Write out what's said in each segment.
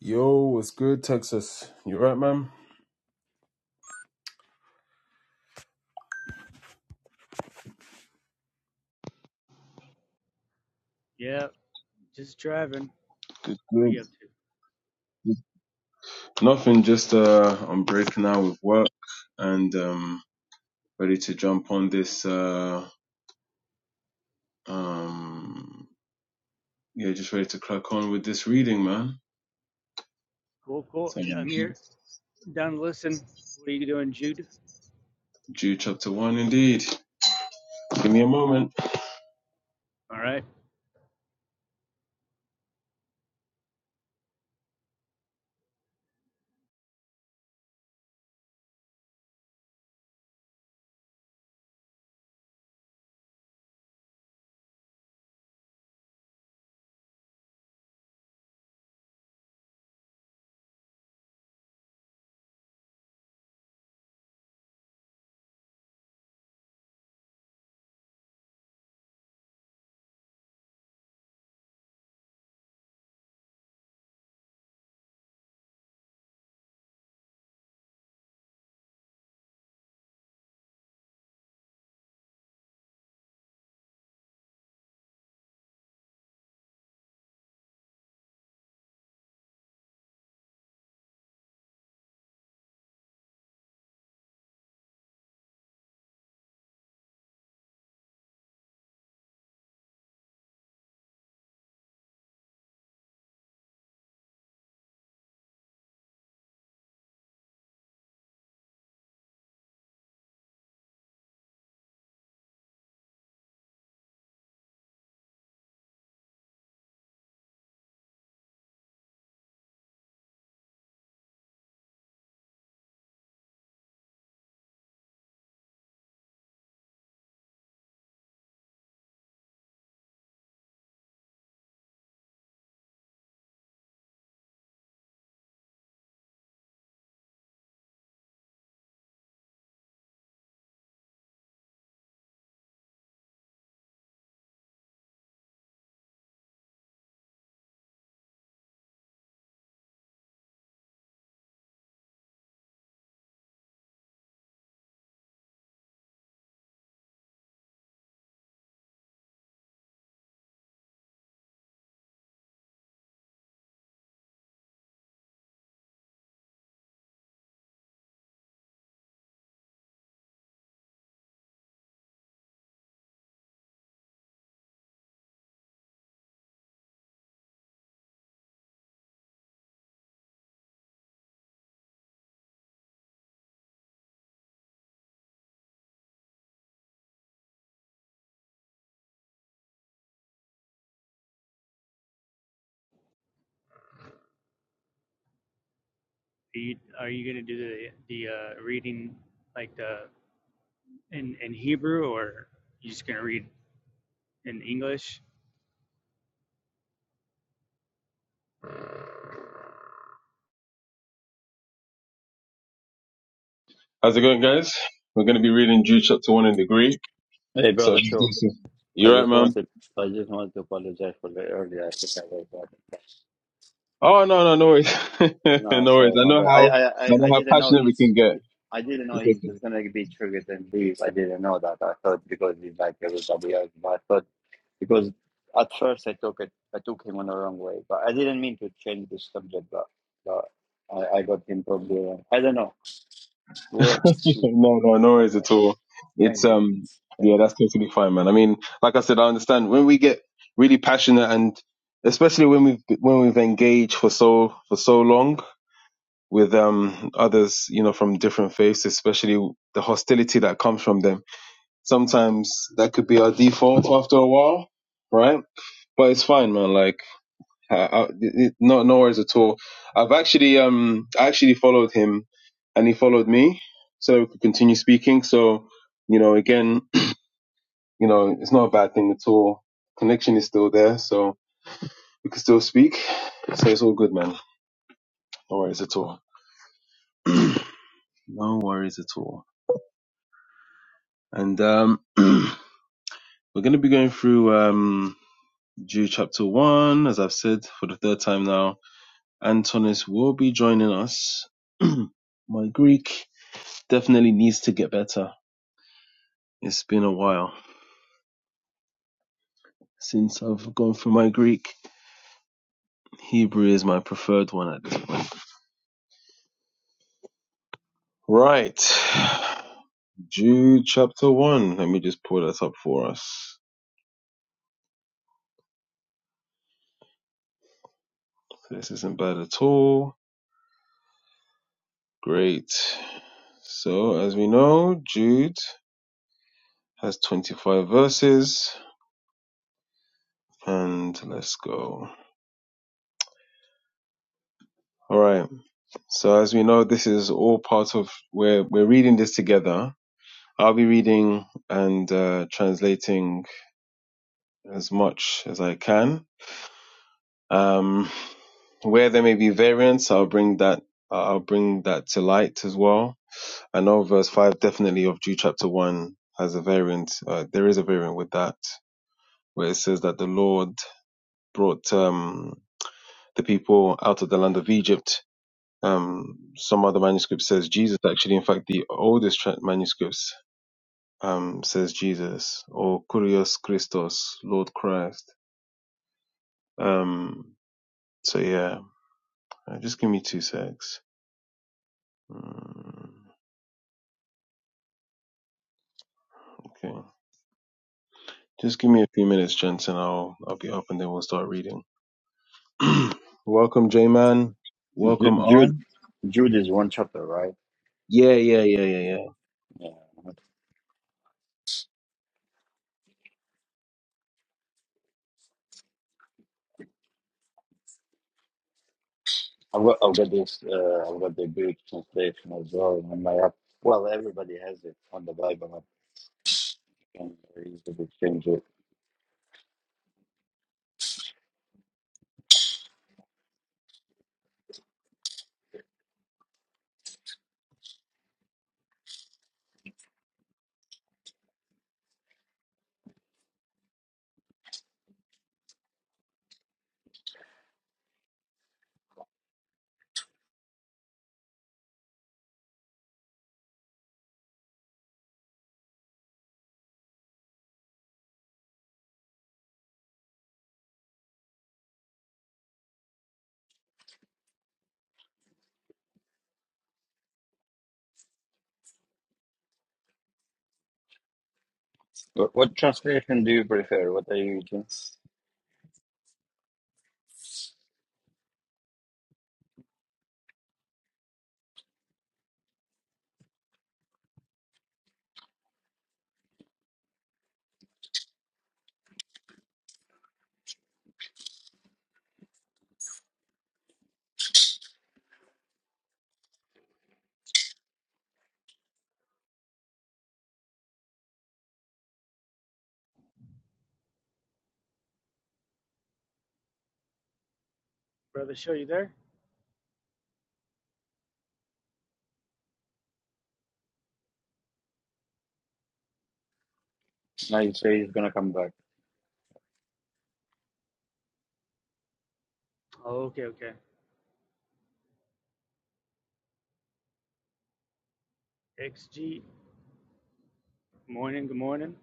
Yo, what's good, Texas? You right, man? Yeah, just driving. Good, What are good. you up to? Nothing, just uh, I'm breaking out with work and um, ready to jump on this. Uh, um, yeah, just ready to crack on with this reading, man. Cool, cool. So, I'm here. Down to listen. What are you doing, Jude? Jude chapter one, indeed. Give me a moment. All right. Are you, are you going to do the the uh, reading like the in in Hebrew, or are you just going to read in English? How's it going, guys? We're going to be reading Jude chapter one in the Greek. Hey, So, brother, sure. I you right, just man? wanted, I just wanted to apologize for the earlier. I think I was bad. Oh no, no, no worries, no No, worries. sorry, I my know bad. I, how I I, I, know I how didn't know passionate we he's, can I didn't know get. he was gonna be triggered and leave. I didn't know that. I thought because he's like everybody else, but I thought because at first I took it, I took him on the wrong way, but I didn't mean to change the subject, but, but I, I got him probably wrong. I don't know. We'll have no, to see. no, no But, worries uh, at all. It's thanks, man. um, yeah, thanks. that's totally fine, man. I mean, like I said, I understand when we get really passionate, and especially when we've when we've engaged for so for so long with um others, you know, from different faiths, especially the hostility that comes from them. Sometimes that could be our default after a while, right? But it's fine, man. Like uh, uh, no, no worries at all. I've actually, um, I actually followed him, and he followed me, so we could continue speaking. So, you know, again, you know, it's not a bad thing at all. Connection is still there, so we can still speak. So it's all good, man. No worries at all. no worries at all. And um, we're going to be going through um, Jude chapter one, as I've said for the third time now. Antonis will be joining us. My Greek definitely needs to get better. It's been a while since I've gone through my Greek. Hebrew is my preferred one at this point. Right. Jude chapter 1. Let me just pull that up for us. This isn't bad at all. Great. So, as we know, Jude has 25 verses. And let's go. All right. So, as we know, this is all part of where we're reading this together. I'll be reading and uh, translating as much as I can. Um, where there may be variance, I'll bring that I'll bring that to light as well. I know verse five definitely of Jude chapter one has a variant. Uh, there is a variant with that where it says that the Lord brought um, the people out of the land of Egypt. Um, some other manuscript says Jesus. Actually, in fact, the oldest tra- manuscripts um, says Jesus or Kurios Christos, Lord Christ. Um, so yeah, Uh, just give me two secs. Mm, okay. Just give me a few minutes, Jensen. I'll I'll get up and then we'll start reading. Welcome, J Man. Welcome Ju- Jude, on. Jude is one chapter, right? Yeah, yeah, yeah, yeah, yeah. Yeah. I've got, I've got this, uh, I've got the Greek translation as well on my app. Well, everybody has it on the Bible app. You can very easily change it. What, what translation do you prefer? What are you using? Brother, show you there. Now you say he's gonna come back. Oh, okay, okay. XG. Good morning, good morning.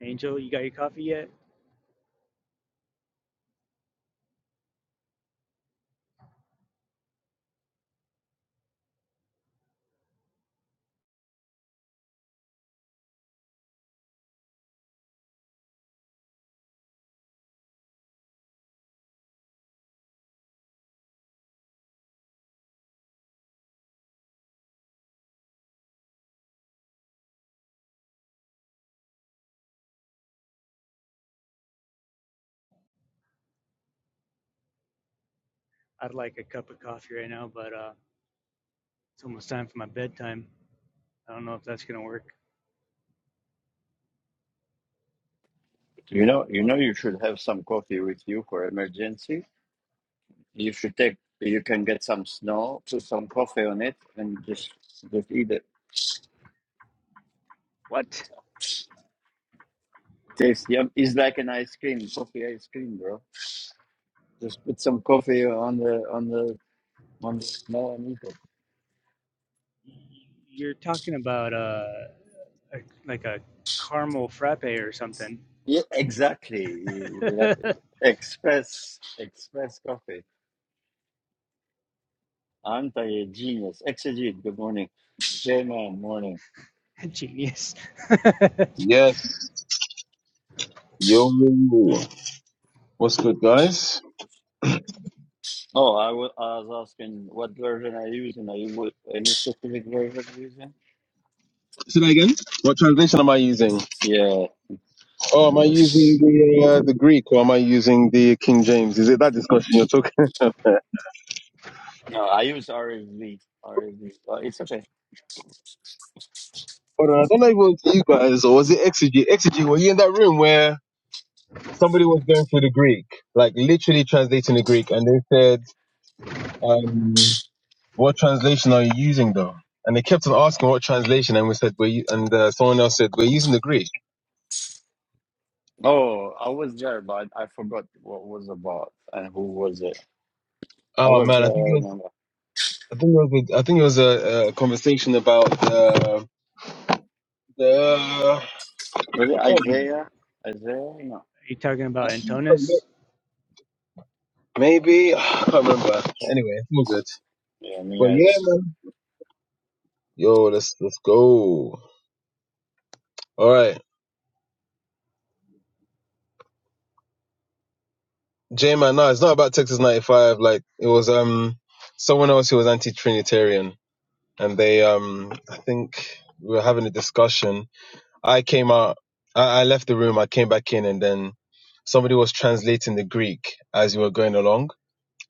Angel, you got your coffee yet? I'd like a cup of coffee right now, but uh, it's almost time for my bedtime. I don't know if that's going to work You know, you on know, me. you should have some coffee with you for emergency. You should take. You can get some snow, put some coffee on it, and just just eat it. What? Tastes yum. It's like an ice cream, coffee ice cream, bro. Just put some coffee on the on the on the snow and eat it. You're talking about uh, a, like a caramel frappe or something. Yeah, exactly. like- uh, Express, express coffee. Anta, a genius. Exegete, good morning. J-Man, morning. Genius. are, Yes. Yo. What's good, guys? Oh, I wa- I was asking what version are you using? Are you wa- any specific version you using? Say that again. What translation am I using? Yeah, Oh, am I using yes. the uh, the Greek or am I using the King James? Is it that discussion you're talking? about? No, I use RSV. RSV. Uh, it's okay. Hold on, I don't know if it was you guys or was it Exegy? Exegy, were you in that room where? somebody was going through the Greek, like literally translating the Greek, and they said, um, "What translation are you using, though?" And they kept on asking what translation, and we said, "We're," u- and uh, someone else said, "We're using the Greek." Oh, I was there, but I forgot what was about and who was it. I Oh was man, there. I think I it was, remember. I think it was, a, I think it was a, a conversation about uh, the. Was it God, you, Isaiah? Isaiah? No. are you talking I about think so, yeah. Antonis? Maybe I can't remember. Anyway, it's all good. Yeah, But me. yeah, man. Yo, let's let's go. All right. J Man, no, it's not about Texas ninety five. Like it was um someone else who was anti Trinitarian and they um I think we were having a discussion. I came out I, I left the room, I came back in and then somebody was translating the Greek as we were going along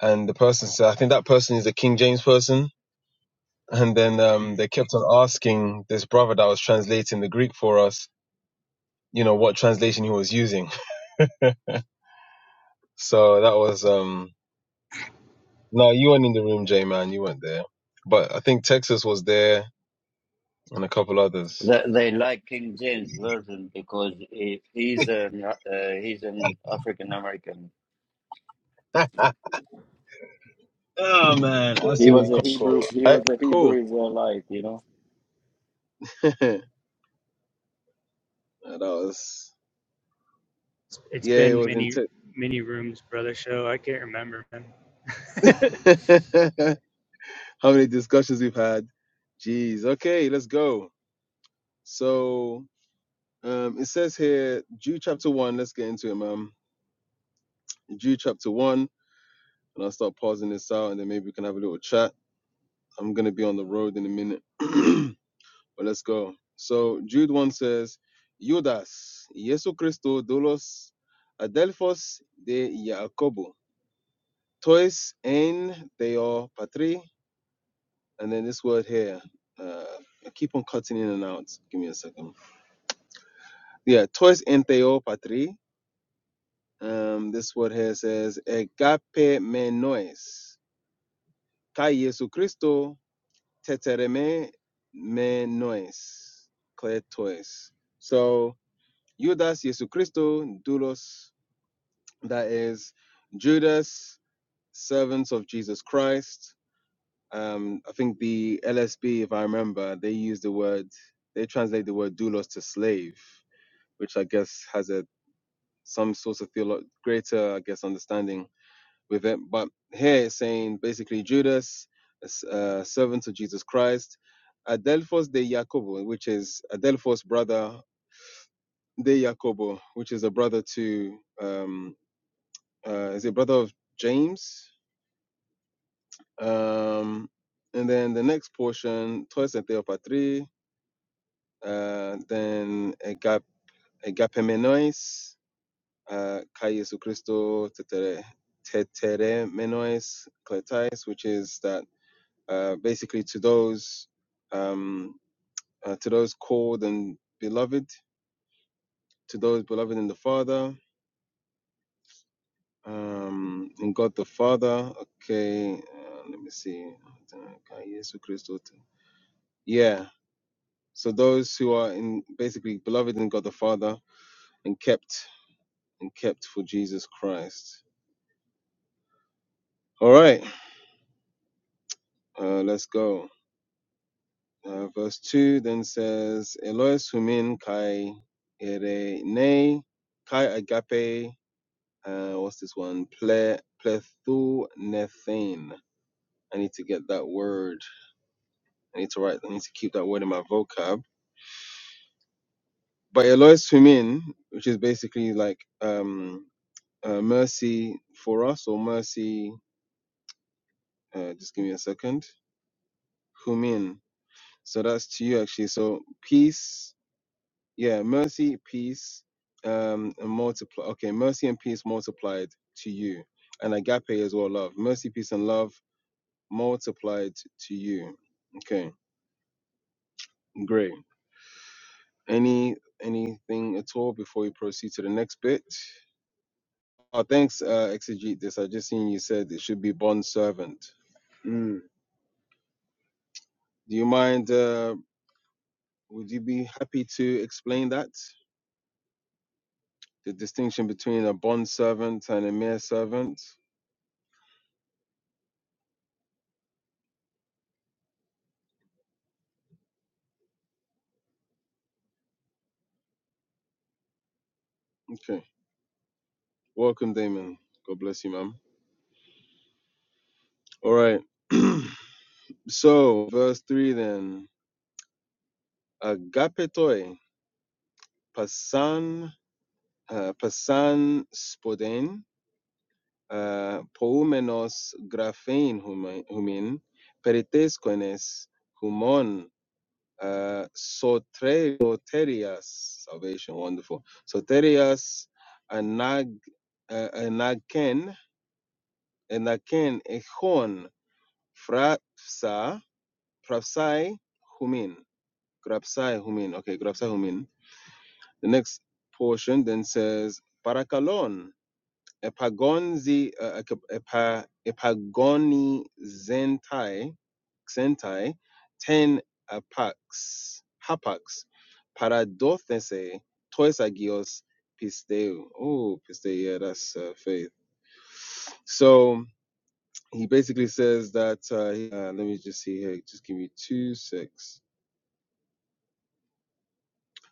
and the person said I think that person is a King James person and then um Mm. they kept on asking this brother that was translating the Greek for us, you know, what translation he was using. So that was um No, you weren't in the room, J man. You weren't there. But I think Texas was there and a couple others. They, they like King James version because he, he's an uh, he's an African American. All Oh man, He absolutely was a cool. Hebrew. cool. He was a cool. Hebrew Israelite. You know. that was It's, it's yeah, it been was many intense. many rooms, brother. Show I can't remember, man. I feel How many discussions we've had. Jeez. Okay, let's go. So um it says here Jude chapter one, let's get into it, man. Jude chapter one, and I'll start pausing this out and then maybe we can have a little chat. I'm gonna be on the road in a minute. But let's go. So Jude 1 says, Judas, Jesucristo dolos adelphos de Jacobo, tois en deo patri. And then this word here, uh, I keep on cutting in and out. Give me a second. Yeah, tois en deo patri. Um, this word here says, agape menois, kai Jesucristo tetereme menois, clear tois. So Judas Jesucristo, doulos, that is Judas, servants of Jesus Christ. Um, I think the LSB, if I remember, they use the word, they translate the word doulos to slave, which I guess has a some sort of theolo- greater, I guess, understanding with it. But here it's saying basically Judas, uh, servant of Jesus Christ, Adelphos de Jacobo, which is Adelphos brother de Jacobo, which is a brother to um, uh, is a brother of James. Um, and then the next portion, Trois et Patrie, uh, then Agap- Agapemenois, uh, Kai Jesu Christo, Tetere tetere Menois Kletais, which is that uh, basically to those um, uh, to those called and beloved, to those beloved in the Father, um, in God the Father. Okay, uh, let me see. Kai Jesu Christo. te- yeah so those who are in basically beloved in god the father and kept and kept for jesus christ all right uh, let's go uh, verse 2 then says elois humin kai erene kai agape uh, what's this one ple plethu nethane i need to get that word i need to write i need to keep that word in my vocab but elois humin which is basically like um uh, mercy for us or mercy uh, just give me a second humin so that's to you actually so peace yeah mercy peace um and multiply okay mercy and peace multiplied to you and agape as well love mercy peace and love multiplied to you okay great any anything at all before we proceed to the next bit oh thanks uh exegete this i just seen you said it should be bond servant Mm. do you mind uh Would you be happy to explain that? The distinction between a bond servant and a mere servant? Okay. Welcome, Damon. God bless you, ma'am. All right. so, verse 3 then. Agapetoi, pasan, uh, pasan spoden, uh, poumenos graphein humin, perites koines, humon uh, soter- soterias, salvation, wonderful. Soterias, a nag, uh, a naken, a frapsa, frapsai, humin, grapsai, humin. Okay, grapsai, humin. The next portion then says parakalon. epagonzi uh, epa, epagoni zentai xentai ten apax hapax paradothese tois agios pisteu oh pisteu yeah that's uh, faith so he basically says that uh, uh, let me just see here just give me two six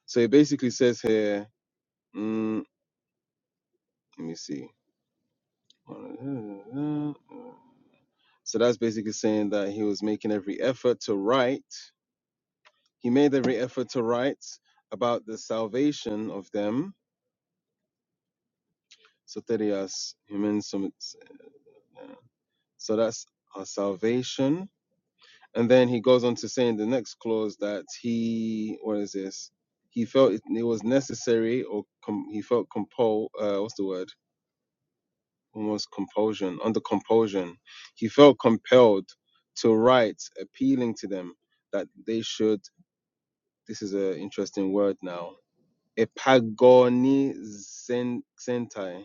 so he basically says here mm, let me see So that's basically saying that he was making every effort to write. He made every effort to write about the salvation of them. Soterias humensum. So that's our salvation. And then he goes on to say in the next clause that he, what is this? He felt it, it was necessary, or com, he felt compelled. Uh, what's the word? almost compulsion, under compulsion. He felt compelled to write, appealing to them that they should. This is an interesting word now. Epagonizentai,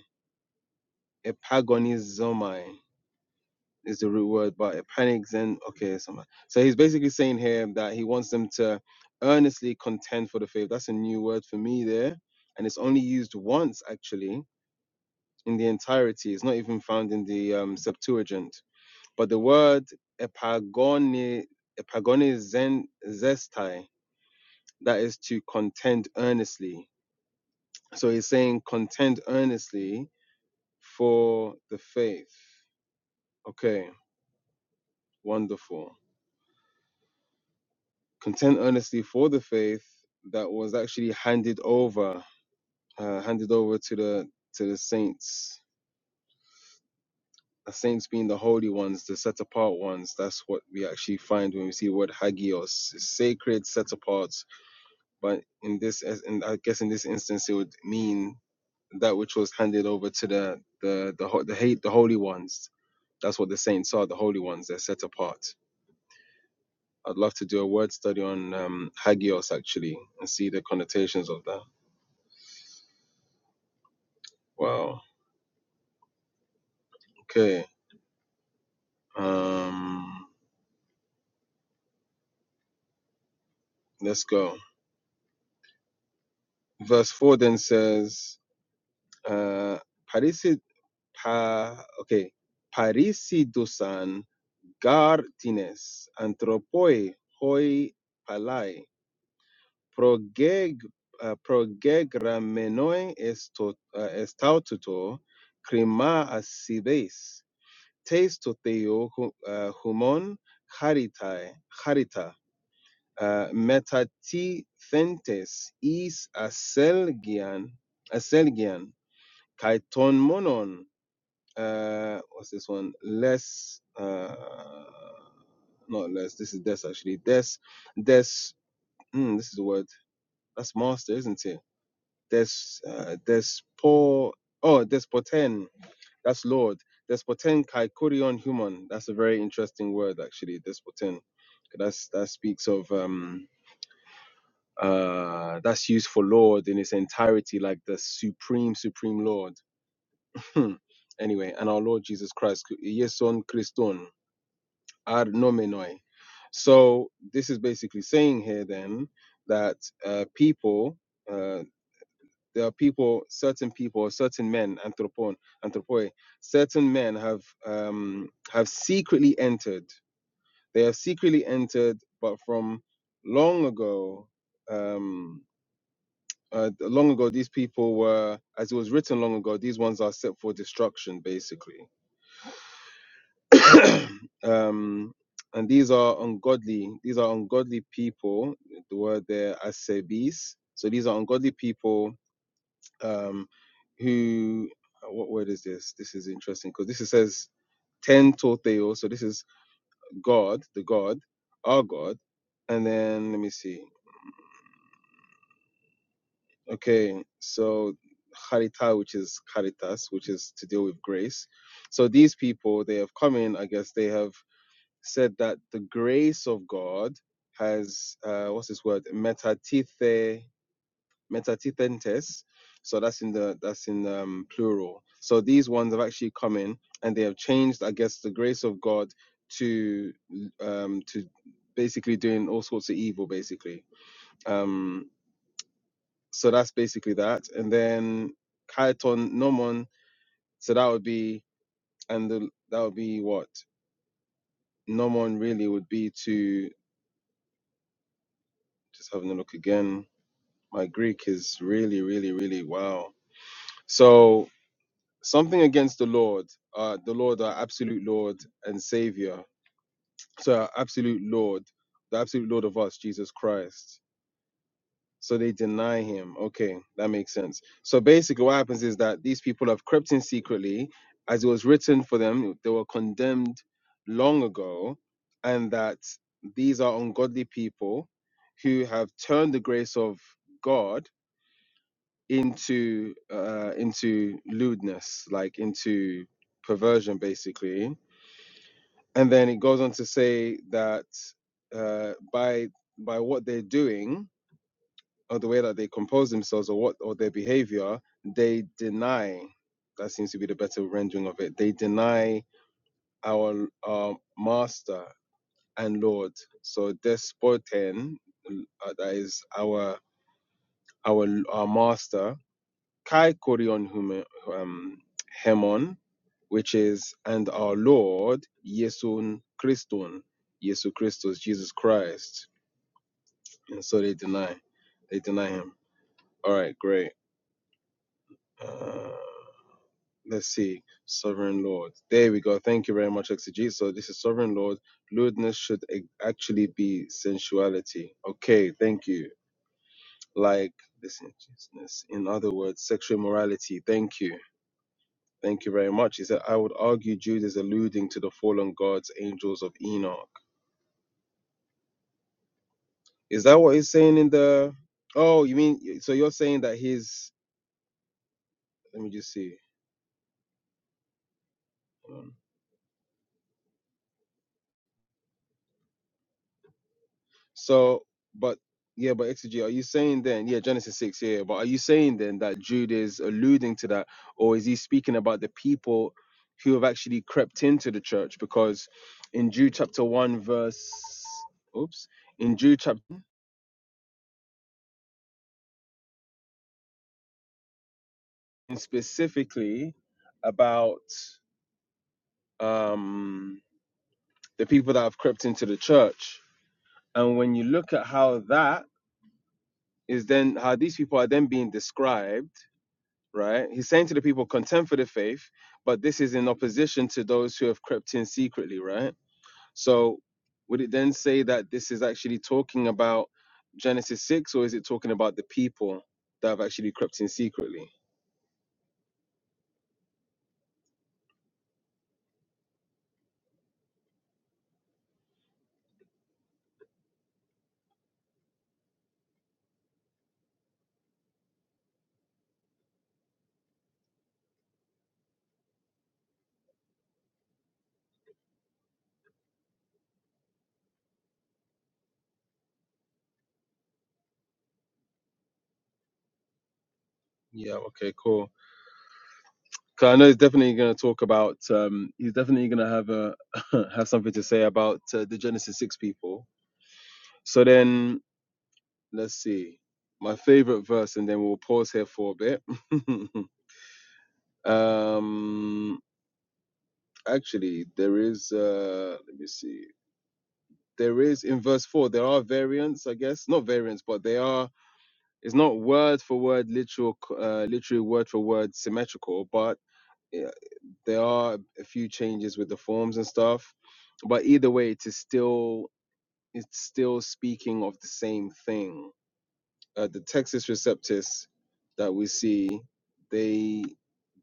epagonizomai is the root word, but epanixen. Okay, something. So he's basically saying here that he wants them to earnestly contend for the faith. That's a new word for me there, and it's only used once actually in the entirety. It's not even found in the um, Septuagint But the word epagoni, epagonizestai, that is to contend earnestly. So he's saying contend earnestly for the faith. Okay, wonderful. Contend earnestly for the faith that was actually handed over, uh, handed over to the to the saints. The saints being the holy ones, the set apart ones. That's what we actually find when we see the word hagios, sacred, set apart But in this, as- and I guess in this instance, it would mean that which was handed over to the the the ho- the hate the holy ones. That's what the saints are, the holy ones. They're set apart. I'd love to do a word study on um, hagios actually and see the connotations of that. Wow. Okay. Um. Let's go. Verse four then says, uh, "Parisi pa okay, parisidusan gar tines anthropoi hoi palai Proge progegra menoi est aut est aututu climas ibes testoteio humon harita harita metatithentes is aselgian aselgian kai ton monon what's this one less not less this is des actually des des mm, this is the word that's master isn't it. There's uh, despo oh despoten that's lord despoten kaikorion human that's a very interesting word actually despoten 'Cause that's that speaks of um uh that's used for lord in its entirety like the supreme supreme lord Hmm. anyway and our lord jesus christ yeson christon ad nomenoi so this is basically saying here then that uh people uh, there are people, certain people, certain men, anthropon, anthropoi, certain men have um, have secretly entered. They have secretly entered, but from long ago, um, uh, long ago, these people were, as it was written long ago, these ones are set for destruction, basically. um, and these are ungodly. These are ungodly people. The word there, asebis. So these are ungodly people um, who uh, what word is this? This is interesting because this is, says ten to Theo, so this is God, the God, our God, and then let me see. Okay, so charita, which is caritas, which is to deal with grace. So these people, they have come in. I guess they have said that the grace of God has uh, what's this word? Metatithe Metatitentes, So that's in the that's in um, plural. So these ones have actually come in and they have changed, I guess, the grace of God to um, to basically doing all sorts of evil, basically. Um, so that's basically that. And then kaiton nomon. So that would be and the, that would be what nomon really would be to just having a look again. My Greek is really, really, really wow. So something against the Lord, uh, the Lord, our absolute Lord and Savior, so our absolute Lord, the absolute Lord of us, Jesus Christ. So they deny him. Okay, that makes sense. So basically, what happens is that these people have crept in secretly, as it was written for them, they were condemned long ago, and that these are ungodly people who have turned the grace of God into uh, into lewdness, like into perversion, basically. And then it goes on to say that uh, by by what they're doing or the way that they compose themselves or what or their behavior, they deny. That seems to be the better rendering of it. They deny our our master and Lord. So despoten, uh, that is our our our master kai korion hume- um, hemon, which is, and our Lord, Yesun Christon, Yesu Christus, Jesus Christ. And so they deny, they deny him. All right, great. Uh, let's see, Sovereign Lord. There we go. Thank you very much, XG. So this is Sovereign Lord. Lewdness should a- actually be sensuality. Okay, thank you. Like licentiousness. In other words, sexual morality. Thank you. Thank you very much. He said, I would argue Jude is alluding to the fallen gods, angels of Enoch. Is that what he's saying in the. Oh, you mean. So you're saying that his. Let me just see. Um, So, but. Yeah, but exegete, are you saying then, yeah, Genesis 6, yeah, but are you saying then that Jude is alluding to that, or is he speaking about the people who have actually crept into the church? Because in Jude chapter 1, verse, oops, in Jude chapter and specifically about um, the people that have crept into the church. And when you look at how that is then, how these people are then being described, right? He's saying to the people, contend for the faith, but this is in opposition to those who have crept in secretly, right? So would it then say that this is actually talking about Genesis 6, or is it talking about the people that have actually crept in secretly? Yeah, okay, cool. 'Cause I know he's definitely going to talk about. Um, he's definitely going to have a have something to say about uh, the Genesis six people. So then let's see my favorite verse, and then we'll pause here for a bit. um, actually, there is. Uh, let me see. There is in verse four. There are variants, I guess, not variants, but they are. It's not word for word, literal, c- uh, literally word for word symmetrical, but. there are a few changes with the forms and stuff but either way it's still it's still speaking of the same thing uh, the texas receptus that we see they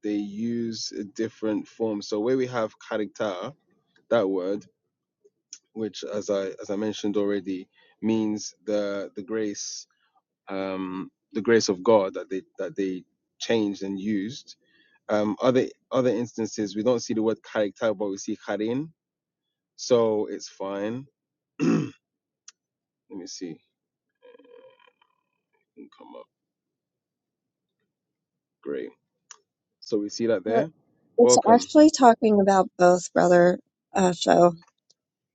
they use a different form so where we have character that word which as i as i mentioned already means the the grace um the grace of god that they that they changed and used um other other instances we don't see the word character but we see charin So it's fine. Let me see. It can come up. Great. So we see that Uh, there. It's Welcome. actually talking about both, brother. Uh, so,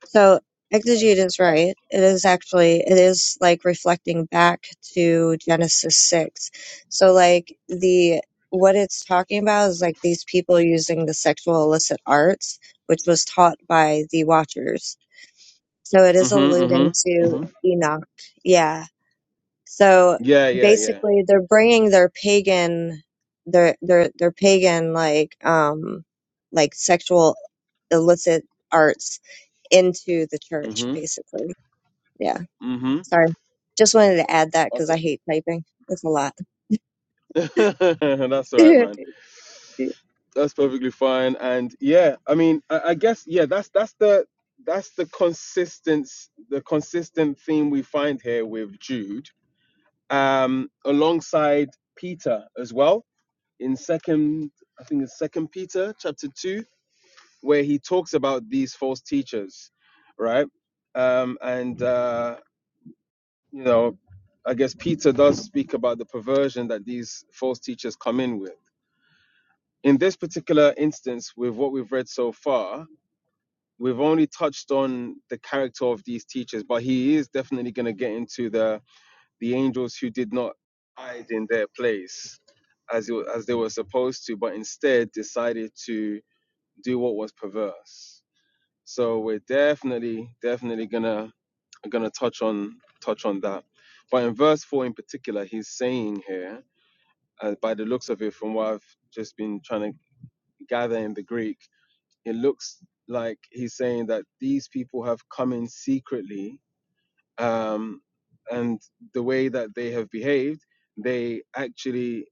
so exegete is right. It is actually, it is like reflecting back to Genesis 6. So, like, the, what it's talking about is like these people using the sexual illicit arts, which was taught by the Watchers. So it is alluding Mhm. Mhm. to Mhm. Enoch. Yeah. So Yeah. Yeah. Yeah. basically, they're bringing their pagan, their their their pagan like um like sexual illicit arts into the church, Mhm. basically. Yeah. Mhm. Sorry, just wanted to add that because I Okay. hate typing. It's a lot. that's all right, no man. That's perfectly fine. And yeah, I mean, I, I guess yeah. That's that's the that's the consistent the consistent theme we find here with Jude, um, alongside Peter as well in second. I think it's second Peter chapter two where he talks about these false teachers, right? Um, and uh, you know, I guess Peter does speak about the perversion that these false teachers come in with. In this particular instance, with what we've read so far, we've only touched on the character of these teachers, but he is definitely going to get into the the angels who did not hide in their place as it, as they were supposed to, but instead decided to do what was perverse So we're definitely, definitely gonna gonna touch on touch on that. But in verse four in particular, he's saying here, uh, by the looks of it, from what I've just been trying to gather in the Greek, it looks like he's saying that these people have come in secretly, um, and the way that they have behaved, they actually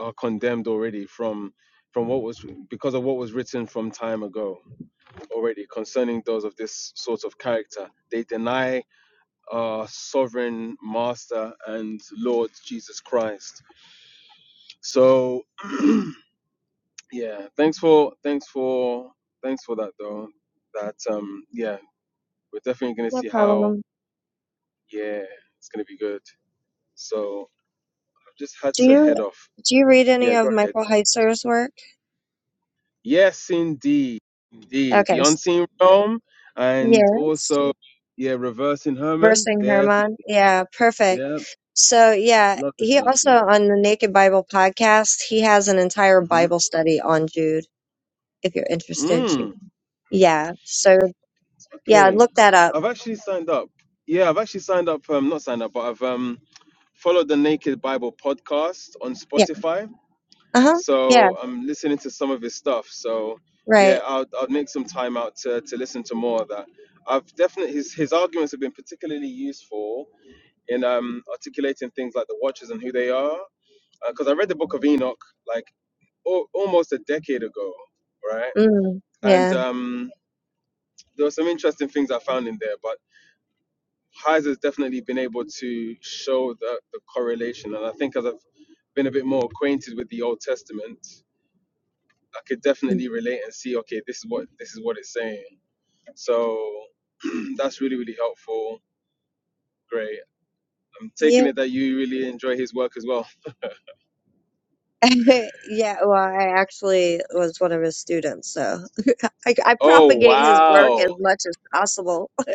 are condemned already from from what was because of what was written from time ago already concerning those of this sort of character. They deny our sovereign master and Lord Jesus Christ. So yeah, thanks for thanks for thanks for that though. That um yeah, we're definitely gonna see how problem. yeah, it's gonna be good. So I've just had Do to you head off. do you read any Yeah, of go ahead. Michael Heiser's work? Yes indeed. Indeed. Okay. The s- unseen realm and Yes. also yeah, reversing Herman. Versing Def Herman. Yeah, perfect. yeah, So yeah, love this he stuff, also yeah. on the Naked Bible podcast, he has an entire hmm Bible study on Jude if you're interested. to- Mm, Yeah. So yeah, okay. look that up. I've actually signed up. Yeah, I've actually signed up. Um, not signed up, but I've um followed the Naked Bible podcast on Yeah. Spotify. Uh-huh. Yeah, So I'm listening to some of his stuff. So right. yeah, I'll I'll make some time out to to listen to more of that. I've definitely his his arguments have been particularly useful in um articulating things like the Watchers and who they are. Because I read the Book of Enoch like o- almost a decade ago, right? Mm, And yeah. um, there were some interesting things I found in there, but Highs has definitely been able to show the, the correlation. And I think as I've been a bit more acquainted with the Old Testament, I could definitely relate and see, okay, this is what this is what it's saying. So that's really, really helpful. Great. I'm taking You it that you really enjoy his work as well. yeah, well, I actually was one of his students, so I, I Oh propagate his work wow. as much as possible.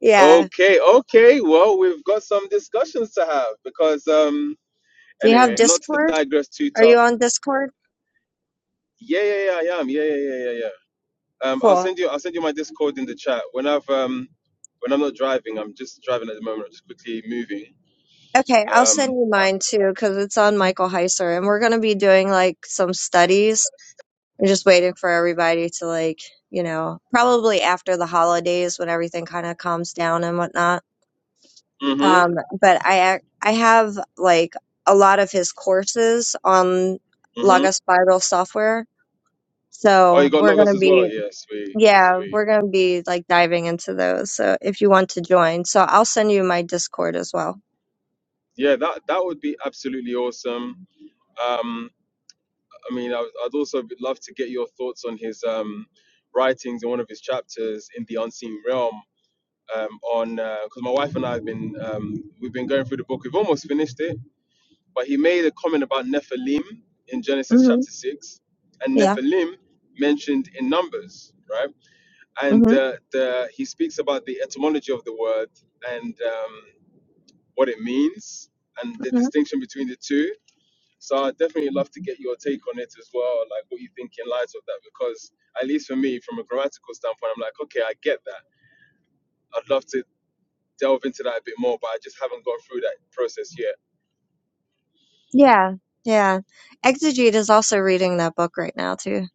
Yeah. Okay, okay. Well, we've got some discussions to have because um Do you have anyway, not to Discord? digress too Are you tough. on Discord? Yeah, yeah, yeah, I am. Yeah, yeah, yeah, yeah, yeah. Um, I'll Cool. send you. I'll send you my Discord in the chat. When I've um, when I'm not driving, I'm just driving at the moment. I'm just quickly moving. Okay, I'll send Um. you Uh, mine too because it's on Michael Heiser, and we're gonna be doing like some studies. I'm just waiting for everybody to like, you know, probably after the holidays when everything kind of calms down and whatnot. mhm. Um, but I ac- I have like a lot of his courses on Mhm. Laga Spiral software, Oh, you so got we're logos gonna as well. be Yeah. Sweet. yeah, Sweet. we're gonna be like diving into those. So if you want to join, so I'll send you my Discord as well. Yeah. That that would be absolutely awesome. Um. I mean, I, would- I'd also be- love to get your thoughts on his um writings in one of his chapters in the unseen realm. Um. On because my wife and I have been um we've been going through the book. We've almost finished it But he made a comment about Nephilim in Genesis hmm chapter 6 and Yeah. Nephilim mentioned in Numbers, right? And hmm uh, the, he speaks about the etymology of the word and um, what it means and the distinction between the two. So I'd definitely love to get your take on it as well, like what you think in light of that, because at least for me, from a grammatical standpoint, I'm like, okay, I get that. I'd love to delve into that a bit more, but I just haven't gone through that process yet. Yeah, yeah. Exegete is also reading that book right now too.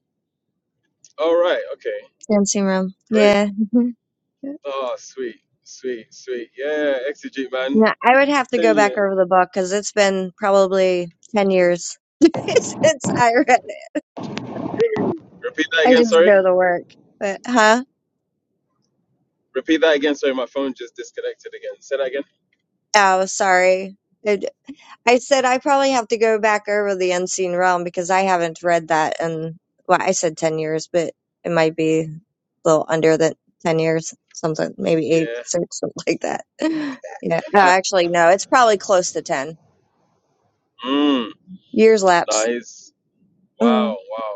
All right, okay, Dancing Room. great. Yeah. Mhm. Oh, sweet, sweet, sweet. Yeah, exegete, man. Yeah, I would have to go Telling back you. over the book because it's been probably 10 years since I read it. Repeat that I again, just sorry. know the work. But, huh? Repeat that again, sorry. My phone just disconnected again. Say that again. Oh, sorry. I said I probably have to go back over the Unseen Realm because I haven't read that in well, I said ten years, but it might be a little under the ten years, something maybe eight, Yeah. six, something like that. Yeah. No, actually no, it's probably close to ten. Mm, Years lapse. nice. Wow, Mm, wow.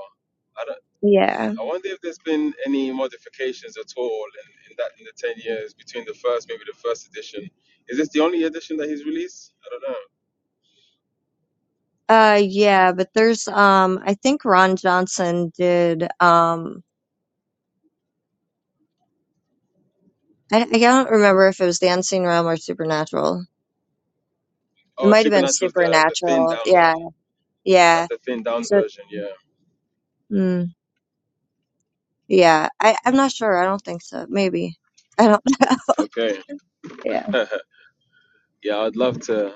I don't. yeah. I wonder if there's been any modifications at all in, in that in the ten years between the first, maybe the first edition. Is this the only edition that he's released? I don't know. Uh yeah, but there's um I think Ron Johnson did um I, I don't remember if it was the Unseen Realm or Supernatural. It Oh, might have been Supernatural's the the thin Supernatural. down Yeah. one. Yeah. That's the thin down So version. Yeah. mm. Yeah, I, I'm not sure. I don't think so. Maybe. I don't know. Okay. Yeah. Yeah, I'd love to.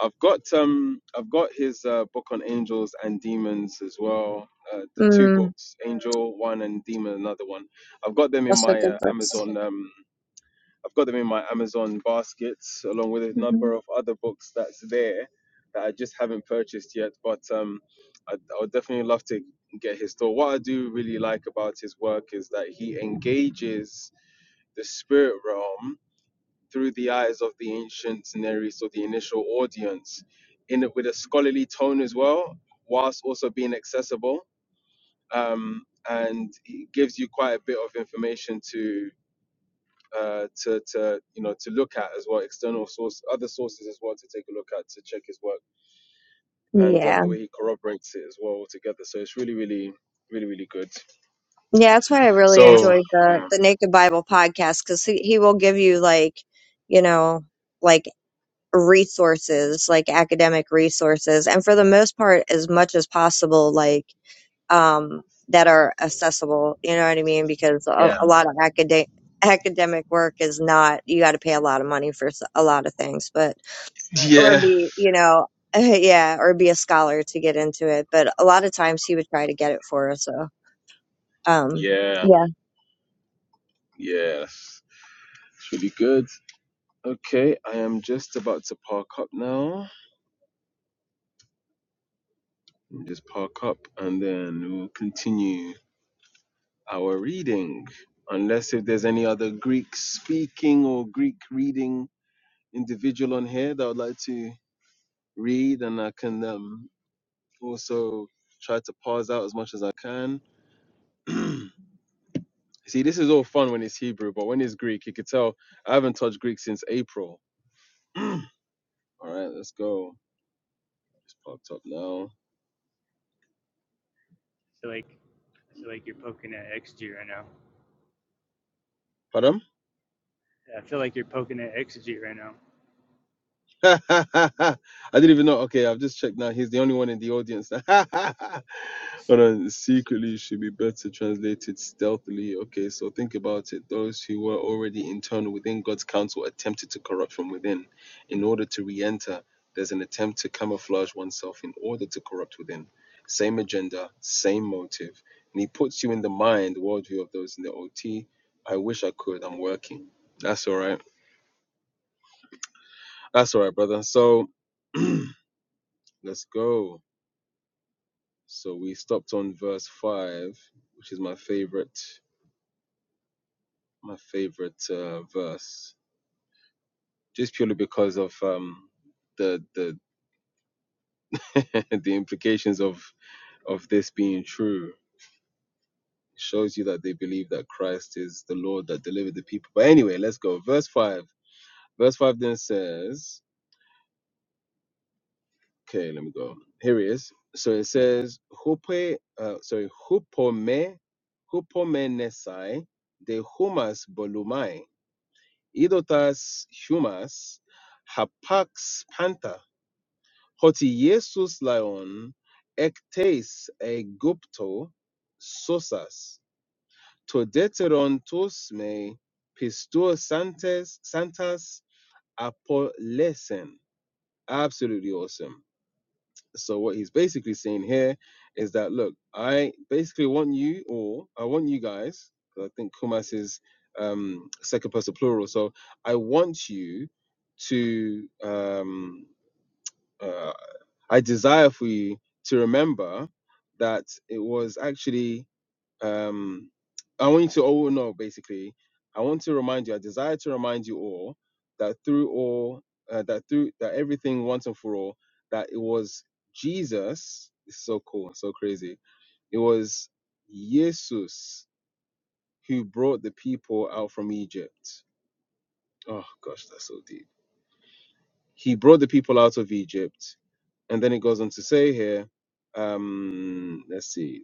I've got um, I've got his uh, book on angels and demons as well. Uh, the two Mm, books, Angel One and Demon Another One. I've got them in that's what my uh, good books. Amazon. Um, I've got them in my Amazon baskets, along with a hmm number of other books that's there that I just haven't purchased yet. But um, I, I would definitely love to get his thought. What I do really like about his work is that he engages the spirit realm through the eyes of the ancient Daenerys or the initial audience, in it with a scholarly tone as well, whilst also being accessible. Um, and it gives you quite a bit of information to uh, to to you know to look at as well, external source, other sources as well to take a look at to check his work and um, Yeah. the way he corroborates it as well altogether. So it's really, really, really, really good. Yeah, that's why I really So enjoyed the the Naked Bible podcast because he, he will give you like, you know, like resources, like academic resources, and for the most part, as much as possible, like um that are accessible. You know what I mean? Because a, yeah, a lot of academic academic work is not you got to pay a lot of money for s- a lot of things, but or yeah, be, you know, yeah, or be a scholar to get into it. But a lot of times he would try to get it for us. So, um, yeah, yeah. yeah. It's really good. Okay, I am just about to park up now. Just park up and then we'll continue our reading. Unless if there's any other Greek speaking or Greek reading individual on here that would like to read, and I can um, also try to pause out as much as I can. See, this is all fun when it's Hebrew, but when it's Greek, you could tell I haven't touched Greek since April. all right, let's go. Just parked up now. like I feel like you're poking at XG right now. Pardon? I feel like you're poking at XG right now. I didn't even know. Okay, I've just checked now. He's the only one in the audience. Hold on. Secretly should be better translated stealthily. Okay, so think about it. Those who were already internal within God's counsel attempted to corrupt from within. In order to re enter, there's an attempt to camouflage oneself in order to corrupt within. Same agenda, same motive. And he puts you in the mind, worldview of those in the OT. I wish I could. I'm working. That's all right. That's all right, brother. So. Let's go. So we stopped on verse five, which is my favorite, my favorite uh, verse, just purely because of um, the the the implications of of this being true. It shows you that they believe that Christ is the Lord that delivered the people. But anyway, let's go. Verse five. Verse five then says, okay, let me go. Here it is. So it says, "Hupe, uh, sorry, hupome, hupomenesai de humas bolumai." Idotas Humas, Hapax Panta, Hoti Jesus Lion, Ectes Aegypto, Sosas, Todeteron tos me, Pistor Santes, Santas Apolesen. Absolutely awesome. So what he's basically saying here is that look, I basically want you or I want you guys, because I think Kumas is um, second person plural. So I want you to. Um, uh, I desire for you to remember that it was actually um, I want you to all know basically. I want to remind you. I desire to remind you all that through all uh, that through that everything once and for all that it was Jesus. It's so cool, so crazy. It was Jesus who brought the people out from Egypt. Oh gosh, that's so deep. He brought the people out of Egypt and then it goes on to say here um let's see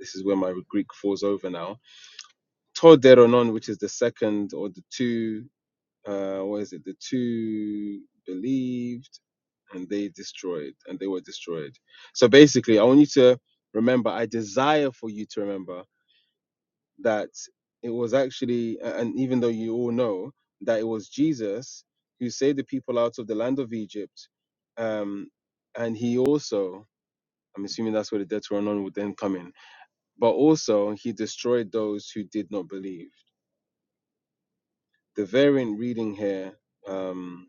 this is where my greek falls over now Toderonon, which is the second or the two, uh, what is it? The two believed and they destroyed and they were destroyed. So basically, I want you to remember, I desire for you to remember that it was actually, and even though you all know that it was Jesus who saved the people out of the land of Egypt. Um, and he also, I'm assuming that's where the Deuteronomy would then come in, but also he destroyed those who did not believe. the variant reading here, um,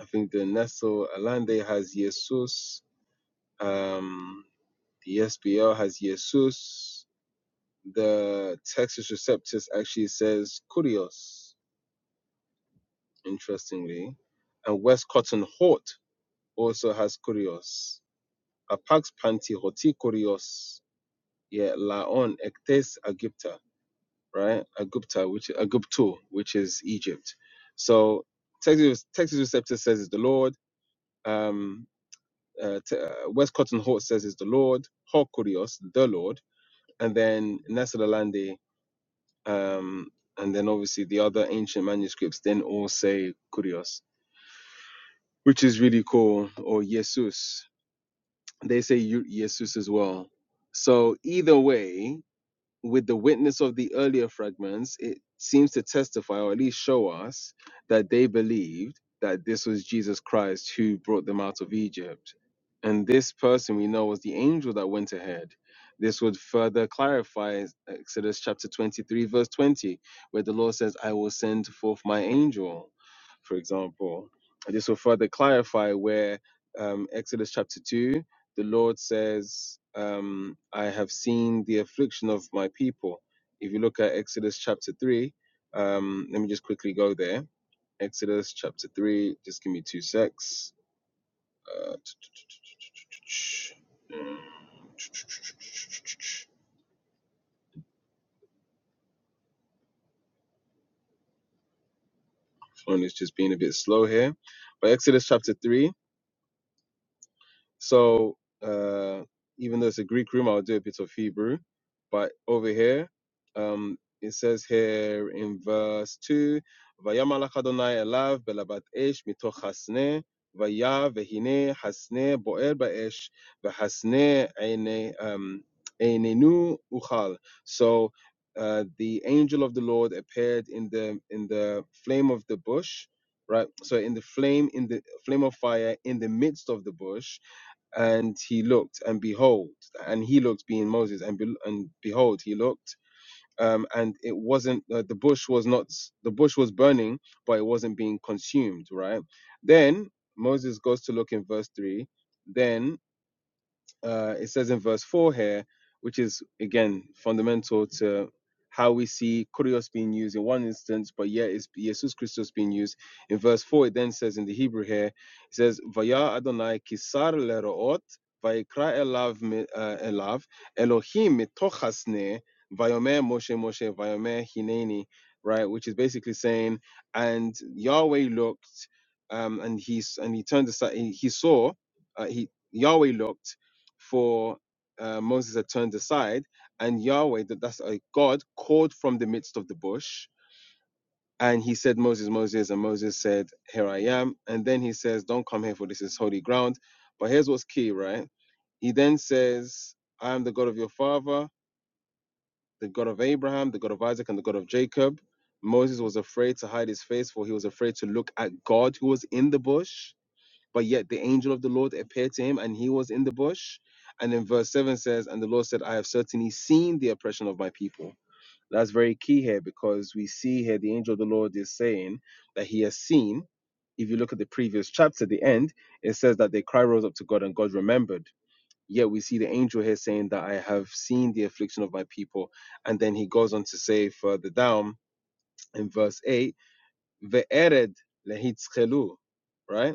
I think the Nestle Alande has Jesus, um, the SBL has Jesus, the Texas Receptus actually says Kurios, interestingly, and West Cotton Hort also has Kurios. Apax Panti Hoti Kurios, yeah, Laon Ektes Agupta, right? Agupta, which Agupto, which is Egypt. So Texas Texas Receptus says it's the Lord. Um, Uh, t- uh, West Cotton Hort says is the Lord. Hokurios, the Lord. And then Nesalalande, um, and then obviously the other ancient manuscripts then all say Kurios, which is really cool, or Jesus. They say Yu- Jesus as well. So either way, with the witness of the earlier fragments, it seems to testify or at least show us that they believed that this was Jesus Christ who brought them out of Egypt. And this person we know was the angel that went ahead. This would further clarify Exodus chapter 23, verse 20, where the Lord says, I will send forth my angel, for example. And this will further clarify where um, Exodus chapter 2 the Lord says, um, I have seen the affliction of my people. If you look at Exodus chapter 3, um, let me just quickly go there. Exodus chapter 3, just give me two secs. Uh, phone is just being a bit slow here. But Exodus chapter 3, So uh, even though it's a Greek room, I'll do a bit of Hebrew. But over here, um, it says here in verse two, "Vayamalach Adonai elav belabat esh mitoch hasne." Vaya vehine hasne boer baesh vehasne eine um einenu uchal. So uh, the angel of the Lord appeared in the in the flame of the bush, right? So in the flame in the flame of fire in the midst of the bush, and he looked and behold and he looked being moses and be, and behold he looked um and it wasn't uh, the bush was not the bush was burning but it wasn't being consumed right then moses goes to look in verse 3 Then uh, it says in verse 4 here, which is again fundamental to how we see kurios being used in one instance, but yet it's Jesus Christos being used. In verse 4, it then says in the Hebrew here, it says, Vaya Adonai kisar leroot, vaikra elav, uh, elav Elohim mitochasne, vayomer Moshe Moshe, vayomer hineni, right? Which is basically saying, and Yahweh looked, um, and he's and he turned aside, he he saw, uh, he Yahweh looked, for uh, Moses had turned aside, and Yahweh, that that's a God, called from the midst of the bush, and he said, Moses, Moses, and Moses said, Here I am. And then he says, Don't come here, for this is holy ground. But here's what's key, right? He then says, I am the God of your father, the God of Abraham, the God of Isaac, and the God of Jacob. Moses was afraid to hide his face, for he was afraid to look at God who was in the bush. But yet the angel of the Lord appeared to him, and he was in the bush. And then verse 7 says, And the Lord said, I have certainly seen the oppression of my people. That's very key here because we see here the angel of the Lord is saying that he has seen. If you look at the previous chapter, the end, it says that their cry rose up to God and God remembered. Yet we see the angel here saying that I have seen the affliction of my people. And then he goes on to say further down in verse 8, Ve'ered lehitzchelu, right?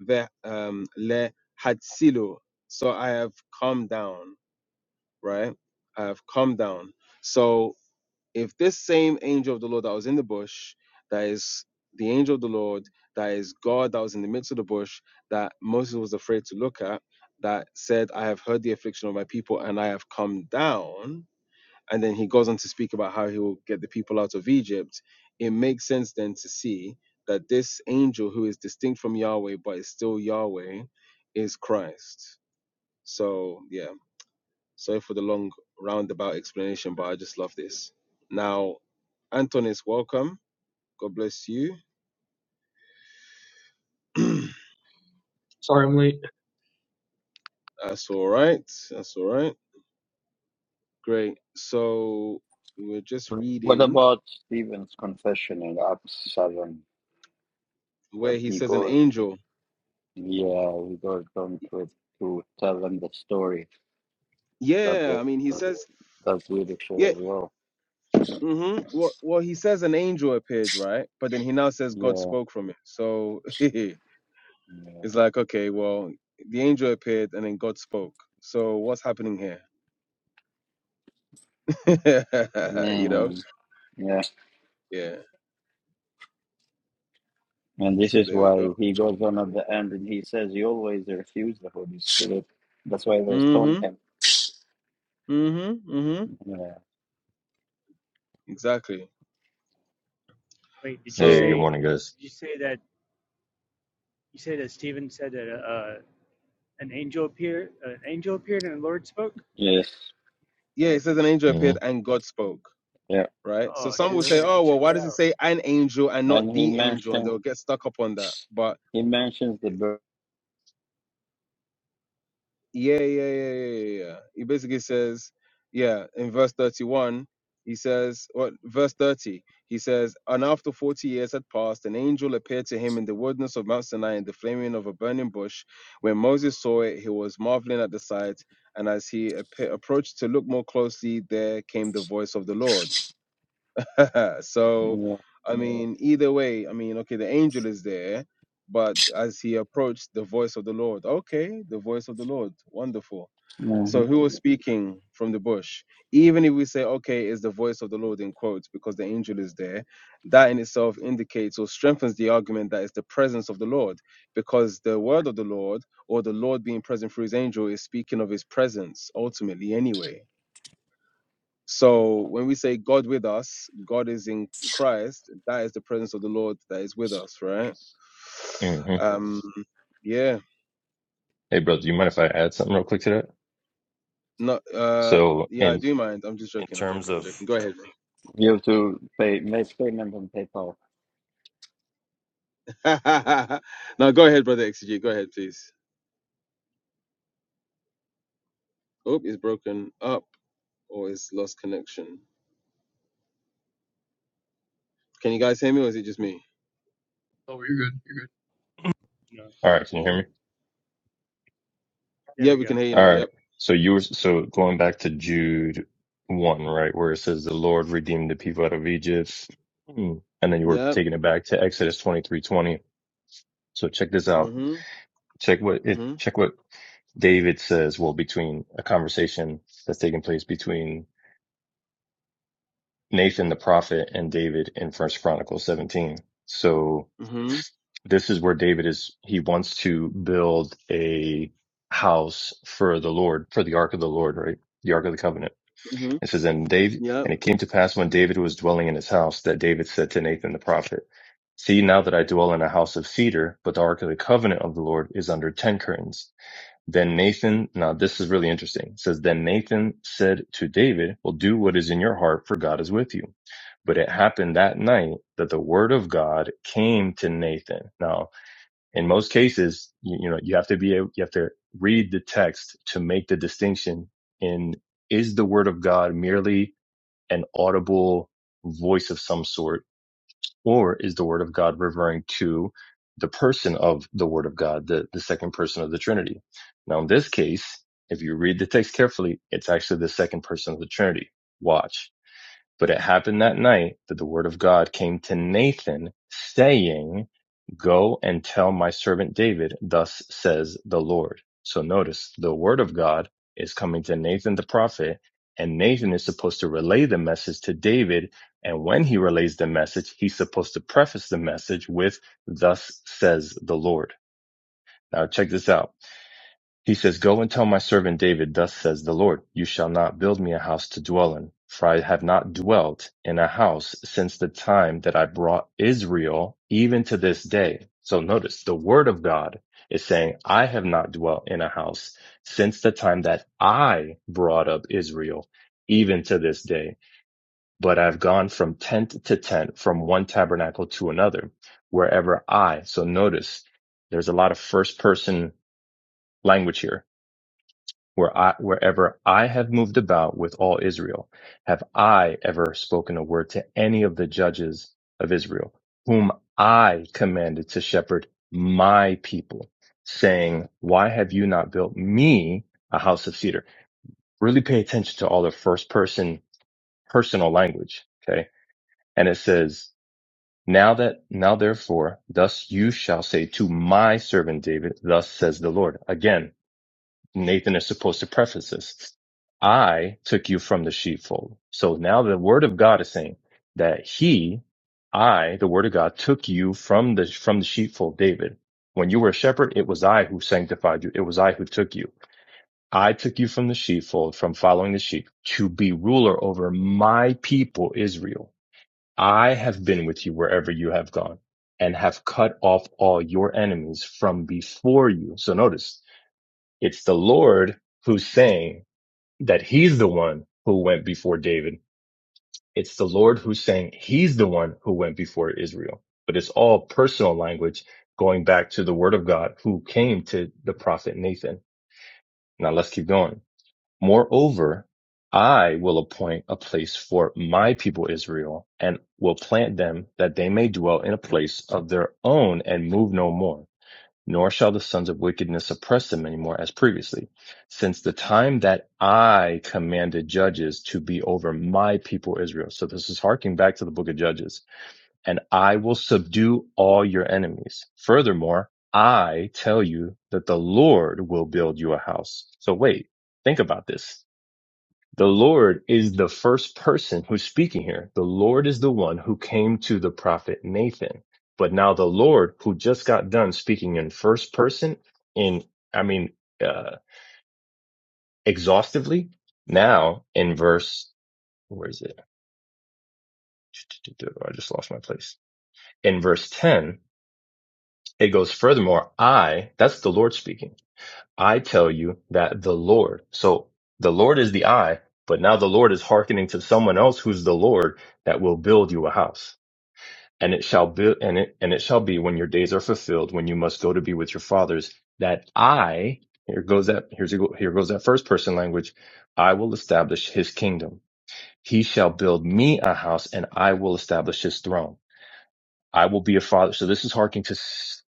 ve um, le hatsilo. So I have come down, right? I have come down. So if this same angel of the Lord that was in the bush, that is the angel of the Lord, that is God that was in the midst of the bush, that Moses was afraid to look at, that said, I have heard the affliction of my people and I have come down and then he goes on to speak about how he will get the people out of Egypt, it makes sense then to see that this angel who is distinct from Yahweh but is still Yahweh is Christ. So, yeah, sorry for the long roundabout explanation, but I just love this. Now, Antonis, welcome. God bless you. Sorry, I'm late. That's all right. That's all right. Great. So, we're just What reading about Stephen's confession in Acts seven that where he he says an goes, angel. yeah, he goes down to to tell them the story that Yeah, the, I mean, he says, that's yeah. beautiful as well. hmm Well, well, he says an angel appeared, right? But then he now says God Yeah, spoke from it. So it's yeah, like, okay, well, the angel appeared and then God spoke. So what's happening here? you know? mm, yeah. Yeah. And this So is there we go. why he goes on at the end and he says, You always refuse the Holy Spirit. That's why they stoned Mm-hmm. him. Mm-hmm. Mm-hmm. Yeah. Exactly. Wait, did you Hey, good So say? morning, guys. Did you say that? You say that Stephen said that uh, an angel appeared. An angel appeared and the Lord spoke. Yes. yeah, it says an angel hmm appeared and God spoke. Yeah. Right. So Oh, some dude, will I say, gotta go oh, well, check why that does it out. say an angel and And not he the angel? And mentioned they'll get stuck up on that. But he mentions the birth. Yeah, yeah, yeah, yeah, yeah. yeah. He basically says, yeah, in verse 31, he says, well, verse 30, he says, And after 40 years had passed, an angel appeared to him in the wilderness of Mount Sinai in the flaming of a burning bush. When Moses saw it, he was marveling at the sight. And as he appe- approached to look more closely, there came the voice of the Lord. so, Yeah. I mean, either way, I mean, okay, the angel is there. But as he approached the voice of the Lord, okay, the voice of the Lord, wonderful hmm so who was speaking from the bush? Even if we say, okay, it's the voice of the Lord in quotes because the angel is there, that in itself indicates or strengthens the argument that it's the presence of the Lord because the word of the Lord or the Lord being present through his angel is speaking of his presence ultimately anyway. So when we say God with us, God is in Christ, that is the presence of the Lord that is with us, right? hmm Um, yeah, Hey, brother, do you mind if I add something real quick to that? not, uh, So, yeah, I in do mind. I'm just in joking. I'm terms joking. I'm of, joking. Go ahead. You have to pay make payment on PayPal. now go ahead, brother XG. Go ahead, please. Oh, it's broken up or it's lost connection. Can you guys hear me or is it just me? Oh, you're good. You're good. No, all right, can you hear me? there Yeah, we we go. can hear you All now. right. Yep. So you were so going back to Jude one, right, where it says the Lord redeemed the people out of Egypt, Mm. and then you were Yep. taking it back to Exodus twenty three twenty. So check this out. Mhm. Check what it. Mhm. Check what David says. Well, between a conversation that's taking place between Nathan the prophet and David in First Chronicles seventeen. So. Mhm. this is where David is. He wants to build a house for the Lord, for the ark of the Lord, right? The ark of the covenant. Mhm. It says, and David, Yep. and it came to pass when David was dwelling in his house that David said to Nathan the prophet, See now that I dwell in a house of cedar, but the ark of the covenant of the Lord is under ten curtains. Then Nathan, now this is really interesting. It says, then Nathan said to David, well, do what is in your heart for God is with you. But it happened that night that the word of God came to Nathan. Now in most cases, you, you know, you have to be able, you have to read the text to make the distinction in is the word of God merely an audible voice of some sort, or is the word of God referring to the person of the word of God, the, the second person of the Trinity? Now, in this case, if you read the text carefully, it's actually the second person of the Trinity. Watch. But it happened that night that the word of God came to Nathan saying, go and tell my servant David, thus says the Lord. So notice the word of God is coming to Nathan the prophet and Nathan is supposed to relay the message to David. And when he relays the message, he's supposed to preface the message with, thus says the Lord. Now check this out he says, Go and tell my servant David, Thus says the Lord, You shall not build me a house to dwell in, for I have not dwelt in a house since the time that I brought Israel, even to this day. So notice the word of God is saying, I have not dwelt in a house since the time that I brought up Israel, even to this day. But I've gone from tent to tent, from one tabernacle to another, wherever I. So notice there's a lot of first person language here where I, wherever I have moved about with all Israel, have I ever spoken a word to any of the judges of Israel, whom I commanded to shepherd my people, saying, why have you not built me a house of cedar? Really pay attention to all the first person personal language. Okay. And it says, now that, now therefore, thus you shall say to my servant David, thus says the Lord. Again, Nathan is supposed to preface this. I took you from the sheepfold. So now the word of God is saying that he, I, the word of God took you from the, from the sheepfold, David. When you were a shepherd, it was I who sanctified you. It was I who took you. I took you from the sheepfold, from following the sheep to be ruler over my people, Israel. I have been with you wherever you have gone and have cut off all your enemies from before you. So notice it's the Lord who's saying that he's the one who went before David. It's the Lord who's saying he's the one who went before Israel. But it's all personal language going back to the word of God who came to the prophet Nathan. Now let's keep going. Moreover, I will appoint a place for my people Israel and will plant them that they may dwell in a place of their own and move no more nor shall the sons of wickedness oppress them anymore as previously, since the time that I commanded judges to be over my people Israel. So this is harking back to the book of Judges, and I will subdue all your enemies. Furthermore, I tell you that the Lord will build you a house. So wait, think about this. The Lord is the first person who's speaking here. The Lord is the one who came to the prophet Nathan. But now the Lord, who just got done speaking in first person, in, I mean, uh, exhaustively, now in verse, where is it? I just lost my place. In verse 10, it goes, furthermore, I, that's the Lord speaking. I tell you that the Lord, so the Lord is the I, but now the Lord is hearkening to someone else who's the Lord that will build you a house. And it shall be, and it, and it shall be when your days are fulfilled, when you must go to be with your fathers, that I, here goes that, here's, here goes that first person language. I will establish his kingdom. He shall build me a house and I will establish his throne. I will be a father. So this is harking to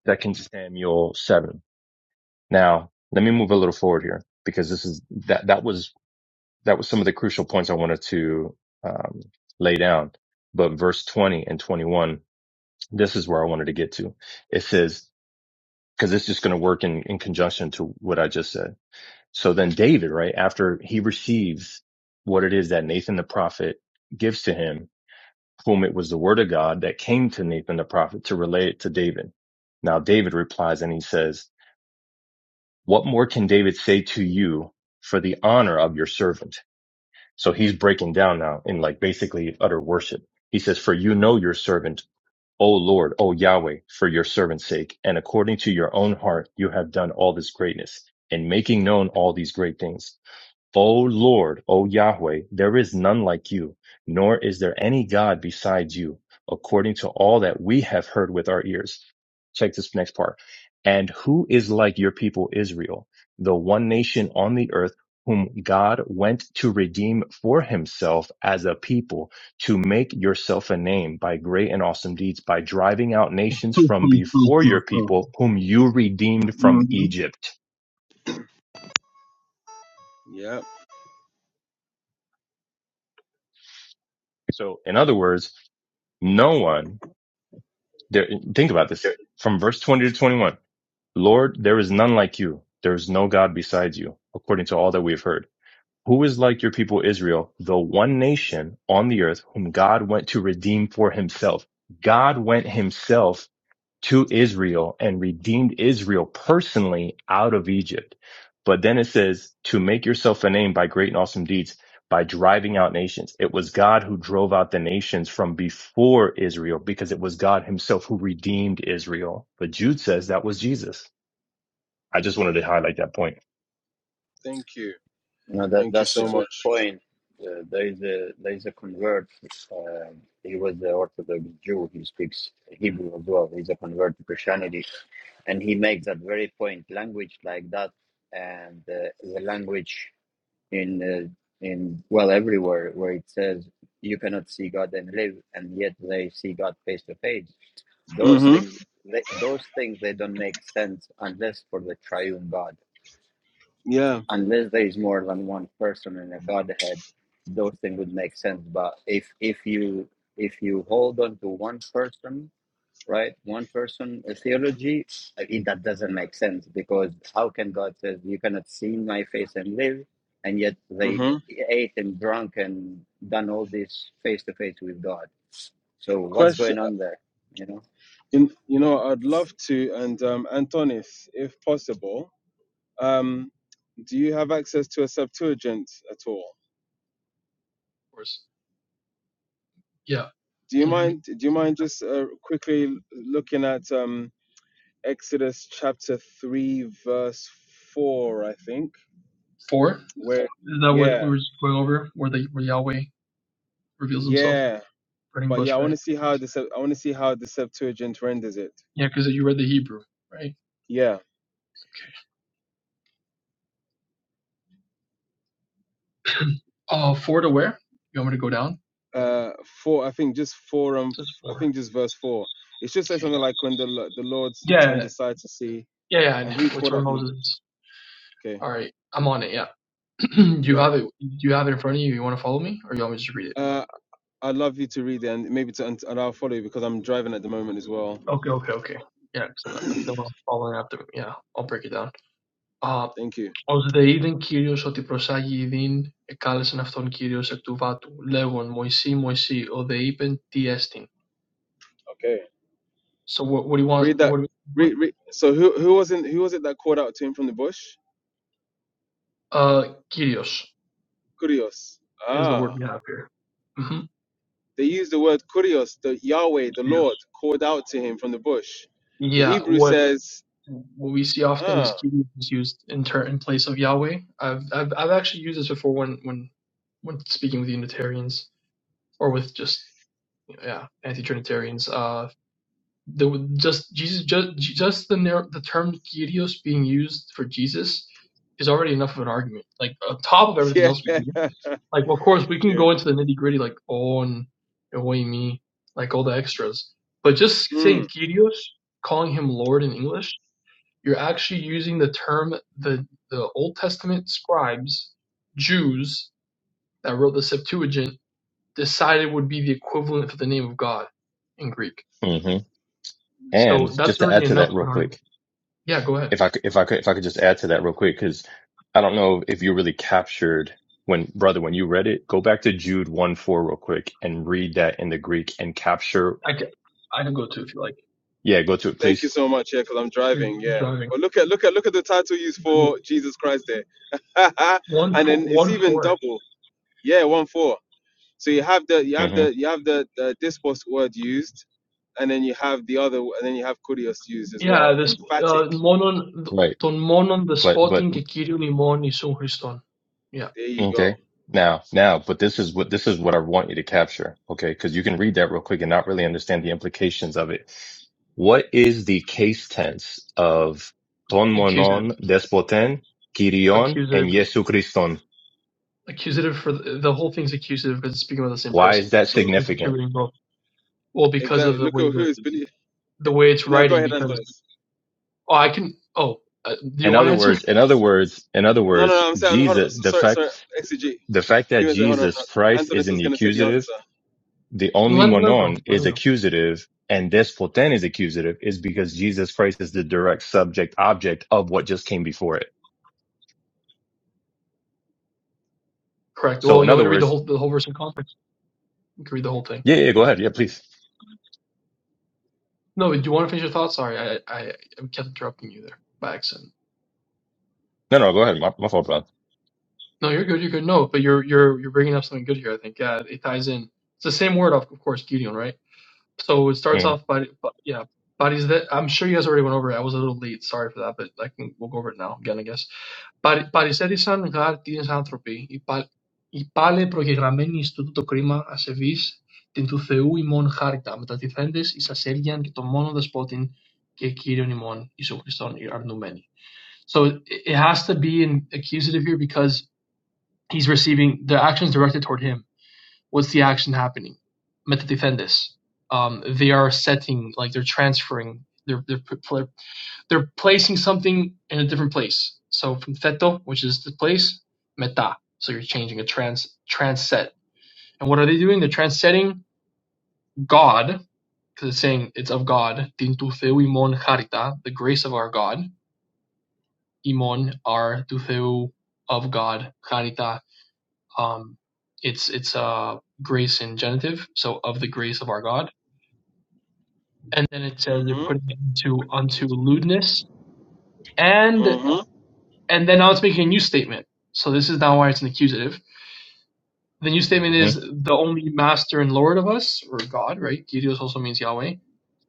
second Samuel seven. Now, let me move a little forward here because this is that, that was, that was some of the crucial points I wanted to, um, lay down. But verse 20 and 21 this is where I wanted to get to. It says, because it's just going to work in, in conjunction to what I just said. So then David, right after he receives what it is that Nathan the prophet gives to him, whom it was the word of God that came to Nathan the prophet to relay it to David. Now David replies and he says, what more can David say to you for the honor of your servant? So he's breaking down now in like basically utter worship. He says, for you know your servant O Lord, O Yahweh, for your servant's sake, and according to your own heart, you have done all this greatness, in making known all these great things. O Lord, O Yahweh, there is none like you, nor is there any God besides you, according to all that we have heard with our ears. Check this next part. And who is like your people Israel, the one nation on the earth whom God went to redeem for himself as a people to make yourself a name by great and awesome deeds, by driving out nations from before your people whom you redeemed from Mhm. Egypt. Yep. So in other words, no one There, think about this from verse 20 to 21. Lord, there is none like you. There is no God besides you, according to all that we have heard. Who is like your people Israel, the one nation on the earth whom God went to redeem for himself? God went himself to Israel and redeemed Israel personally out of Egypt. But then it says to make yourself a name by great and awesome deeds by driving out nations. It was God who drove out the nations from before Israel because it was God himself who redeemed Israel. But Jude says that was Jesus. I just wanted to highlight that point. Thank you. No, that Thank you that's a so good much. point. Uh, there is a there is a convert. Uh, he was an Orthodox Jew. He speaks Hebrew as well. He's a convert to Christianity and he makes that very point language like that and uh, the language in uh, in well everywhere where it says you cannot see God and live, and yet they see God face to face. Those Mhm. things, they, those things, they don't make sense unless for the triune God. Yeah. Unless there is more than one person in a Godhead, those things would make sense. But if if you if you hold on to one person right? One person a theology. I mean, that doesn't make sense because how can God says you cannot see my face and live, and yet they Mhm. ate and drunk and done all this face to face with God. So what's Question. going on there? You know. In, you know, I'd love to, and um, Antonis, if possible, um, do you have access to a Septuagint at all? Of course. Yeah. Do you Can you hear me? mind? Do you mind just uh, quickly l- looking at um, Exodus chapter three, verse four? I think Four. where, Is that what we yeah, were just going over? Where the where Yahweh reveals himself, yeah. burning But yeah, bush, I want right? to see how the Sep- I want to see how the Septuagint renders it. Yeah, because you read the Hebrew, right? Yeah, Okay. Uh, four to where? You want me to go down? uh, four. I think just four and Just f- I four. think just verse four. It should say Okay. something like when the Lo- the Lord Yeah. turned Yeah. aside to see, Yeah. yeah, I and know. who What's called where out from the Moses? book. is. Okay. All right. I'm on it. Yeah. do you Yep. have it? Do you have it in front of you? You want to follow me, or you want me to just read it? Uh, I'd love you to read it and maybe to and and I'll follow you because I'm driving at the moment as well. Okay. Okay. Okay. Yeah. Because if no one's following after, me, yeah, I'll break it down. Uh, Thank you. Ως δε είδεν Κύριος ότι προσάγει ιδίν, εκάλεσεν αυτόν Κύριος εκ του βάτου, λέγον, Μωυσή, Μωυσή, ο δε είπεν, τι έστιν. Okay. So what, what do you want, Read that. what do you Read, want? read. So who who wasn't who was it that called out to him from the bush? Uh, Kyrios Kurios. is the Ah. word we have here. hmm They used the word kurios, the Yahweh, the Lord, called out to him from the bush. The Yeah, Hebrew what says, what we see often is ah, Kyrios is used in ter- in place of Yahweh. I've, I've I've actually used this before when when when speaking with Unitarians or with just yeah anti-Trinitarians. Uh, the just Jesus just just the nar- the term kyrios being used for Jesus is already enough of an argument. Like on top of everything yeah, else we do, like well, of course we can yeah. go into the nitty gritty like oh and away me like all the extras, but just Hmm. saying kyrios, calling him Lord in English, you're actually using the term the the Old Testament scribes, Jews that wrote the Septuagint decided would be the equivalent for the name of God in Greek. hmm So And that's just to already add to enough that of real an argument. quick, Yeah, go ahead. if I could, if I could, if I could just add to that real quick, because I don't know if you really captured when, brother, when you read it, go back to Jude 1 4 real quick and read that in the Greek and capture. I can, I can go too if you like. Yeah, go to it, Thank you please. so much, yeah, because I'm Please driving, keep yeah. driving. But look at look at look at the title used for Jesus Christ there. One and four, then it's one even four. double. Yeah, one four. So you have the you have hmm the you have the, the dispost word used, and then you have the other, and then you have kurios used as Yeah, well. this uh, Emphatic. monon Right. τον μόνον But, but, despotin και Kyrion ημών Ιησούν Χριστόν. Yeah, There you go. okay. Now, now, but this is what, this is what I want you to capture. Okay. Cause you can read that real quick and not really understand the implications of it. What is the case tense of ton accusative, monon despoten, kyrion, accusative, and Jesu Christon? accusative for the, the whole thing's accusative because it's speaking about the same Why is person. that So it's significant? attributing both. Well, because of Exactly. the Look way at who that is believing. the way it's You know, go writing, ahead, because Antonis. oh, I can. Oh, uh, do you In want to other answer? words, in other words, in other No, no, words, no. I'm saying, hold on, Jesus, so- the sorry, sorry. fact, Exegete. the fact that Give me a second. Hold on. Jesus hold on. Christ is Antonis in was the gonna say the accusative, answer. the only Let him let him monon go. Let is him go. accusative and despoten is accusative is because Jesus Christ is the direct subject object of what just came before it. Correct. So Well, in you want other me to read the words, whole the whole verse in context? You can read the whole thing. yeah, yeah, go ahead. Yeah, please. No, do you want to finish your thought? Sorry, I, I I kept interrupting you there by accident. No, no, go ahead. My, my fault, brother. No, you're good. You're good. No, but you're you're you're bringing up something good here. I think uh, it ties in. It's the same word, of of course, Gideon, right? So it starts off by, but yeah, bodies that I'm sure you guys already went over. it. I was a little late. Sorry for that, but I can we'll go over it now again, I guess. Παρι- Παρισέρισαν γάρτιες άνθρωποι, οι πα- οι πάλε προγεγραμμένοι στο τούτο κρίμα ασεβείς την του Θεού ημών χάρτα, μετατιθέντες εις ασέλγιαν και το μόνο δεσπότην και Κύριον ημών Ιησού Χριστόν αρνούμενοι. So it has to be an accusative here because he's receiving the actions directed toward him. What's the action happening? Metadefendis. Um, they are setting, like they're transferring, they're they're they're placing something in a different place. So from theto, which is the place, meta. So you're changing a trans transet. And what are they doing? They're transetting God because it's saying it's of God. Tin tu theu imon charita, the grace of our God. Imon our tu theu of God, charita Um, it's it's uh, grace in genitive, so of the grace of our God. And then it says they're Mhm. putting it into unto lewdness, and Mhm. and then now it's making a new statement. So this is now why it's an accusative. The new statement Mm-hmm. is the only master and lord of us, or God, right? Kyrios also means Yahweh.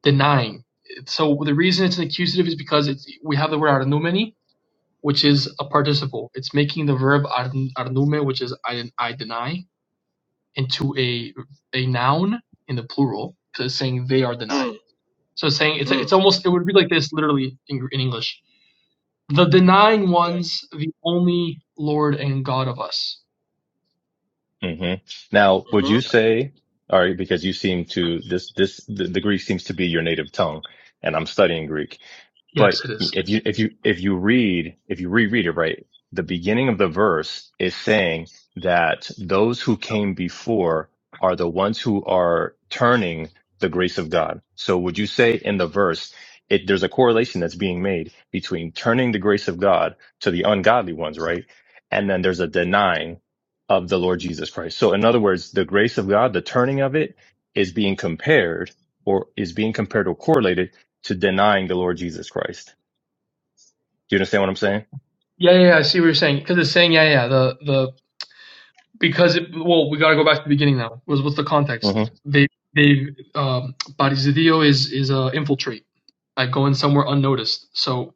Denying. So the reason it's an accusative is because it's, we have the word arnoumeni, which is a participle. It's making the verb arnoume, which is I, I deny, into a a noun in the plural, so it's saying they are denying. Mm. So it's saying it's Mm. it's almost it would be like this literally in, in English: the denying ones, the only Lord and God of us. hmm Now, would Mhm. you Yeah. say, all right, because you seem to, this, this, the, the Greek seems to be your native tongue and I'm studying Greek But Yes, it is. if you if you if you read if you reread it right, the beginning of the verse is saying that those who came before are the ones who are turning the grace of God. So would you say in the verse it, there's a correlation that's being made between turning the grace of God to the ungodly ones, right? And then there's a denying of the Lord Jesus Christ. So in other words, the grace of God, the turning of it is being compared or is being compared or correlated to denying the Lord Jesus Christ. Do you understand what I'm saying? Yeah, yeah, yeah, I see what you're saying because it's saying yeah, yeah. The the because it, well, we got to go back to the beginning now. Was what's the context? hmm They they um, Barizideo is is uh, infiltrate, like go in somewhere unnoticed. So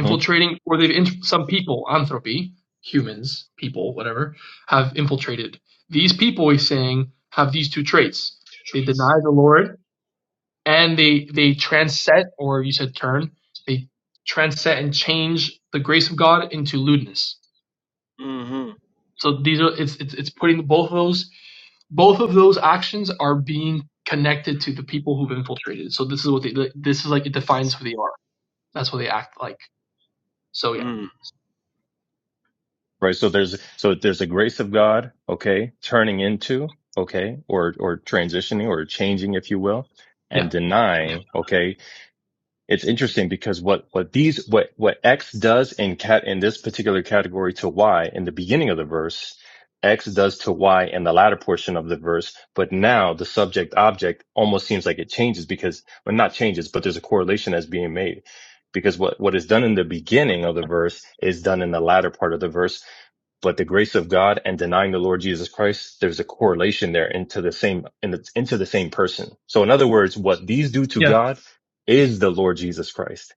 hmm or they've int- some people, anthropy, humans, people, whatever, have infiltrated. These people, he's saying, have these two traits: they deny the Lord, and they they transcend, or you said turn, they transcend and change the grace of God into lewdness. Mhm. So these are it's it's, it's putting both of those both of those actions are being connected to the people who've infiltrated. So this is what they this is like it defines who they are. That's what they act like. So yeah, Mm. Right. So there's so there's a grace of God, okay, turning into, okay, or or transitioning or changing, if you will, and yeah, denying, okay, it's interesting because what what these what what X does in cat in this particular category to Y in the beginning of the verse, X does to Y in the latter portion of the verse, but now the subject object almost seems like it changes because well not changes, but there's a correlation that's being made. Because what, what is done in the beginning of the verse is done in the latter part of the verse but the grace of God and denying the Lord Jesus Christ, there's a correlation there into the same, and it's into the same person. So in other words, what these do to yeah. God is the Lord Jesus Christ.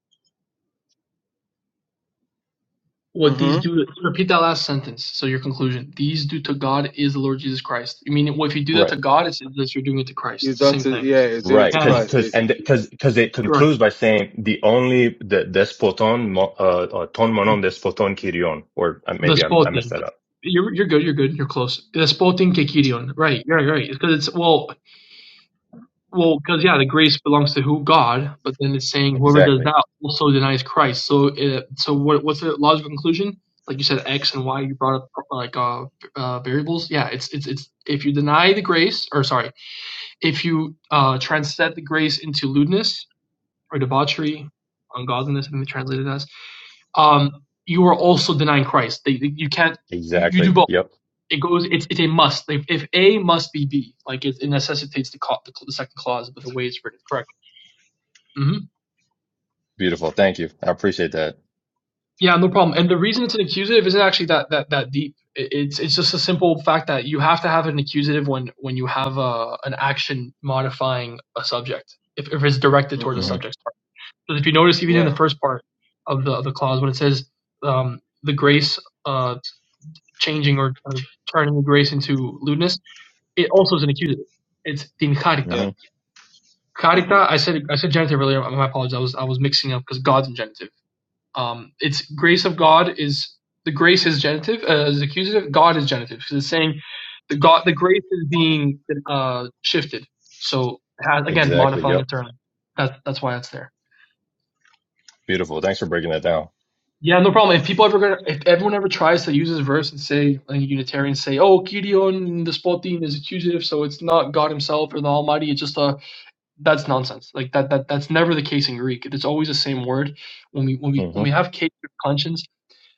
What these Mhm. do? Repeat that last sentence. So your conclusion: these do to God is the Lord Jesus Christ. You mean well, if you do that Right. to God, it's that you're doing it to Christ. He's It's the done same to thing. yeah. He's doing it Right. to Yeah, yeah, Cause, Christ, cause, and basically. cause, cause it correct. concludes by saying the only, the despoton, mo- uh, uh, ton monon despoton kyrion, or uh, The maybe I, I messed sporting. that up. You're you're good. You're good. You're close. The sporting kekirion. Right. You're right. right. Because it's well. Well, because yeah, the grace belongs to who God, but then it's saying whoever does Exactly. that also denies Christ. So, uh, so what, what's the logical conclusion? Like you said, X and Y. You brought up like uh, uh, variables. Yeah, it's it's it's if you deny the grace, or sorry, if you uh, translate the grace into lewdness or debauchery, ungodliness, I think they translated as, um, you are also denying Christ. They, they- you can't you, you do Exactly. both. Yep. It goes. It's it's a must. Like if A must be B, like it, it necessitates the, co- the the second clause, but the way it's written is correct hmm Beautiful. Thank you. I appreciate that. Yeah, no problem. And the reason it's an accusative isn't actually that that that deep. I- It's it's just a simple fact that you have to have an accusative when when you have a an action modifying a subject if if it's directed towards the Mhm. hmm subject. Because if you notice, even in the Yeah. first part of the of the clause, when it says um, the grace uh, changing or, or turning the grace into lewdness, it also is an accusative. It's din charita. Yeah. hmm Charita. Mhm. I said I said genitive earlier. My apologies. I was I was mixing up because God's in genitive Um, it's grace of God is the grace is genitive, uh, is accusative. God is genitive because it's saying the God, the grace is being uh, shifted. So it has, again, Exactly. modifying a Yep. term. That's that's why it's there. Beautiful. Thanks for breaking that down. Yeah, no problem. If people ever, gonna, if everyone ever tries to use this verse and say, like Unitarians say, oh, Kyrion, the spotin is accusative, so it's not God Himself or the Almighty. It's just a that's nonsense. Like that that that's never the case in Greek. It's always the same word. When we when we when hmm we have case of conscience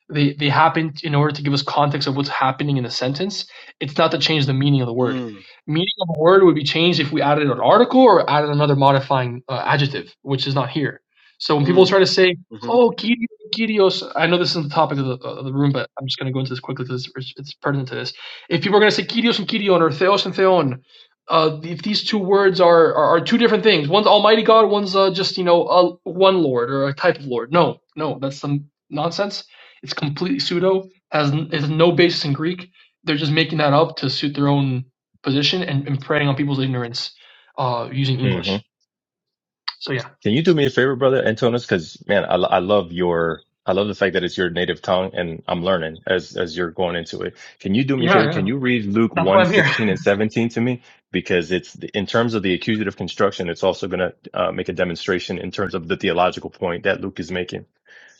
They they happen in order to give us context of what's happening in a sentence. It's not to change the meaning of the word. Mm. Meaning of a word would be changed if we added an article or added another modifying uh, adjective, which is not here. So when people Mm. try to say, Mhm. "Oh, Kyrios, Kyrios," I know this isn't the topic of the, of the room, but I'm just going to go into this quickly because it's, it's pertinent to this. If people are going to say Kyrios and Kyrion or Theos and Theon, uh, if these two words are, are are two different things, one's Almighty God, one's uh, just you know a, one Lord or a type of Lord. No, no, that's some nonsense. It's completely pseudo. Has n- has no basis in Greek. They're just making that up to suit their own position and, and preying on people's ignorance uh, using hmm English. So yeah, Can you do me a favor, brother Antonis? Because man, I, lo- I love your I love the fact that it's your native tongue, and I'm learning as as you're going into it. Can you do me a yeah, favor? Can yeah. you read Luke That's why one I'm here. 16 and seventeen to me? Because it's in terms of the accusative construction, it's also going to uh, make a demonstration in terms of the theological point that Luke is making.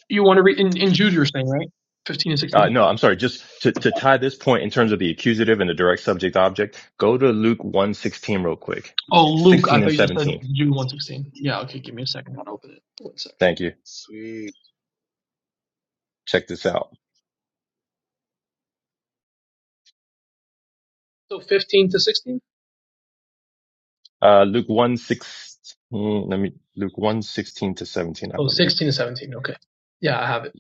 You want to read in, in Jude? You're saying right? Fifteen and Uh, sixteen. no, I'm sorry. Just to, to tie this point in terms of the accusative and the direct subject object, go to Luke one 16 real quick, Oh, Luke. 16 I thought and you just said 17. Jude one sixteen. Yeah. Okay. Give me a second. I'll open it. One second. Thank you. Sweet. Check this out. So fifteen to sixteen. Uh, Luke 1, six, let me, Luke one 16 to 17, I Oh believe. 16 to seventeen. Okay. Yeah, I have it.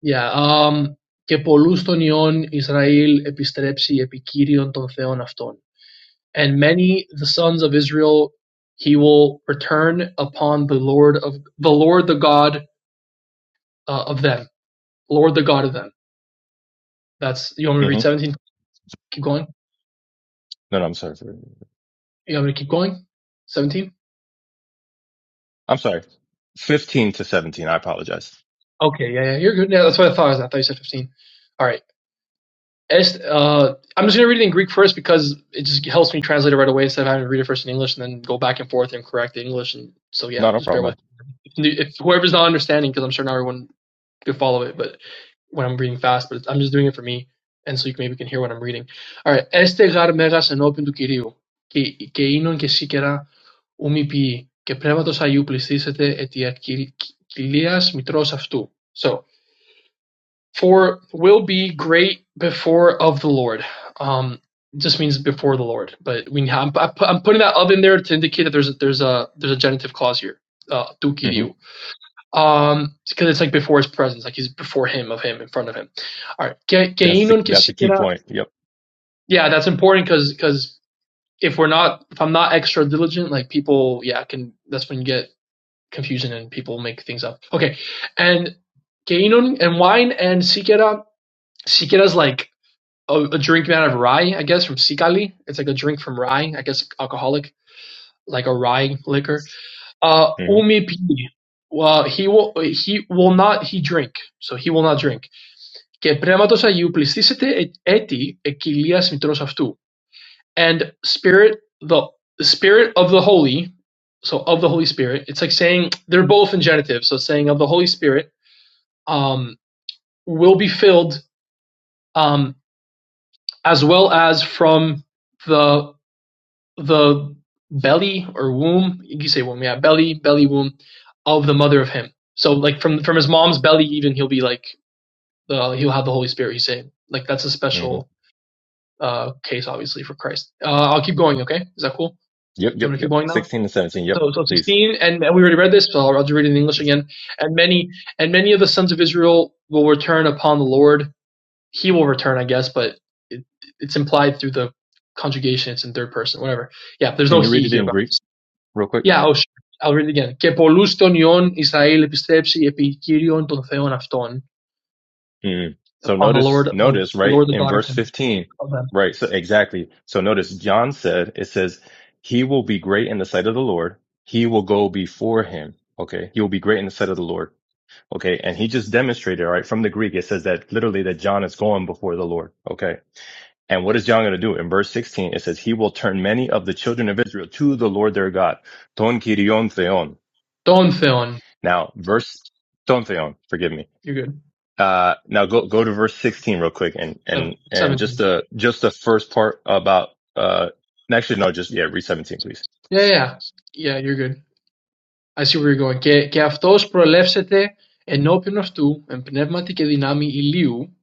Yeah. Um. Και πολλούς των ιών Ισραήλ επιστρέψει επί Κύριων των Θεών αυτών. And many the sons of Israel he will return upon the Lord of the Lord the God uh, of them. Lord the God of them. That's you want me to hmm read seventeen? Keep going. No, no, I'm sorry. You want me to keep going? Seventeen? I'm sorry. 15 to 17. I apologize. Okay, yeah, yeah, you're good. Yeah, that's what I thought. I thought you said fifteen. All right. Est, uh, I'm just gonna read it in Greek first because it just helps me translate it right away instead of having to read it first in English and then go back and forth and correct the English. And so yeah, No, no just bear with. problem. me. If, if whoever's not understanding, because I'm sure not everyone To follow it, but when I'm reading fast, but it's, I'm just doing it for me, and so you can, maybe can hear what I'm reading. All right. Este γαρ μέγας ενώπιν του Κυρίου, και, και ίνον και σίκερα ούμι ποιή, και πνεύματος Αγίου πληστήσετε ετ κυλίας μητρός αυτού. So, for will be great before of the Lord. Um, it just means before the Lord, but we I'm, I'm putting that of in there to indicate that there's a, there's a there's a genitive clause here. Uh, του hmm Κυρίου. Um, because it's like before his presence, like he's before him, of him, in front of him. All right. Que, que That's the, Inon that's the key quisiera. point. Yep. Yeah, that's important because cause if we're not, if I'm not extra diligent, like people, yeah, can that's when you get confusion and people make things up. Okay, and que Inon and wine and siquiera. Siquiera is like a, a drink made out of rye, I guess, from Sicali. It's like a drink from rye, I guess, alcoholic, like a rye liquor. Uh, hmm umipi. Well, he will he will not he drink. So he will not drink. Και πνεύματος Αγίου πληστήσετε ε- έτη εκκυλίας μητρός αυτού. And spirit the the spirit of the holy. So of the Holy Spirit. It's like saying they're both in genitive. So saying of the Holy Spirit um, will be filled um, as well as from the the belly or womb, you can say womb, yeah, belly, belly womb of the mother of him. So like from from his mom's belly, even he'll be like uh, he'll have the Holy Spirit. He's saying like that's a hmm special uh, case, obviously for Christ. Uh, I'll keep going. Okay, is that cool? Yep. I'm Yep. gonna keep Yep. going now. 16 to 17. Yep. So, so Please. 16, and, and we already read this, so I'll, I'll just read it in English again. And many, and many of the sons of Israel will return upon the Lord. He will return, I guess, but it, it's implied through the conjugation. It's in third person, whatever. Yeah, there's Can no you read he it here, in but. Greek real quick? Yeah, ως I'll read it again. Και πολλούς των ιών Ισραήλ επιστρέψει επί Κύριον των Θεών αυτών. Mm. So Upon the notice, Lord, the notice, right, Lord, the in God of verse him, 15, of them. right, so exactly. So notice John said, it says, he will be great in the sight of the Lord. He will go before him. Okay. He will be great in the sight of the Lord. Okay. And he just demonstrated, right, from the Greek, it says that literally that John is going before the Lord. Okay. And what is John going to do? In verse 16, it says, he will turn many of the children of Israel to the Lord their God. Ton kirion theon. Των Θεών. Now, verse, ton theon, forgive me. You're good. Uh, now go, go to verse 16 real quick and, and, and seventeen. just the, just the first part about, uh, actually, no, just, yeah, read 17, please. Yeah, yeah. Yeah, you're good. I see where you're going. Και, και αυτός προελεύσεται ενώπιον αυτού, εν πνεύματι και δυνάμει ηλίου.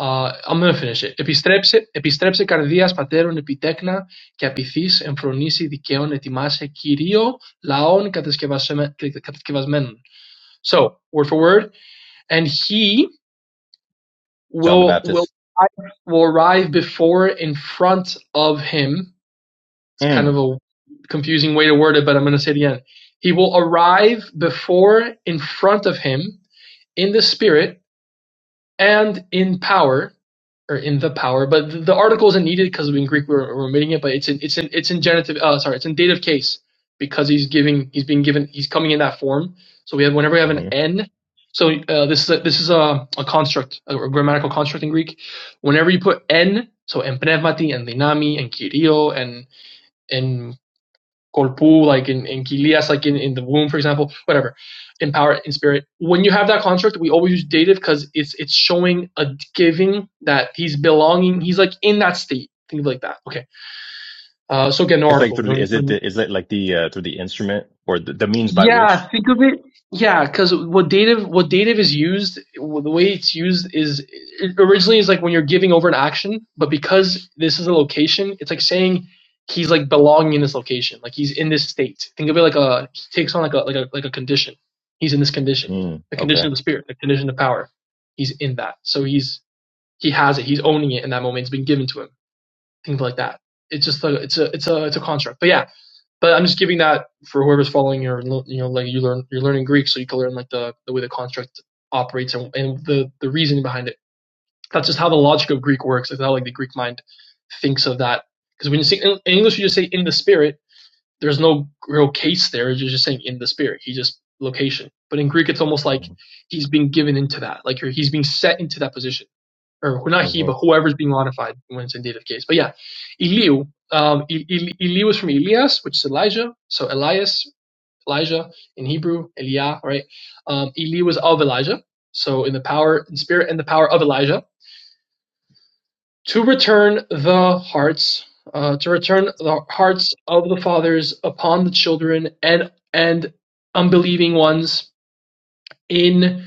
Uh, I'm gonna finish it. Επιστρέψε, επιστρέψε καρδίας πατέρων επιτέκνα και απειθείς εμφρονήσει δικαίων ετοιμάσαι Κυρίω λαών κατασκευασμένων. So word for word, and he John the will will Baptist. will arrive before in front of him. It's kind Mm. of a confusing way to word it, but I'm going to say it again. He will arrive before in front of him in the spirit and in power or in the power, but the, the article isn't needed because in Greek we're, we're omitting it. But it's in it's in it's in genitive. Uh, sorry, it's in dative case because he's giving he's being given he's coming in that form. So we have whenever we have an hmm n. So uh, this is a, this is a, a construct, a, grammatical construct in Greek. Whenever you put n, so en pneumati, en dynami, en kyrio, and corpu, like in, in Kilias, like in, in the womb, for example, whatever, in power, in spirit. When you have that construct, we always use dative because it's it's showing a giving that he's belonging, he's like in that state. Think of like that. Okay. Uh, so get no It's like article. through No, the, is no, it the, is it like the, uh, through the instrument or the, the means by Yeah, which? think of it. Yeah, because what dative what dative is used, the way it's used is it originally is like when you're giving over an action, but because this is a location, it's like saying he's like belonging in this location, like he's in this state. Think of it like a he takes on like a like a like a condition. He's in this condition, Mm. the condition Okay. of the spirit, the condition of power. He's in that, so he's he has it. He's owning it in that moment. It's been given to him. Things like that. It's just a it's a it's a it's a construct. But yeah, but I'm just giving that for whoever's following your, you know, like you learn, you're learning Greek, so you can learn like the, the way the construct operates and, and the, the reason behind it. That's just how the logic of Greek works. It's how like the Greek mind thinks of that. Because when you say in English, you just say in the spirit. There's no real case there. You're just saying in the spirit. He just location. But in Greek, it's almost like he's being given into that. Like he's being set into that position or not he, Mm-hmm. but whoever's being modified when it's in dative case. But yeah, Eliu. Um, E- E- Eliu is from Elias, which is Elijah. So Elias, Elijah in Hebrew, Eliah, right? Um, Eliu is of Elijah. So in the power, in spirit, and the power of Elijah to return the hearts, uh, to return the hearts of the fathers upon the children and and unbelieving ones in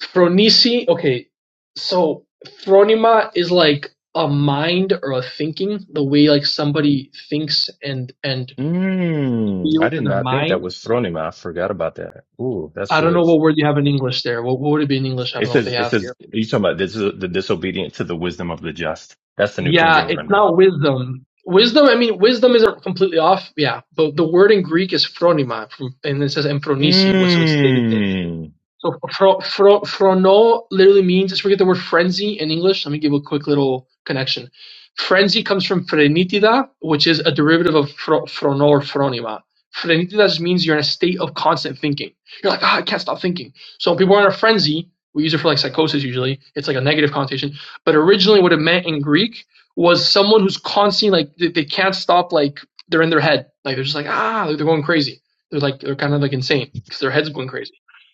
Phronisi okay, so phronema is like a mind or a thinking, the way like somebody thinks and and Mm. I feels did in their not think that mind. was phronema. I forgot about that. Ooh, that's I don't know good. what word you have in English there. What, what would it be in English? I don't It know what they says, it have says, here. you talking about this is the disobedient to the wisdom of the just. That's the New King Yeah, James it's rendering. not wisdom. Wisdom, I mean, wisdom isn't completely off. Yeah, but the word in Greek is phronema, from, and it says empronisi, which so it's dated Mm. So fro, fro, frono literally means, let's forget the word frenzy in English. Let me give a quick little connection. Frenzy comes from frenitida, which is a derivative of fro, frono or fronima. Frenitida just means you're in a state of constant thinking. You're like, ah, I can't stop thinking. So when people are in a frenzy, we use it for like psychosis usually. It's like a negative connotation. But originally what it meant in Greek was someone who's constantly like, they, they can't stop, like they're in their head. Like they're just like, ah, like, they're going crazy. They're like, they're kind of like insane because their head's going crazy.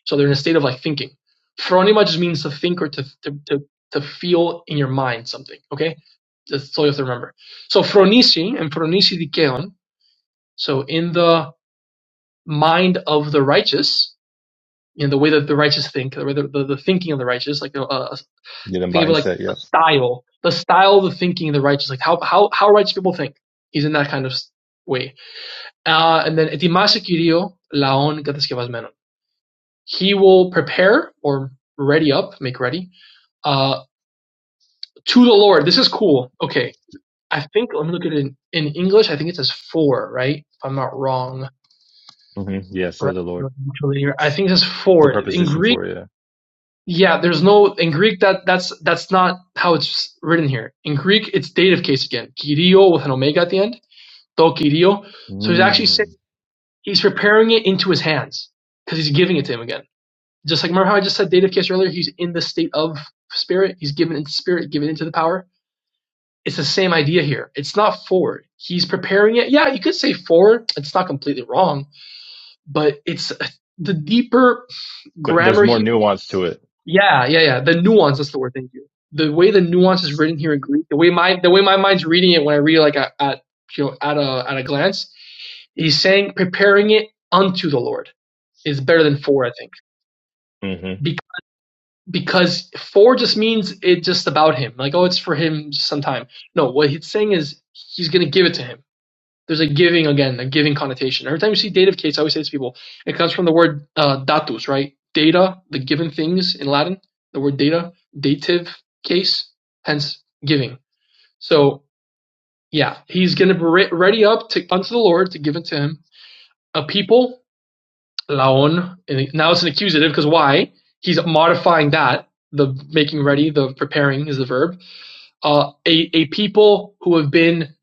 So they're in a state of like thinking. Phronema just means to think or to to to, to feel in your mind something. Okay, that's all you have to remember. So phronisi and phronisi dikeon. So in the mind of the righteous, in the way that the righteous think, the way the, the, the thinking of the righteous, like uh, uh, Yeah, the think of it like mindset. the Yep. style, the style of the thinking of the righteous, like how how how righteous people think. He's in that kind of way. Uh, and then etimase kirio laon menon. He will prepare or ready up, make ready Uh, to the Lord. This is cool. Okay. I think, let me look at it in, in English. I think it says four, right? If I'm not wrong. hmm Yeah, Right. for the Lord. I think it says The four. In preposition Greek, for it. Yeah. yeah, there's no, in Greek, that that's that's not how it's written here. In Greek, it's dative case again. Kyrio with an omega at the end. Do kyrio. So he's actually saying, Mm. he's preparing it into his hands because he's giving it to him again. Just like, remember how I just said dative case earlier? He's in the state of spirit. He's given into spirit, given into the power it's the same idea here. It's not forward. He's preparing it. Yeah, you could say forward. It's not completely wrong, but it's the deeper But there's grammar more here. nuance to it. Yeah, yeah, yeah. The nuance. That's the word. Thank you. The way the nuance is written here in Greek, the way my the way my mind's reading it when I read like at, at you know at a at a glance, he's saying preparing it unto the Lord is better than for. I think Mm-hmm. Be- because for just means it's just about him. Like oh, it's for him sometime. No, what he's saying is he's gonna give it to him There's a giving again, a giving connotation. Every time you see dative case, I always say to people, it comes from the word uh, datus, right? Data, the given things in Latin, the word data, dative case, hence giving. So yeah, he's going to be ready up to unto the Lord to give it to him. A people, laon. And now it's an accusative because why? He's modifying that. The making ready, the preparing is the verb. Uh, a a people who have been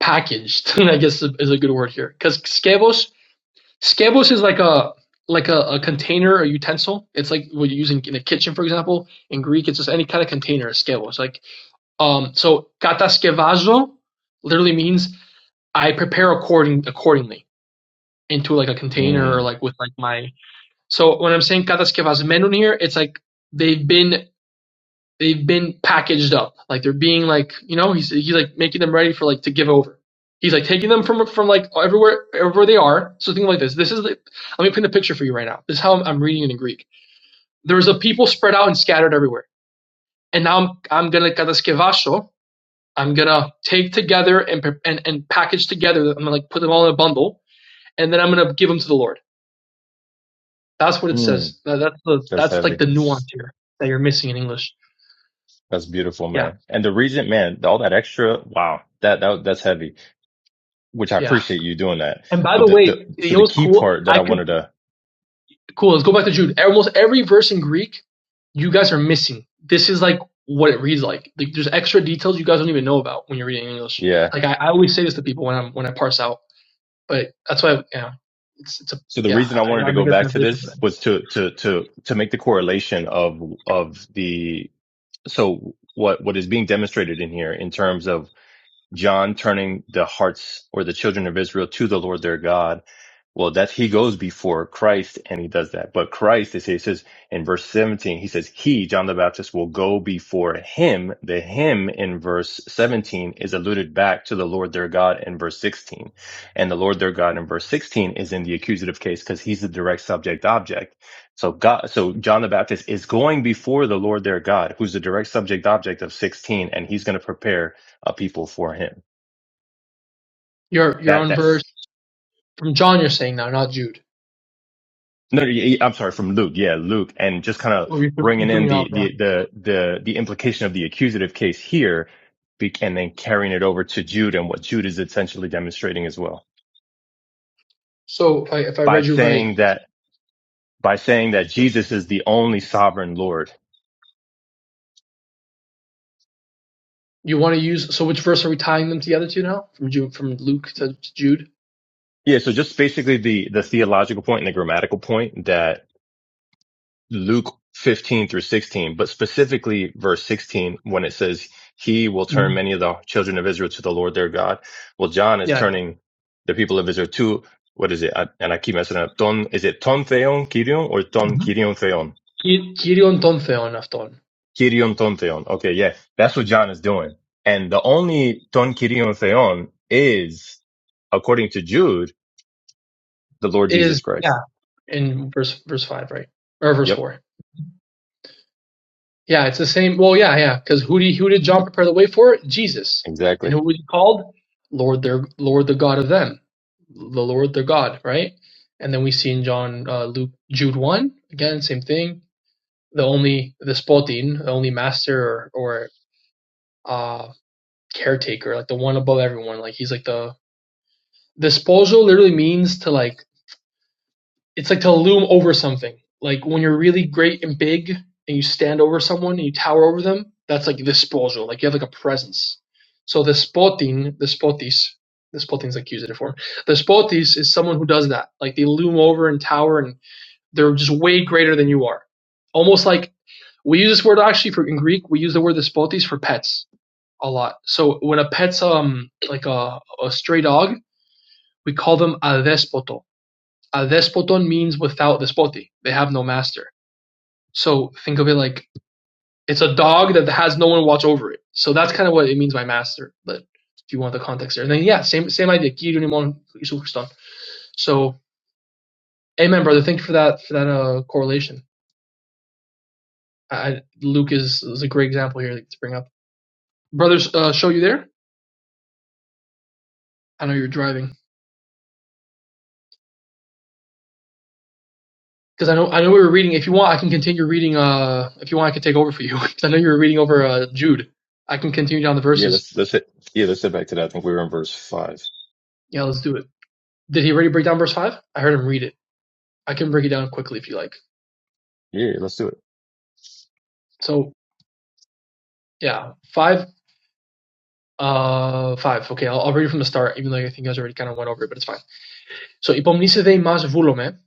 packaged. I guess is a good word here because skevos. Scabos is like a like a, a container, a utensil. It's like what you are using in a kitchen, for example. In Greek, it's just any kind of container, scabos. Like um, so kataskevazo literally means I prepare according accordingly into like a container or Mm. like with like my. So when I'm saying kataskevazmenun here, it's like they've been they've been packaged up. Like they're being like, you know, he's he's like making them ready for like to give over. He's like taking them from from like everywhere everywhere they are. So think like this. This is the, let me paint a picture for you right now. This is how I'm, I'm reading it in Greek. There's a people spread out and scattered everywhere. And now I'm I'm gonna kataskevasho. I'm gonna take together and and and package together. I'm gonna like put them all in a bundle, and then I'm gonna give them to the Lord. That's what it Mm. says. That- That's the That's that's like heavy. the nuance here that you're missing in English. That's beautiful, Yeah, man. And the reason, man, all that extra, wow, that, that that's heavy. Which I yeah. appreciate you doing that. And by But the the, way, the you so know the what's key cool? part that I I could wanted to, Cool. Let's go back to Jude. Almost every verse in Greek, you guys are missing. This is like what it reads like. like there's extra details you guys don't even know about when you're reading English. yeah. Like I, I always say this to people when I'm when I parse out. But that's why yeah, it's it's a So the yeah. reason I I, I wanted to gotta go make a back to translation this for that. was to to to to make the Yeah. correlation of of the so what what is being demonstrated in here in terms of John turning the hearts or the children of Israel to the Lord their God. Well, that he goes before Christ and he does that. But Christ is, he says in verse 17, he says, he, John the Baptist will go before him. The him in verse 17 is alluded back to the Lord their God in verse 16. And the Lord their God in verse 16 is in the accusative case because he's the direct subject object. So God, so John the Baptist is going before the Lord their God, who's the direct subject object of 16, and he's going to prepare a people for him. Your your That own that's verse from John. You're saying now, not Jude. no, y- y- I'm sorry, from Luke. Yeah, Luke, and just kind of Well, you threw- you bringing threw in me the off. Yeah. the the the the implication of the accusative case here, be- and then carrying it over to Jude and what Jude is essentially demonstrating as well So if I if I by read you right, saying that by saying that Jesus is the only sovereign Lord. you want to use. So which verse are we tying them together to now? From Jude from Luke to to Jude. Yeah, so just basically the the theological point and the grammatical point that. Luke 15 through 16, but specifically verse 16 when it says, He will Mhm. turn many of the children of Israel to the Lord their God. Well, John is Yeah. turning the people of Israel to, what is it? I, and I keep messing up. Ton, is it Ton Theon Kirion or yeah. Ton Kirion Theon? Mm-hmm. Kyrion ton theon afton. Kirion Ton Theon. Okay, yeah, that's what John is doing. And the only Ton Kirion Theon is, according to Jude, the Lord Jesus is yeah Christ. in verse verse five right or verse Yep, four yeah it's the same well yeah yeah because who did who did John prepare the way for Jesus and exactly. who was he called Lord their Lord the God of them the Lord their God right and then we see in John uh, Luke Jude one again same thing the only the spotin the only master or, or uh caretaker like the one above everyone like he's like the the sposo literally means to like it's like to loom over something. Like when you're really great and big and you stand over someone and you tower over them, that's like despojo. Like you have like a presence. So the spotin, the spotis, the spotin's like accusative form. The spotis is someone who does that. Like they loom over and tower and they're just way greater than you are. Almost like we use this word actually for in Greek, we use the word the spotis for pets a lot. So when a pet's um like a, a stray dog, we call them a despoto "Adespoton" means "without despoti", they have no master. So think of it like it's a dog that has no one watch over it. So that's kind of what it means by master. But if you want the context there, and then yeah, same same idea. Kyriemon Isu Christon. So amen, brother. Thank you for that for that uh, correlation. I, Luke is is a great example here to bring up. Brothers, uh, show you there. I know you're driving because I know I know we were reading. If you want, I can continue reading. Uh, if you want, I can take over for you because I know you were reading over uh, Jude. I can continue down the Yeah, verses. let's, let's hit, yeah, let's hit back to that. I think we were in verse five. Yeah, let's do it. Did he already break down verse five? I heard him read it. I can break it down quickly if you like. Yeah, let's do it. So yeah, five. Uh, five. Okay, I'll, I'll read it from the start, even though I think you guys already kind of went over it, but it's fine. So, υπομνήσε δε ημάς βούλομε,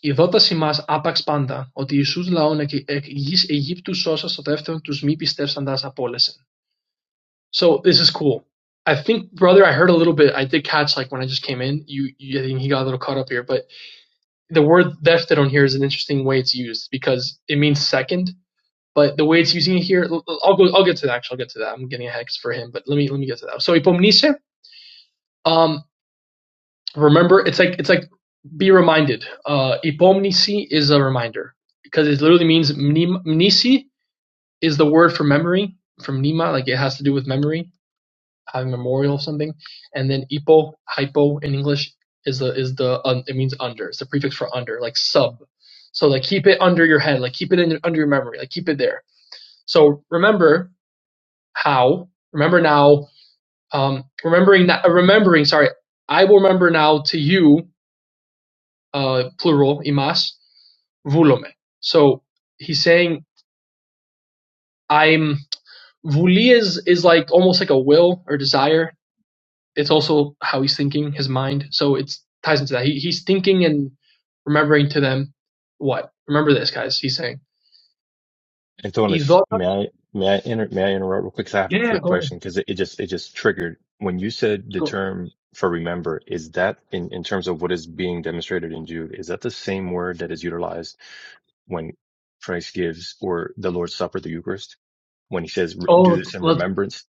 η δόταση μας άπαξ πάντα, ότι Ιησούς λαόν εκ, εκ γης Αιγύπτου σώσα στο δεύτερον τους μη πιστεύσαντας απόλεσεν. So, this is cool. I think, brother, I heard a little bit. I did catch, like, when I just came in, you, you I think he got a little caught up here, but the word "defteron" here is an interesting way it's used because it means second, But the way it's using it here, i l- I'll go. I'll get to that. Actually, I'll get to that. I'm getting a hex for him, but let me let me get to that. So ipomnise, um, remember, it's like it's like be reminded. Uh, ipomnisi is a reminder because it literally means mnem- mnisi is the word for memory from nima, like it has to do with memory, having memorial of something, and then ipo hypo in English is the is the un, it means under. It's the prefix for under, like sub. So like keep it under your head, like keep it in, under your memory, like keep it there. So remember how. Remember now, um, remembering that, uh, remembering, sorry, I will remember now to you, uh, plural, imas, vulome. So he's saying I'm vuli is is like almost like a will or desire. It's also how he's thinking, his mind. So it ties into that. He, he's thinking and remembering to them what? Remember this, guys. He's saying Antonis, idota. may I may I inter may I interrupt real quick? 'Cause I have a Yeah, quick go ahead. question because it, it just it just triggered when you said the Go. term for remember. Is that in in terms of what is being demonstrated in Jude? Is that the same word that is utilized when Christ gives or the Lord's Supper, the Eucharist, when he says "Re- do Oh, this in let's, remembrance?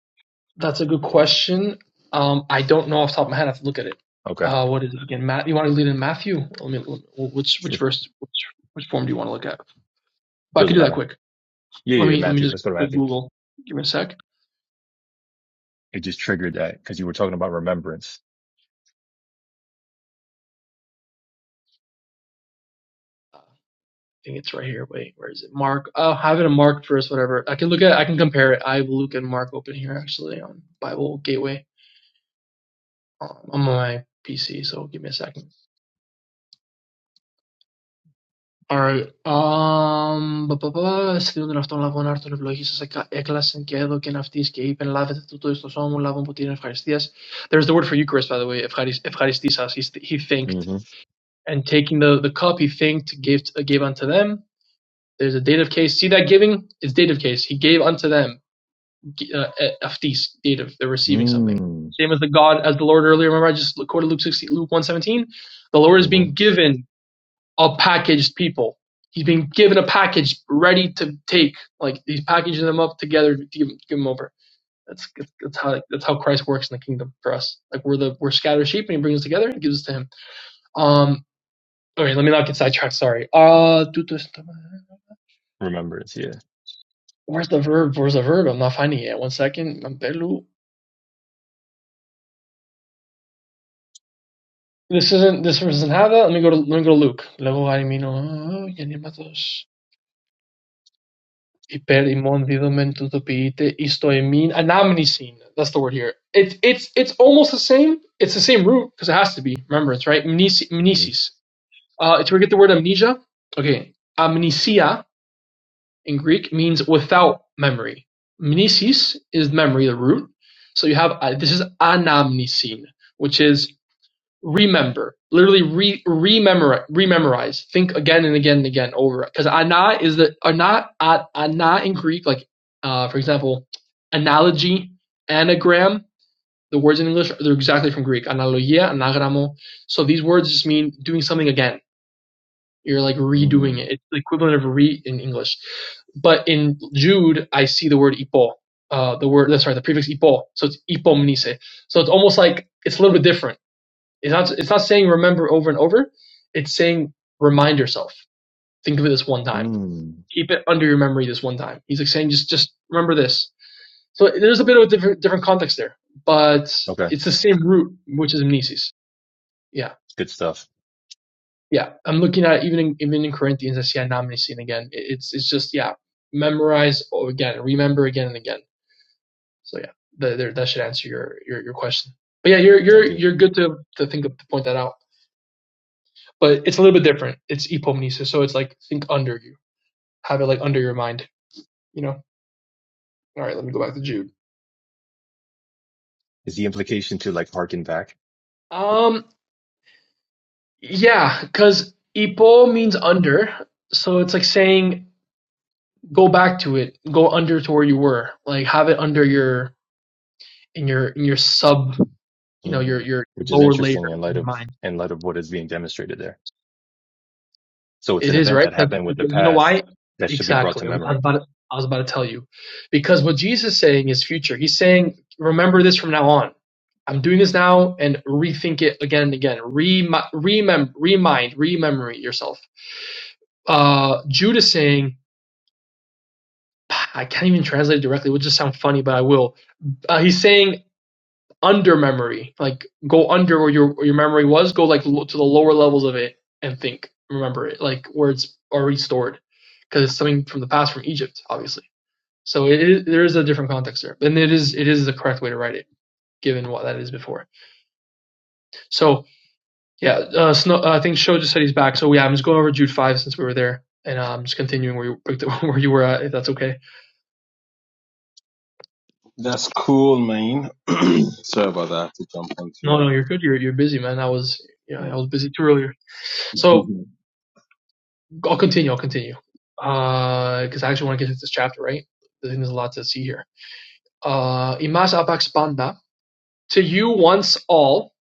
That's a good question. Um, I don't know off the top of my head. I have to look at it. Okay, Uh, what is it again? Matt, you want to lead in Matthew? Let me. let- Which which sure, verse? Which which form do you want to look at? Well, I could doesn't do that matter. quick. Yeah, Let yeah, yeah, me let me Matthew. just Let's go to quick Matthew. Google. Give me a sec. It just triggered that because you were talking about remembrance. I think it's right here. Wait, where is it? Mark. Oh, I have it in Mark first. Whatever. I can look at. I can compare it. I have Luke and Mark open here actually on Bible Gateway um, on my PC. So give me a second. Alright. Um, πα, πα, πα, Στείλουν τον αυτόν λαβών άρτων ευλογή σα έκλασεν και έδωκεν αυτή και είπεν Λάβετε τούτο εις το σώμα μου, λάβον ποτήριν ευχαριστία. There's the word for Eucharist, by the way, ευχαρισ- ευχαριστήσας. He, he thanked. Mhm. And taking the, the cup, he thanked, gave, gave unto them. There's a dative case. See that giving? It's dative case. He gave unto them. G- Uh, ε- αυτοίς, dative. They're receiving something. Mm. Same as the God, as the Lord earlier. Remember, I just quoted Luke 16, Luke 117. The Lord is being Mhm. given of packaged people. He's been given a package ready to take. Like he's packaging them up together to give, give them over. That's that's how that's how Christ works in the kingdom for us. Like we're the we're scattered sheep, and he brings us together and gives us to him. Um. Okay, let me not get sidetracked. Sorry. Uh. Remembrance, yeah. Where's the verb? Where's the verb? I'm not finding it. yet. One second. This isn't. This doesn't have that. Let me go to. Let me go to Luke. Hyperimon didomentutopite istoimine anamnesine. That's the word here. It's it's it's almost the same. It's the same root because it has to be remembrance, right? Mnesi- Mhm. Mnesis. Uh, it's where we get the word amnesia. Okay, amnesia in Greek means without memory. Mnesis is memory, the root. So you have uh, this is anamnesine, which is remember, literally re rememorize, rememorize, think again and again and again over. it. Because ana is the ana a- ana in Greek, like uh, for example, analogy, anagram. The words in English they're exactly from Greek, analogia, anagramo. So these words just mean doing something again. You're like redoing Mm. it. It's the equivalent of re in English. But in Jude, I see the word ipo. Uh, the word, that's right. the prefix ipo. So it's ipomnise. So it's almost like it's a little bit different it's not it's not saying remember over and over. It's saying remind yourself. Think of it this one time. Mm. Keep it under your memory this one time. He's like saying just just remember this. So there's a bit of a different different context there, but Okay. it's the same root, which is amnesis. Yeah, Good stuff. yeah. I'm looking at it, even in, even in Corinthians, I see anamnesis again. It's it's just yeah, memorize oh, again, remember again and again. So yeah, that that should answer your your, your question. But yeah, you're you're Thank you. you're good to to think of to point that out. but it's a little bit different. It's epomnesis, so it's like think under you, have it like under your mind. You know. All right, let me go back to Jude. Is the implication to like harken back? Um, yeah, because ipo means under, so it's like saying go back to it, go under to where you were, like have it under your in your in your sub, you know, your Mm. your Which is lower layer interesting in in light your of mind. in light of what is being demonstrated there. So it's It an is event that right 'Cause- happened with the because you know past why? that should be brought to Exactly. I was, I was memory. about to, I was about to tell you because what Jesus is saying is future. He's saying, remember this from now on. I'm doing this now and rethink it again and again. Remi- remem- remind, rememory yourself. Uh, Jude is saying, I can't even translate it directly. It would just sound funny, but I will. Uh, he's saying under memory, like go under where your your memory was, go like lo- to the lower levels of it and think, remember it, like where it's already stored, because it's something from the past from Egypt, obviously. So it is, there is a different context there, and it is it is the correct way to write it, given what that is before. So yeah, uh, Snow, uh, I think Sho just said he's back. So yeah, I'm just going over Jude five since we were there, and uh, I'm just continuing where you picked up where you were at, if that's okay. That's cool, man. Sorry about that. I have to jump onto No, a. no, you're good. You're you're busy, man. I was yeah, I was busy too earlier. So I'll continue. I'll continue because uh, I actually want to get into this chapter, right? I think there's a lot to see here. Uh, imas apaxpanda to you once all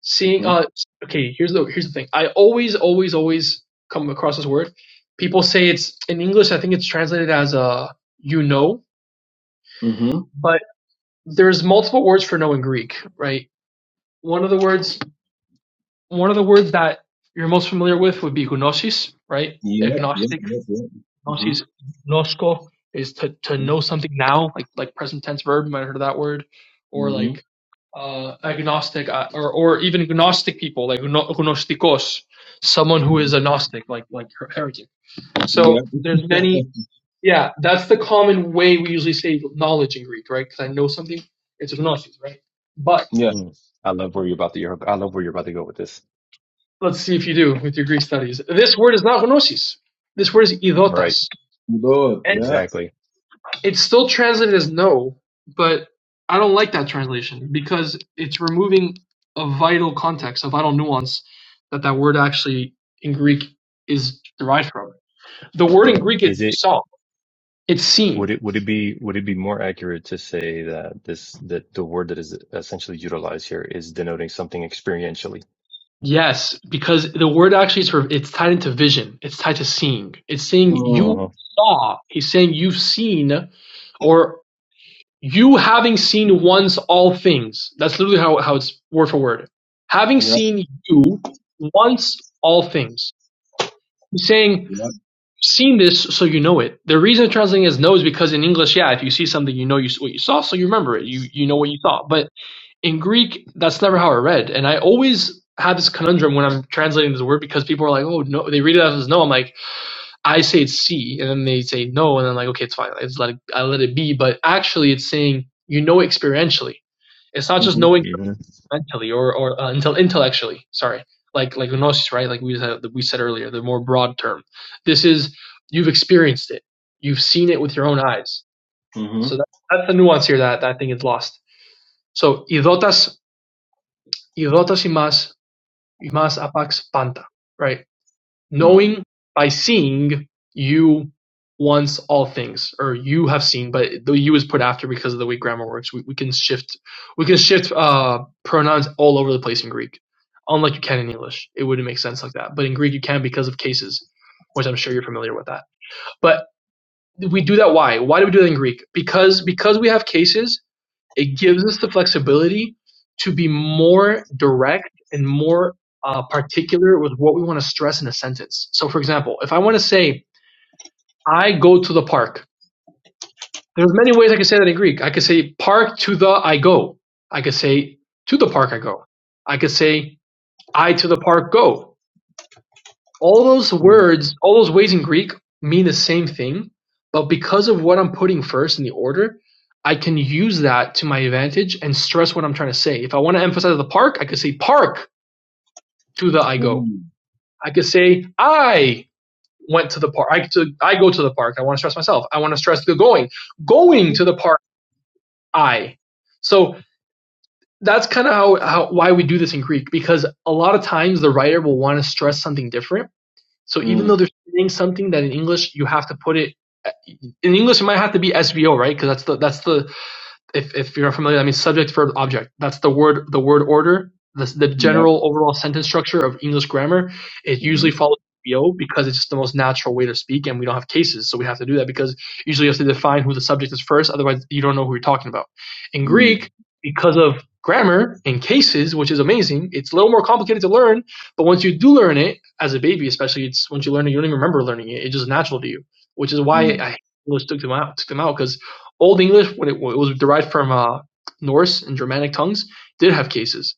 seeing. Mm-hmm. Uh, okay, here's the here's the thing. I always always always come across this word. People say it's in English. I think it's translated as uh, you know, Mm-hmm. but there's multiple words for know in Greek, right? One of the words one of the words that you're most familiar with would be gnosis, right? yeah, yeah, Agnostic yeah, Mm-hmm. gnosis gnosko is to to know something now, like like present tense verb. You might have heard of that word, or Mm-hmm. like uh, agnostic, uh, or or even gnostic people, like gno- gnostikos, someone who Mm-hmm. is agnostic, like like her- heretic. yeah, So there's many. Yeah, that's the common way we usually say knowledge in Greek, right? Because I know something, it's gnosis, right? But Yeah. Mm. I love where you're about to you're, I love where you're about to go with this. let's see if you do with your Greek studies. This word is not gnosis. This word is Right. idotas. Lord. Yeah. Exactly. It's still translated as "no," but I don't like that translation because it's removing a vital context, a vital nuance that that word actually in Greek is derived from. The word in Mm. Greek is Is it saw. It's would seeing. it would it be would it be more accurate to say that this that the word that is essentially utilized here is denoting something experientially? Yes, because the word actually is for, it's tied into vision. It's tied to seeing. It's saying you Mm. Uh-huh. saw. He's saying you've seen, or you having seen once all things. That's literally how, how it's word for word. Having yeah, seen you once all things. He's saying, yeah, seen this so you know it. The reason translating as know is because in English, yeah, if you see something, you know you, what you saw, so you remember it. You, you know what you saw. But in Greek, that's never how I read. And I always have this conundrum when I'm translating this word because people are like, oh, no, they read it as "know." I'm like, I say it's C, and then they say no, and I'm like, okay, it's fine. It's let it, I let it be. But actually, it's saying you know experientially. It's not just Mm-hmm. knowing hmm mentally or or uh, until intellectually. Sorry, like like gnosis, right? Like we said we said earlier, the more broad term. This is you've experienced it. You've seen it with your own eyes. Mm-hmm. So that, that's the nuance here that that thing is lost. So idotas idotas y más y más apax panta, right? knowing by seeing you once all things or you have seen but the you is put after because of the way grammar works we, we can shift we can shift uh pronouns all over the place in greek unlike you can in english it wouldn't make sense like that but in greek you can because of cases which i'm sure you're familiar with that but we do that why why do we do that in greek because because we have cases it gives us the flexibility to be more direct and more uh, particular with what we want to stress in a sentence. So, for example, if I want to say, I go to the park, there's many ways I can say that in Greek. I could say, park to the I go. I could say, to the park I go. I could say, I to the park go. all those Yeah. Mm. Yeah. words, all those ways in Greek mean the same thing, but because of what I'm putting first in the order, I can use that to my advantage and stress what I'm trying to say. If I want to emphasize the park, I could say park to the Mm. I yeah, go. Mm-hmm. I could say I went to the park. I to I go to the park. I want to stress myself. I want to stress the going. Going to the park, I. So that's kind of how, how why we do this in Greek because a lot of times the writer will want to stress something different So even though they're saying something that in English you have to put it uh, in English, it might have to be SVO, right? Because that's the that's the if if you're familiar, I mean subject, verb, object. That's the word the word order. The the general overall sentence structure of English grammar. It usually follows VO because it's just the most natural way to speak, and we don't have cases, so we have to do that because usually you have to define who the subject is first. Otherwise, you don't know who you're talking about. In Greek, because of grammar and cases, which is amazing, it's a little more complicated to learn. But once you do learn it, as a baby especially, it's once you learn it, you don't even remember learning it. It's just natural to you, which is why Mm. Mm. I English took them out took them out because Old English, when it, when it was derived from uh, Norse and Germanic tongues, did have cases,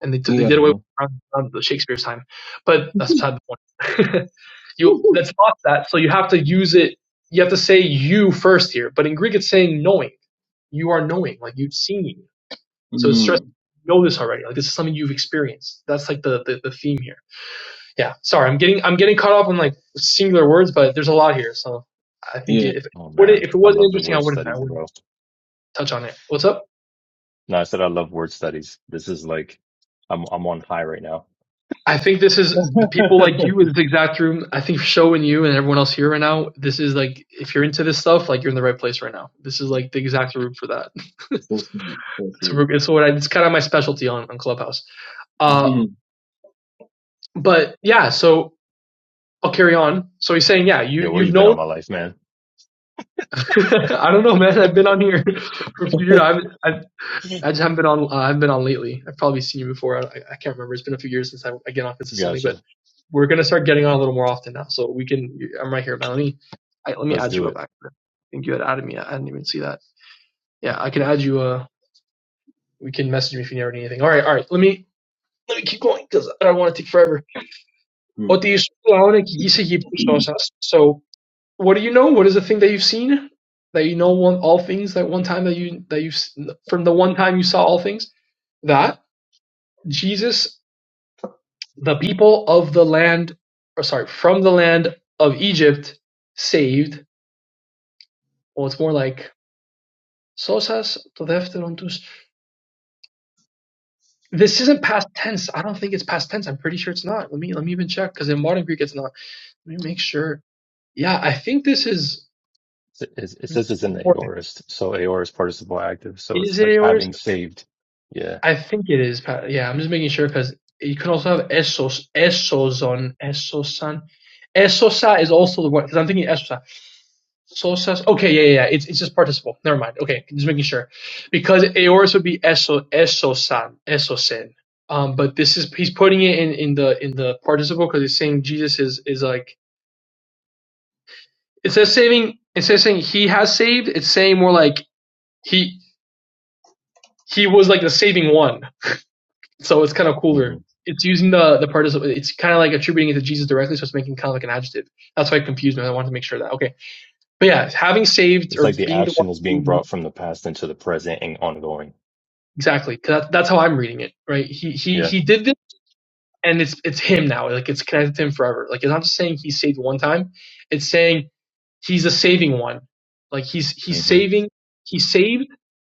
and they, t- they Yeah. did away hmm with around, around the Shakespeare's time. But that's beside the point. you that's not that. So you have to use it. You have to say you first here. But in Greek, it's saying knowing. You are knowing, like you've seen. So it's stressed. Mm. You know this already. Like this is something you've experienced. That's like the, the the theme here. Yeah. Sorry, I'm getting I'm getting caught up on like singular words, but there's a lot here. So I think Yeah. it, if it, Oh would man, it, if it I wasn't love the interesting, I word wouldn't I studies, wouldn't bro. touch on it. What's up? No, I said I love word studies. This is like I'm I'm on high right now. I think this is the people like you in this exact room. I think Show and you and everyone else here right now, this is like if you're into this stuff, like you're in the right place right now. This is like the exact room for that. It's so sweet. So it's, sweet. it's what I, it's kind of my specialty on, on Clubhouse. Uh, Mm-hmm. but yeah, so I'll carry on. So he's saying, yeah, you Yo, where you've you been known. all my life, man? I don't know, man. I've been on here for a few years. I've, I've I just haven't been on. Uh, I've been on lately. I've probably seen you before. I, I can't remember. It's been a few years since I, I get on consistently, but Gotcha. We're gonna start getting on a little more often now, so we can. I'm right here, man. Let me, I, let me Let's add you do up. it. Actually, I think you had added me. I didn't even see that. Yeah, I can add you. Uh, we can message me if you never need anything. All right, all right. Let me let me keep going because I don't want to take forever. Mm. So, what do you know? What is the thing that you've seen? That you know one all things that one time that you that you from the one time you saw all things that Jesus, the people of the land, or sorry, from the land of Egypt, saved Or it's more like Sosas το δεύτερον τους. This isn't past tense. I don't think it's past tense. I'm pretty sure it's not. Let me let me even check because in modern Greek it's not. Let me make sure. Yeah, I think this is It, it says it's an important. aorist, so aorist participle active, so Is it's it like yours? having saved. Yeah. I think it is. pa- Yeah, I'm just making sure because you can also have esos, esozon, esosan. Esosa is also the one because I'm thinking esosa. Sosas. Okay, yeah, yeah, yeah. It's it's just participle. Never mind. Okay, just making sure, because Aorus would be eso esosan esosen. Um, but this is he's putting it in in the in the participle because it's saying Jesus is is like it says saving instead of saying he has saved, it's saying more like he he was like the saving one. So it's kind of cooler. It's using the the participle. It's kind of like attributing it to Jesus directly, so it's making kind of like an adjective. That's why it confused me. I wanted to make sure of that okay. But yeah, having saved It's or like the being the one action is being who brought from the past into the present and ongoing. Exactly. 'Cause that, that's how I'm reading it, right? He he Yeah. he did this, and it's it's him now. Like it's connected to him forever. Like it's not just saying he saved one time. It's saying he's a saving one. Like he's he's hmm saving. He saved,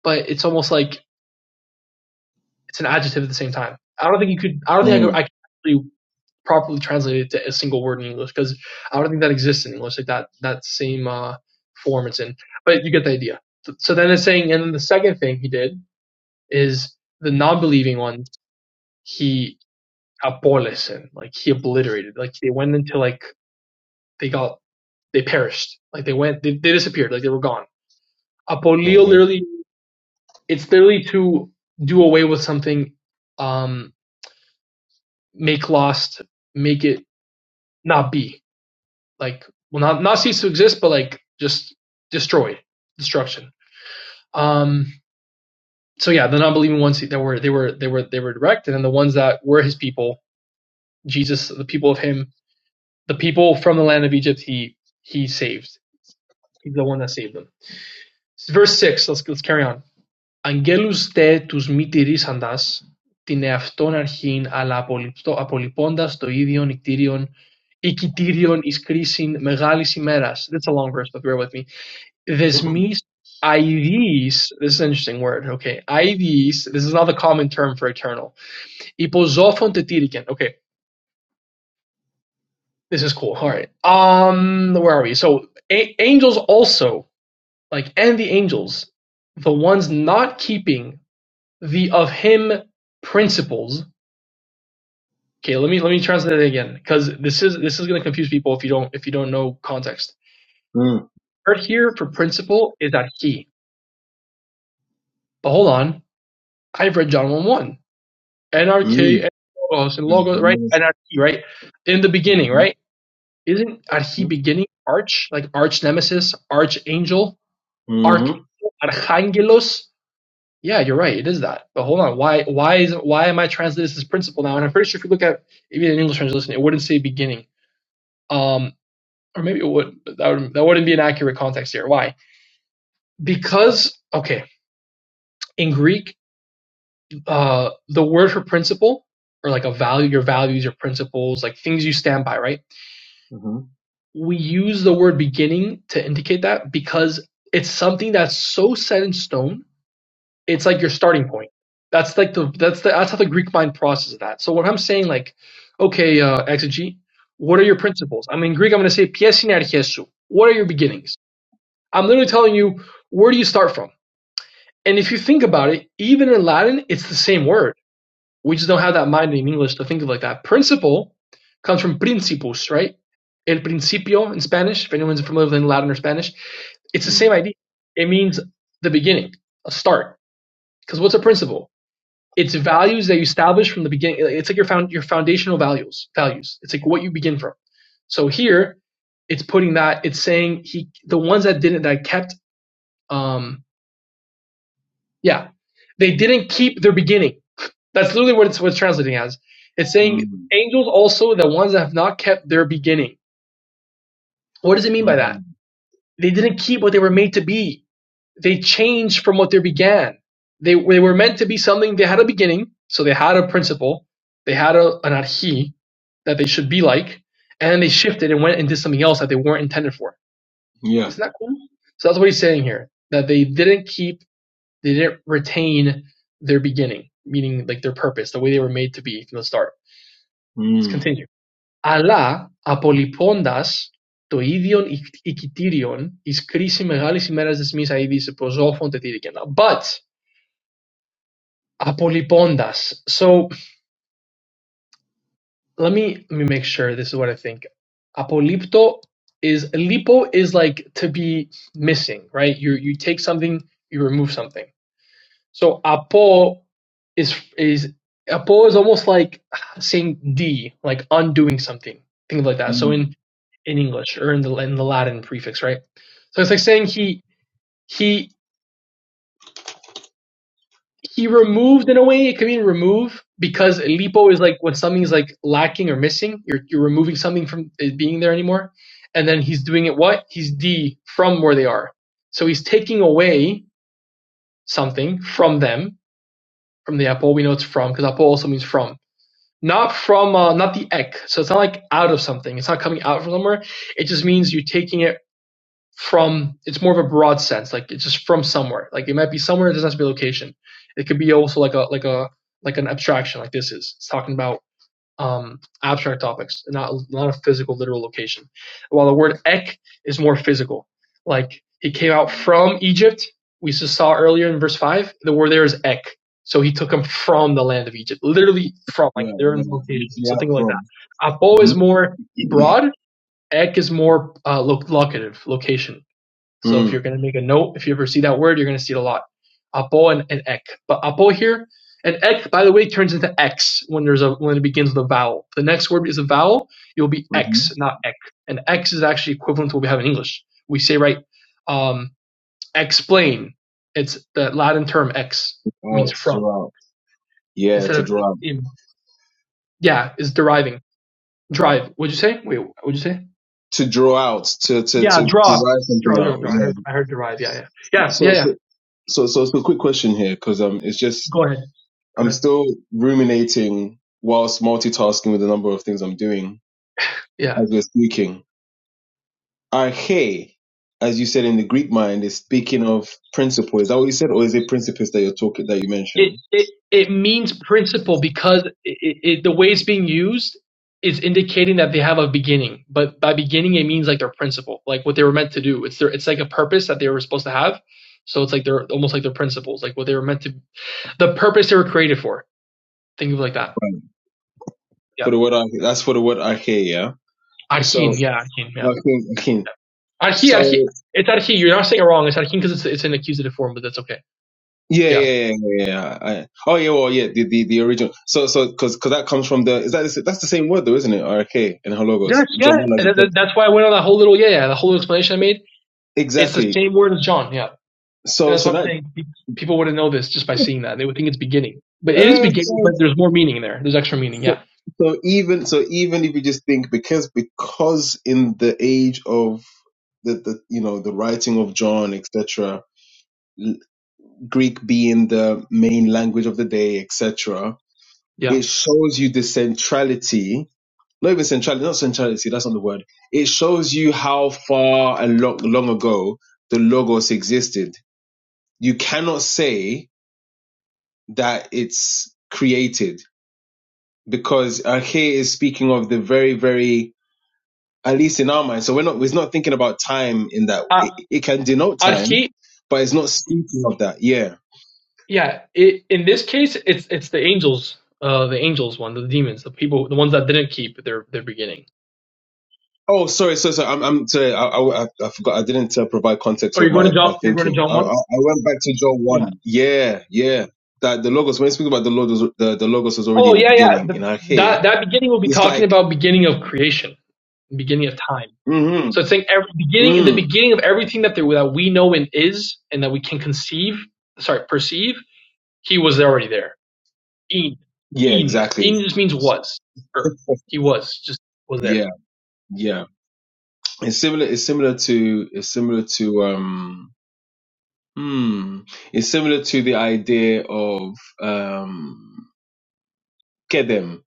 but it's almost like it's an adjective at the same time. I don't think you could. I don't think I Mm. could, Mm. I could actually properly translate it to a single word in English because I don't think that exists in English. Like that that same uh, form it's in. But you get the idea. So then it's saying, and then the second thing he did is the non-believing ones. He Abolesen. Like he obliterated. Like they went into like they got they perished. Like they went they, they disappeared. Like they were gone. Apolio hmm literally it's literally to do away with something, um, make lost, make it not be. Like well not not cease to exist, but like just destroyed. Destruction. Um so yeah, the non-believing ones that were they were they were they were direct, and then the ones that were his people, Jesus, the people of him, the people from the land of Egypt, he he saved He's the one that saved them. Verse 6, let's, let's carry on. Αγγέλους δε τους μη τηρήσαντας την εαυτόν αρχήν, αλλά απολυπτο- απολυπώντας το ίδιο νυκτήριον ή κοιτήριον εις κρίσιν μεγάλης ημέρας. That's a long verse, but bear with me. Δεσμείς αηδείς, this is an interesting word, okay. Αηδείς, this is not the common term for eternal. Υποζώφων τετήρικεν. Okay, this is cool, alright. Um, where are we? So, a- angels also like and the angels, the ones not keeping the of him principles. Okay, let me let me translate it again because this is this is gonna confuse people if you don't if you don't know context. Mm. Word here for principle is that he. But hold on, I've read John one one. NRK Mm. and logos and logos right Mm. N R K right in the beginning Mm. right isn't at he Mm. beginning arch like arch nemesis archangel archangel archangelos Yeah, you're right. It is that. But hold on. Why why is why am I translating this as principle now? And I'm pretty sure if you look at even an English translation, it wouldn't say beginning. Um or maybe it would but that would that wouldn't be an accurate context here. Why? Because okay, in Greek, uh the word for principle or like a value, your values, your principles, like things you stand by, right? Mm. We use the word beginning to indicate that because it's something that's so set in stone It's like your starting point. That's like the that's the that's how the Greek mind processes that. So what I'm saying, like, okay, uh, exegete, what are your principles? I mean, in Greek, I'm going to say pies in arches su. What are your beginnings? I'm literally telling you where do you start from. And if you think about it, even in Latin, it's the same word. We just don't have that mind in English to think of like that. Principle comes from principus, right? El principio in Spanish. If anyone's familiar with Latin or Spanish, it's the same Mm. idea. It means the beginning, a start. Because what's a principle? It's values that you establish from the beginning. Like, It's like your found your foundational values. Values. It's like what you begin from. So here, it's putting that. It's saying he the ones that didn't that kept. Um, yeah, they didn't keep their beginning. That's literally what it's what's translating as. It's saying Mm. angels also the ones that have not kept their beginning. What does it mean by that? Mm. They didn't keep what they were made to be. they changed from what they began. They, they were meant to be something, they had a beginning, so they had a principle, they had a, an arhi that they should be like, and then they shifted and went and did something else that they weren't intended for. Yeah. Isn't that cool? So that's what he's saying here, that they didn't keep, they didn't retain their beginning, meaning like their purpose, the way they were made to be from the start. Let's Mm. continue. Αλλά απολυπώντας το ίδιον οικ- οικητήριον εις κρίση μεγάλης ημέρας της μης αίδης υποσόφων τετήρικεν. But Apolipondas. So let me let me make sure this is what I think. Apolipto is lipo is like to be missing, right? You you take something, you remove something. So apo is is apo is almost like saying d, like undoing something, things like that. So Mm. in in English or in the in the Latin prefix, right? So it's like saying he he he removed in a way it could mean remove because lipo is like when something's like lacking or missing you're, you're removing something from it being there anymore and then he's doing it what he's d from where they are so he's taking away something from them from the apple we know it's from because apple also means from not from uh, not the ek so it's not like out of something it's not coming out from somewhere it just means you're taking it from it's more of a broad sense like it's just from somewhere like it might be somewhere it doesn't have to be location it could be also like a like a like an abstraction like this is it's talking about um abstract topics not not a physical literal location while the word ek is more physical like he came out from egypt we just saw earlier in verse 5 the word there is ek so he took him from the land of egypt literally from like Yeah. they're Yeah. in location Literally out something like that from. apo is Mm-hmm. more broad ek is more uh, locative location so if you're Mm. going to make a note, if you ever see that word, you're going to see it a lot. Apo and, and ek. But apo here, and ek, by the way, turns into x when there's a when it begins with a vowel. The next word is a vowel, it will be Mm-hmm. x, not ek. And x is actually equivalent to what we have in English. We say right, um, explain. It's the Latin term ex means Out from to out. Yeah, instead to of draw out. Yeah, is deriving. Drive. What'd you say? Wait, what'd you say? To draw out. To to Yeah, to draw. derive something Draw, draw, out. draw. I Yeah. heard, I heard derive. Yeah, yeah, yeah, yeah, So yeah. so so so, so quick. Um, it's just Go ahead. Go I'm ahead. still ruminating whilst multitasking with him Yeah. as we're speaking. Arche, as you said in the Greek mind, is speaking of principle. Is that what you said, or is it principles that you're talking that you it mentioned? it it means principle because it, it, the way it's being used is indicating that they have a beginning. But by beginning, it means like their principle, like what they were meant to do. It's their it's like a purpose that they were supposed to have. So it's like they're almost like their principles, like what they were meant to, the purpose they were created for. Think of it like that. Yeah. For the word arche, that's for the word arche, yeah. So Arhin. Yeah. Arhin. Yeah. arche, arche. yeah. Arhi, So arhi. It's arhi. You're not saying it wrong. It's arhin because it's it's an accusative form, but that's okay. Yeah, Yeah. yeah, yeah, yeah. yeah, yeah. I, oh, yeah. Well, yeah. The, the, the original. So so because because that comes from the is that the- that's the same word though, isn't it? RK and halogos. Yes, yeah. John one as And it said. that's why I went on that whole little yeah, yeah, the whole explanation I made. It's the Exactly. same word as John. Yeah. And So that's so what I'm that saying. People wouldn't know this just by seeing that. They would think it's beginning. But it is uh, so, beginning, but there's more meaning there. There's extra meaning. so Yeah. so even so even if you just think because because in the age of the, the you know the writing of John etc. l- Greek being the main language of the day etc. Yeah. It shows you the centrality not even centrality, not centrality, that's not the word. It shows you how far and long, long ago the logos existed. You cannot say that it's created because Arche is speaking of the very, very, at least in our mind. So we're not, we're not thinking about time in that. Uh, It, it can denote time, Arhi, but it's not speaking of that. Yeah. yeah. It, in this case, it's it's the angels, uh, the angels one, the demons, the people, the ones that didn't keep their, their beginning. Oh, sorry, sorry, sorry. I'm, I'm sorry. I, I, I I forgot. I didn't uh, provide context Oh, you're of going my, to my John, you're going to thinking. John I, I, 1? I went back to Joel Yeah. 1. Yeah, that the logos. When you speak about the logos, the, the logos was already Oh, in the yeah, yeah. beginning The, in our head. that, that beginning will be It's talking like, about beginning of creation, beginning of time. hmm So it's saying every beginning, in the mm, beginning of everything that, there, that we know and is and that we can conceive, sorry, perceive, he was already there In. yeah, In. exactly, In just means was. Or he was. Just was there. yeah, yeah. It's similar. It's similar to. It's similar to. Um, hmm. It's similar to the idea of um, kedem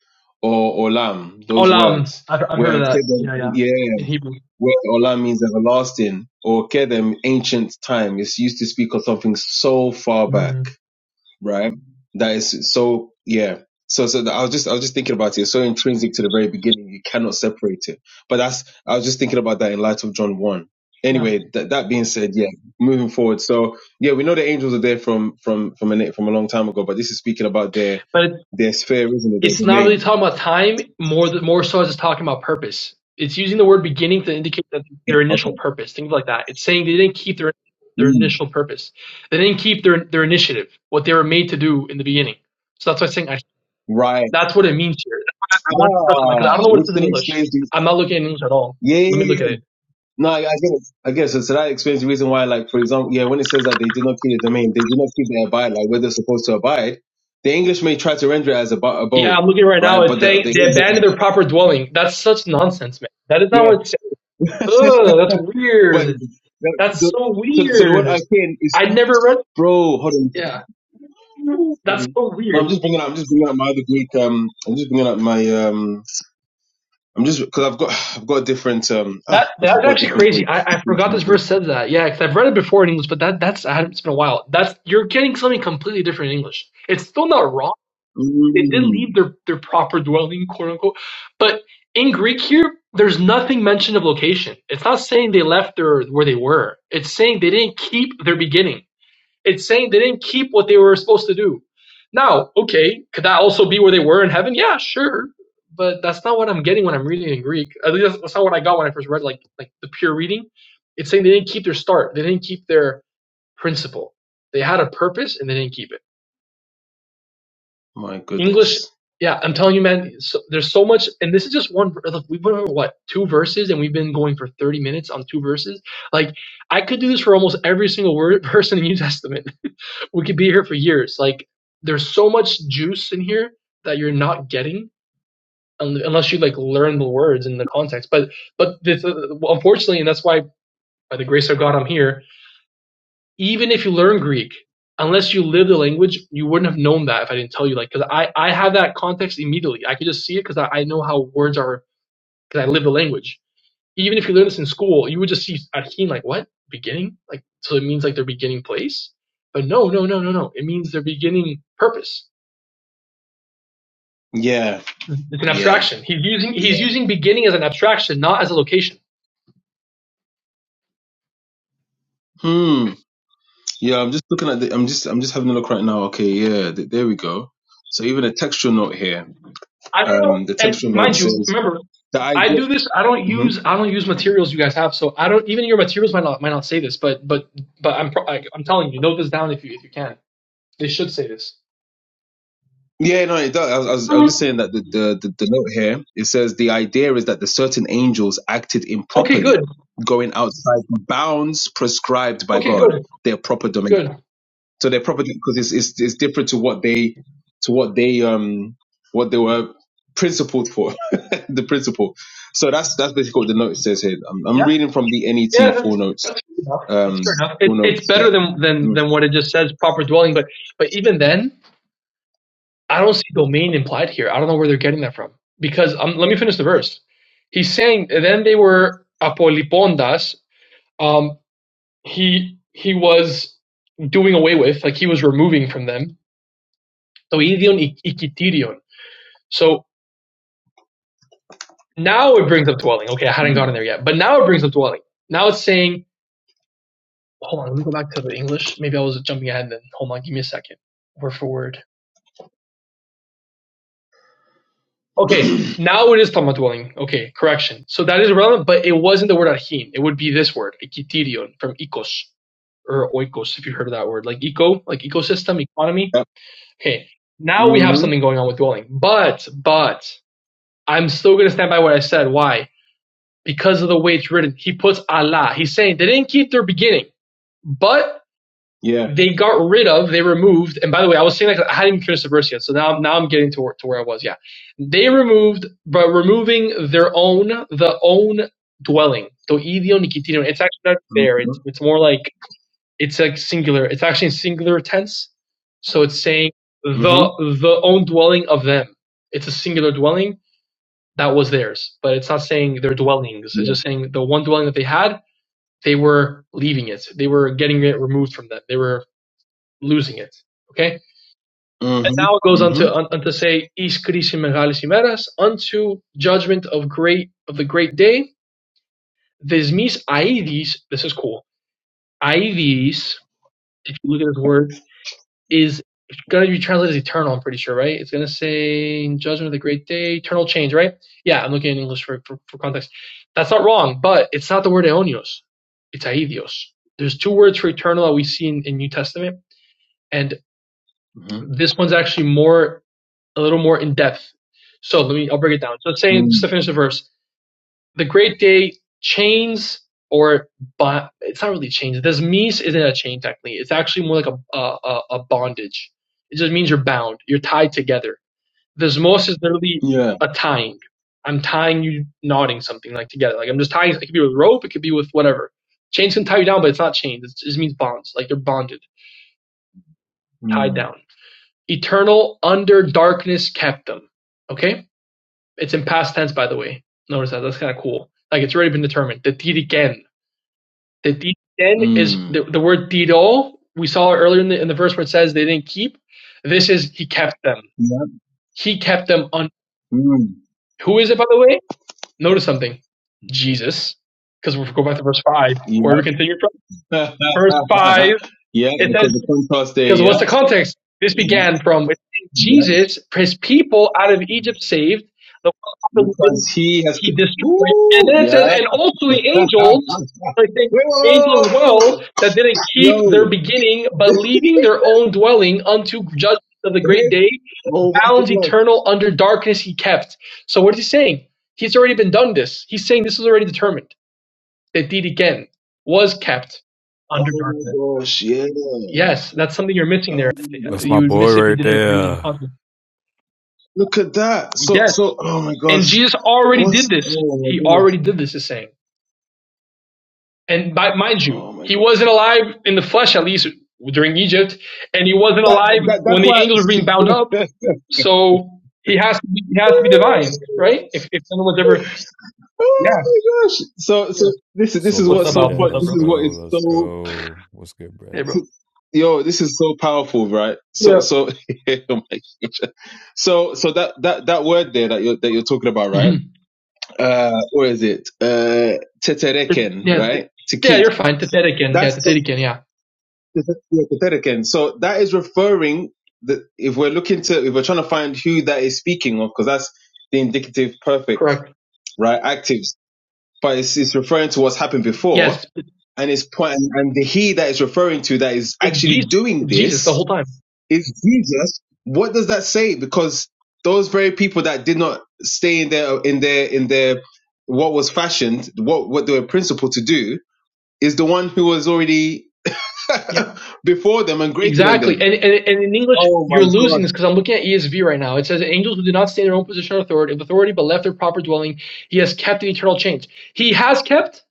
or olam. Those Olam. words I've, I've heard of where that. kedem, Yeah, yeah. yeah, In Hebrew. where olam means everlasting or kedem, ancient time. It's used to speak of something so far back Mm. right? That is so yeah. So so I was just I was just thinking about it. It's so intrinsic to the very beginning, you cannot separate it. But that's I was just thinking about that in light of John one. Yeah. Anyway, that that being said, yeah, moving forward. So yeah, we know the angels are there from from from a from a long time ago, but this is speaking about their But it, their sphere, isn't it? Their it's not really domain. talking about time. More th- more so as it's talking about purpose. It's using the word beginning to indicate that their initial Okay. purpose. Things like that. It's saying they didn't keep their their Mm, initial purpose. They didn't keep their their initiative. What they were made to do in the beginning. So that's why I'm saying I, right. that's what it means here. That's why I, I want to touch on that because I don't Ah, know what it which says then in English. explains the I'm not looking at English at all. yeah. yeah, Let me yeah, look at it. No, I, I guess I guess so. So that explains the reason why, like for example, yeah, when it says that they did not keep the domain, they did not keep their abide, like where they're supposed to abide. The English may try to render it as ab- Yeah, abode, I'm looking right now. right? It's But the saying the they abandoned English- their proper dwelling. That's such nonsense, man. That is not what yeah, it's saying. Ugh, that's but weird. the, That's the, so so so the word weird. arcane is I never read. bro. Hold Yeah, that's on. so No, I'm weird. just bringing up. I'm just bringing up my other Greek. Um, I'm just bringing up my um. I'm just because I've got I've got a different um. Oh That gosh, I've that's got a actually different crazy. Greek. I, I Greek forgot this translation. verse said that. Yeah, because I've read it before in English, but that that's I haven't, it's been a while. That's you're getting something completely different in English. It's still not wrong. they did Mm, leave their, their proper dwelling, quote unquote. But in Greek here, there's nothing mentioned of location. It's not saying they left their where they were. It's saying they didn't keep their beginning. It's saying they didn't keep what they were supposed to do. Now, okay, could that also be where they were in heaven? Yeah, sure. But that's not what I'm getting when I'm reading in Greek. At least that's, that's not what I got when I first read like like the pure reading. It's saying they didn't keep their start. They didn't keep their principle. They had a purpose and they didn't keep it. my English, goodness. yeah, I'm telling you, man. So, there's so much, and this is just one. We went over what two verses, and we've been going for 30 minutes on two verses. Like I could do this for almost every single word verse in the New Testament. we could be here for years. Like there's so much juice in here that you're not getting un- unless you like learn the words and the context. But but this, uh, unfortunately, and that's why by the grace of God I'm here even if you learn Greek, unless you live the language, you wouldn't have known that if I didn't tell you. Like, because I I have that context immediately. I could just see it because I, I know how words are because I live the language. Even if you learn this in school, you would just see a like what beginning like so it means like their beginning place. But no, no, no, no, no. It means their beginning purpose. Yeah. It's an Yeah. abstraction. He's using Yeah. he's using beginning as an abstraction, not as a location. Hmm. Yeah, I'm just looking at the. I'm just. I'm just having a look right now. Okay. Yeah. Th- there we go. So even a textual note here. I don't know. Um, the And textual note mind you, says remember, the I idea. do this. I don't hmm use I don't use materials you guys have. So I don't even your materials might not might not say this, but but but I'm pro- I, I'm telling you, note this down if you if you can. They should say this. Yeah. No, it does. I was, I was. I was just Mhm. saying that the, the the the note here it says the idea is that the certain angels acted Okay, improperly, good. going outside the bounds prescribed by Okay, God, good. their proper domain. Good. So their property because it's, it's it's different to what they to what they um what they were principled for the principle. So that's that's basically what the note says here. I'm, I'm Yeah. reading from the Yeah. NET full That's notes that's fair enough. That's um fair enough. It's full it's notes here. better than than Mm. than what it just says proper dwelling. But but even then, I don't see domain implied here. I don't know where they're getting that from because um, let me finish the verse. He's saying then they were apolipondas. Um, he he was doing away with, like he was removing from them. So idion ik- ikitirion. So now it brings up dwelling. Okay, I hadn't gotten there Mm. yet, but now it brings up dwelling. Now it's saying, hold on, let me go back to the English. Maybe I was jumping ahead. Then hold on, give me a second, word for word. Okay, now it is talking about dwelling. Okay, correction. So that is relevant, but it wasn't the word arhin. It would be this word, ikitirion, from ikos or oikos, if you heard of that word, like eco, like ecosystem, economy. yep. Okay, now we have hmm something going on with Dwelling. But, but, I'm still going to stand by what I said. Why? Because of the way it's written. He puts Allah. He's saying they didn't keep their beginning, but Yeah. they got rid of, they removed, and by the way, I was saying that I hadn't even finished the verse yet, so now, now I'm getting to where, to where I was, yeah. They removed, by removing their own, the own dwelling. Το ίδιο νοικητήριο. It's actually not there. Mm-hmm. It's, it's more like it's like singular. It's actually in singular tense. So it's saying Mm-hmm. the the own dwelling of them. It's a singular dwelling that was theirs, but it's not saying their dwellings. It's Yeah. just saying the one dwelling that they had, they were leaving it. They were getting it removed from them. They were losing it. Okay. And Mm-hmm. now it goes on Mm-hmm. to on, on to say is krisi megalis imeras unto judgment of great of the great day. Desmis aidis. This is cool. Aidis. If you look at this word, is going to be translated as eternal. I'm pretty sure, right? It's going to say in judgment of the great day, eternal change, right? Yeah, I'm looking in English for, for, for context. That's not wrong, but it's not the word eonios. It's aidios. There's two words for eternal that we see in, in New Testament, and Mm-hmm. this one's actually more a little more in depth. So let me I'll break it down. So it's saying just Mm. to finish the verse, the Great Day chains or bo- it's not really chains. This means isn't a chain technically. It's actually more like a a, a bondage. It just means you're bound. You're tied together. Desmos is literally Yeah. a tying. I'm tying you, knotting something like together. Like I'm just tying. It could be with rope. It could be with whatever. Chains can tie you down, but it's not chains. It just means bonds. Like they're bonded, tied Mm. down. Eternal under darkness kept them. Okay, it's in past tense, by the way. Notice that. That's kind of cool. Like it's already been determined. The tiriken. The deed then is Mm. the, the word didol. We saw earlier in the, in the verse where it says they didn't keep. This is he kept them. Yep. He kept them on. Mm. Who is it, by the way? Notice something. Jesus. Because we'll go back to verse 5. Where Yep. we continue from? Verse 5. yeah, It says because the contrast there, Because what's Yeah. the context? This Yeah. began from Yeah. Jesus, his people out of Egypt saved, the one Because population he has he ca- destroyed. And Ooh, then it says, yeah. and also the angels, I think angels as Whoa! well, that didn't Yo. keep their beginning, but leaving their own dwelling unto judgment of the great day, Oh my bound god. eternal under darkness he kept. So what is he saying? He's already been done this. He's saying this is already determined. That deed again was kept under Oh my darkness. gosh, yeah. Yes, that's something you're missing there. Oh my That's You my would gosh. boy miss if you right didn't read in there. public. Look at that. So Yes, so oh my and gosh. Jesus already did What's this. oh my He gosh. already did this, is saying. And by, mind you, Oh my he God. wasn't alive in the flesh, at least during Egypt, and he wasn't That, alive that that's when the angels were being bound up. why. So he has to be, he has to be divine, right? If if no one's ever, yeah, oh my gosh! So yeah. so this is this is Sola What's what's up, so Alvin? Fide. fun. What's up, This Let's bro? is what go. is Let's so go. What's good, bruh? Hey, this bro. is- yo. This is so powerful, right? So Yeah. so oh my gosh. So so that that that word there that you're that you're talking about, right? hmm Uh, where is it? Uh, tetereken, Yeah, th- right? To yeah. keep. You're fine. Did that again. Yeah, That's did that again. Yeah, yeah, Catherican. So that is referring that if we're looking to if we're trying to find who that is speaking of, because that's the indicative perfect, correct. right? Actives. But it's, it's referring to what's happened before, Yes, and it's point and, and the he that is referring to that is it's actually Jesus. doing It's Jesus the this whole time. is Jesus. What does that say? Because those very people that did not stay in their in their in their what was fashioned, what what they were principled to do, is the one who was already Yeah, before them and greater than exactly. them. And, and and in English, Oh my you're God. losing this because I'm looking at ESV right now. It says, "Angels who do not stay in their own position or authority, of authority, but left their proper dwelling, he has kept in eternal change. He has kept,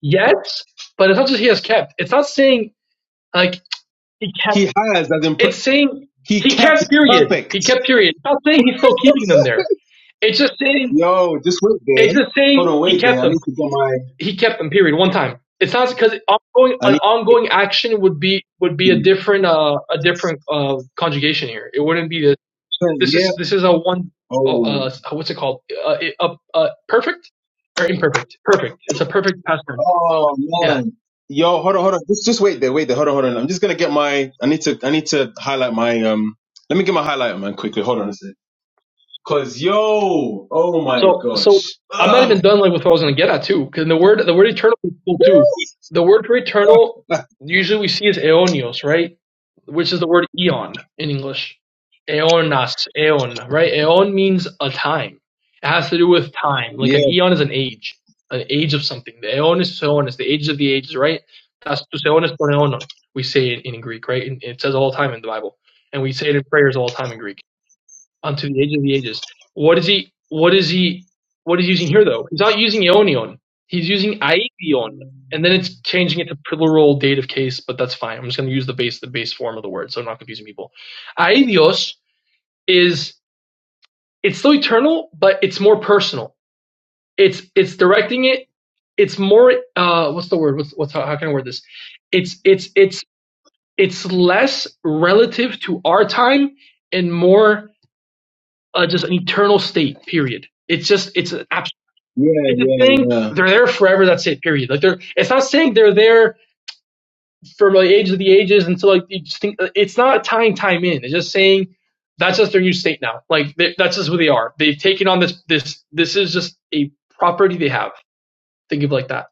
yes, but it's not just he has kept. It's not saying like he kept. He has as in It's saying he he kept kept. Period. He perfect. kept. Period. It's not saying he's still keeping them there. It's just saying. Yo, just wait It's there. just Hold saying on, he wait there. kept I them. need to get my. he kept him. Period. One time. It's not because ongoing I an need ongoing action would be would be a to. different uh a different uh conjugation here. It wouldn't be the this Yeah. is this is a one oh, Oh. uh what's it called uh, a uh, uh perfect or imperfect perfect. It's a perfect past tense. Oh Yeah. man. Yo, hold on, hold on. Just just wait there. Wait there. Hold on, hold on. I'm just gonna get my. I need to. I need to highlight my. Um. Let me get my highlighter, man, quickly. Hold on a sec. Cause yo. Oh my So so gosh. I'm not Ugh. even done like with what I was gonna get at too, because the word the word eternal is cool too. The word for eternal usually we see is aeonios, right? Which is the word eon in English. Aeonas, aeon, right? Aeon means a time. It has to do with time. Like Yeah. an eon is an age, an age of something. The aeon is aeonis, the ages of the ages, right? That's tus aeonis ton aeonon. We say it in Greek, right? And it says all the time in the Bible, and we say it in prayers all the time in Greek unto the age of the ages. What is he? What is he? What is he using here though? He's not using ionion. He's using aion, Yeah. and then it's changing it to plural dative case. But that's fine. I'm just going to use the base the base form of the word, so I'm not confusing people. Aidios is it's still eternal, but it's more personal. It's it's directing it. It's more. Uh, what's the word? What's what's how, how can I word this? It's it's it's it's less relative to our time and more uh, just an eternal state. Period. It's just it's an absolute. it's a Yeah. thing. Yeah. They're there forever. That's it. Period. Like they're it's not saying they're there for like ages of the ages until like you just think it's not tying time in. It's just saying that's just their new state now. Like they, that's just who they are. They've taken on this this this is just a property they have. Think of it like that.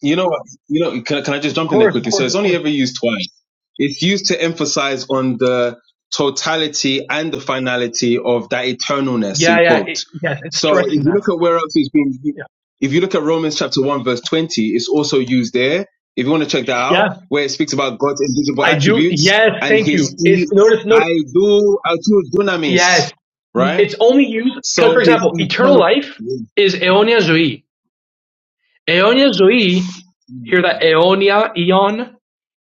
You know what? You know. Can, I- can I just Of jump in there course, of quickly? So course, it's of only course. ever used twice. It's used to emphasize on the totality and the finality of that eternalness in Yeah, yeah, quote. it, yes. It's So if stressing you that. look at where else it's been, Yeah, if you look at Romans chapter 1 verse 20, it's also used there. If you want to check that yeah. out, where it speaks about God's invisible I do. attributes Yes, and thank his you. It's e- notice, notice. I do I do dunamis, Yes. right? It's only used because, So for his example, eternal eternal. life is eonia zoe. Eonia zoe, hear that eonia, eon?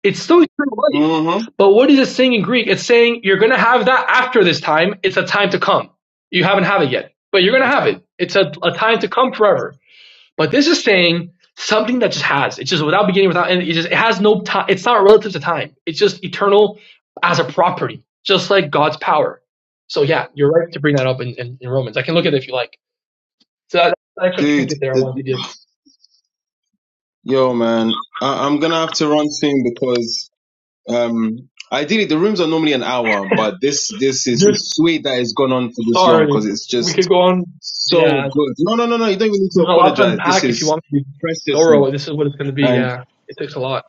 It's still eternal life. Mm-hmm. But what is it saying in Greek? It's saying you're going to have that after this time. It's a time to come. You haven't had it yet, but you're going to have it. It's a, a time to come forever. But this is saying something that just has. It's just without beginning, without end. It just it has no time. It's not relative to time. It's just eternal as a property, just like God's power. So yeah, you're right to bring that up in, in, in Romans. I can look at it if you like. So that, that's an extra Dude, trinket there I it- wanted to give. yo man, I, I'm gonna have to run soon because Um, ideally, the rooms are normally an hour, but this this is Dude, it's sweet that it's gone on for this long because sorry. it's We could just go on. so Yeah, good. No, no, no, no. You don't even need to there's a lot to apologize. This unpack if you is want to be Sorry precious, here. thorough. This is what it's going to be. and Yeah, it takes a lot.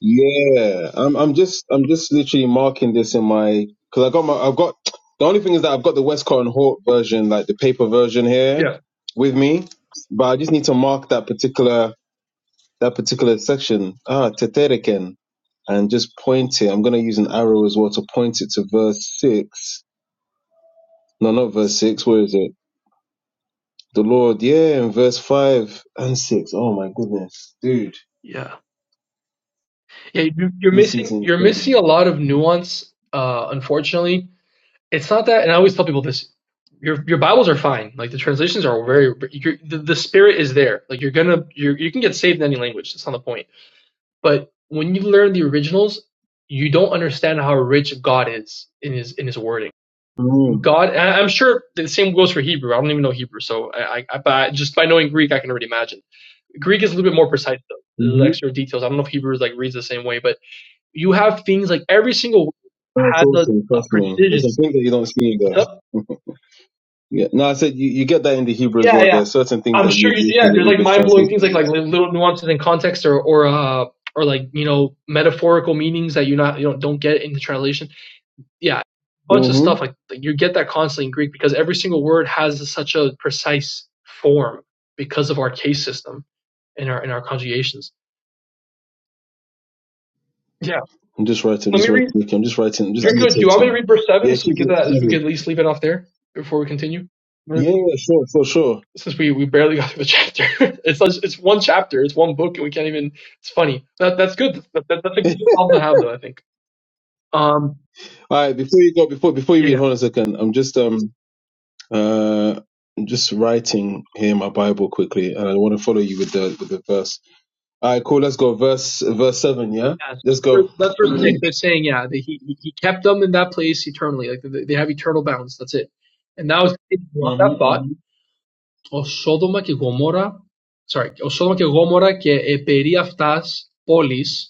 yeah, I'm I'm just, just literally this in my because I've got, I've got the only thing is that I've got the Westcott and Hawk like the paper version here Yeah, with me, but I just need to mark that particular that particular section ah Tetereken and just point it. I'm gonna use an arrow as well to point it to verse six No, not verse six. Where is it? The Lord, yeah, in verse five and six. Oh my goodness, dude, yeah, yeah. You, you're this is. missing you're missing a lot of nuance, uh, unfortunately it's not that and i always tell people this your your bibles are fine like the translations are very the, the spirit is there like you're gonna you you can get saved in any language that's not the point but when you learn the originals you don't understand how rich god is in his in his wording Mm. god and i'm sure the same goes for hebrew i don't even know hebrew so i i, I but just by knowing greek i can already imagine greek is a little bit more precise though there's Mm-hmm. extra details i don't know if hebrew is like reads the same way but you have things like every single word That's has awesome. a, a Trust me. There's precision some things that you don't see in what's there. up Yeah. No, I said you, you get that in the Hebrew as Yeah, well. yeah. There are certain things I'm that you sure would you, miss yeah, in the there's like English mind blowing translation. things like like Yeah. little nuances in context or or uh or like you know metaphorical meanings that you not you know don't get in the translation. Yeah, a bunch of Mm-hmm. stuff like like, you get that constantly in Greek because every single word has such a precise form because of our case system in our in our conjugations. Yeah, I'm just writing. let me Just writing. read. Nicky, I'm just writing. I'm just You're good. Do you want me to annotating. read verse seven Yeah. so Keep we get it. that? We keep it. could at least leave it off there before we continue. Yeah. yeah, Sure. For sure. since we, we barely got through the chapter. it's such, it's one chapter, it's one book, and we can't even. It's funny. That that's good. That, that, that's a sure. good problem to have, though. I think. Um. All right. Before you go, before before you Yeah. read, Yeah. hold on a second. I'm just um. Uh, I'm just writing here my Bible quickly, and I want to follow you with the with the verse. All right, cool. Let's go. Verse verse seven. Yeah, yeah. let's So for, go. that's for six. They're saying yeah. That he he he kept them in that place eternally. Like they, they have eternal bounds. That's it. And that was that thought. Mm-hmm, Ο Σόδομα και Γομόρα, sorry, ο Σόδομα και Γόμορα και επερί αυτάς πόλης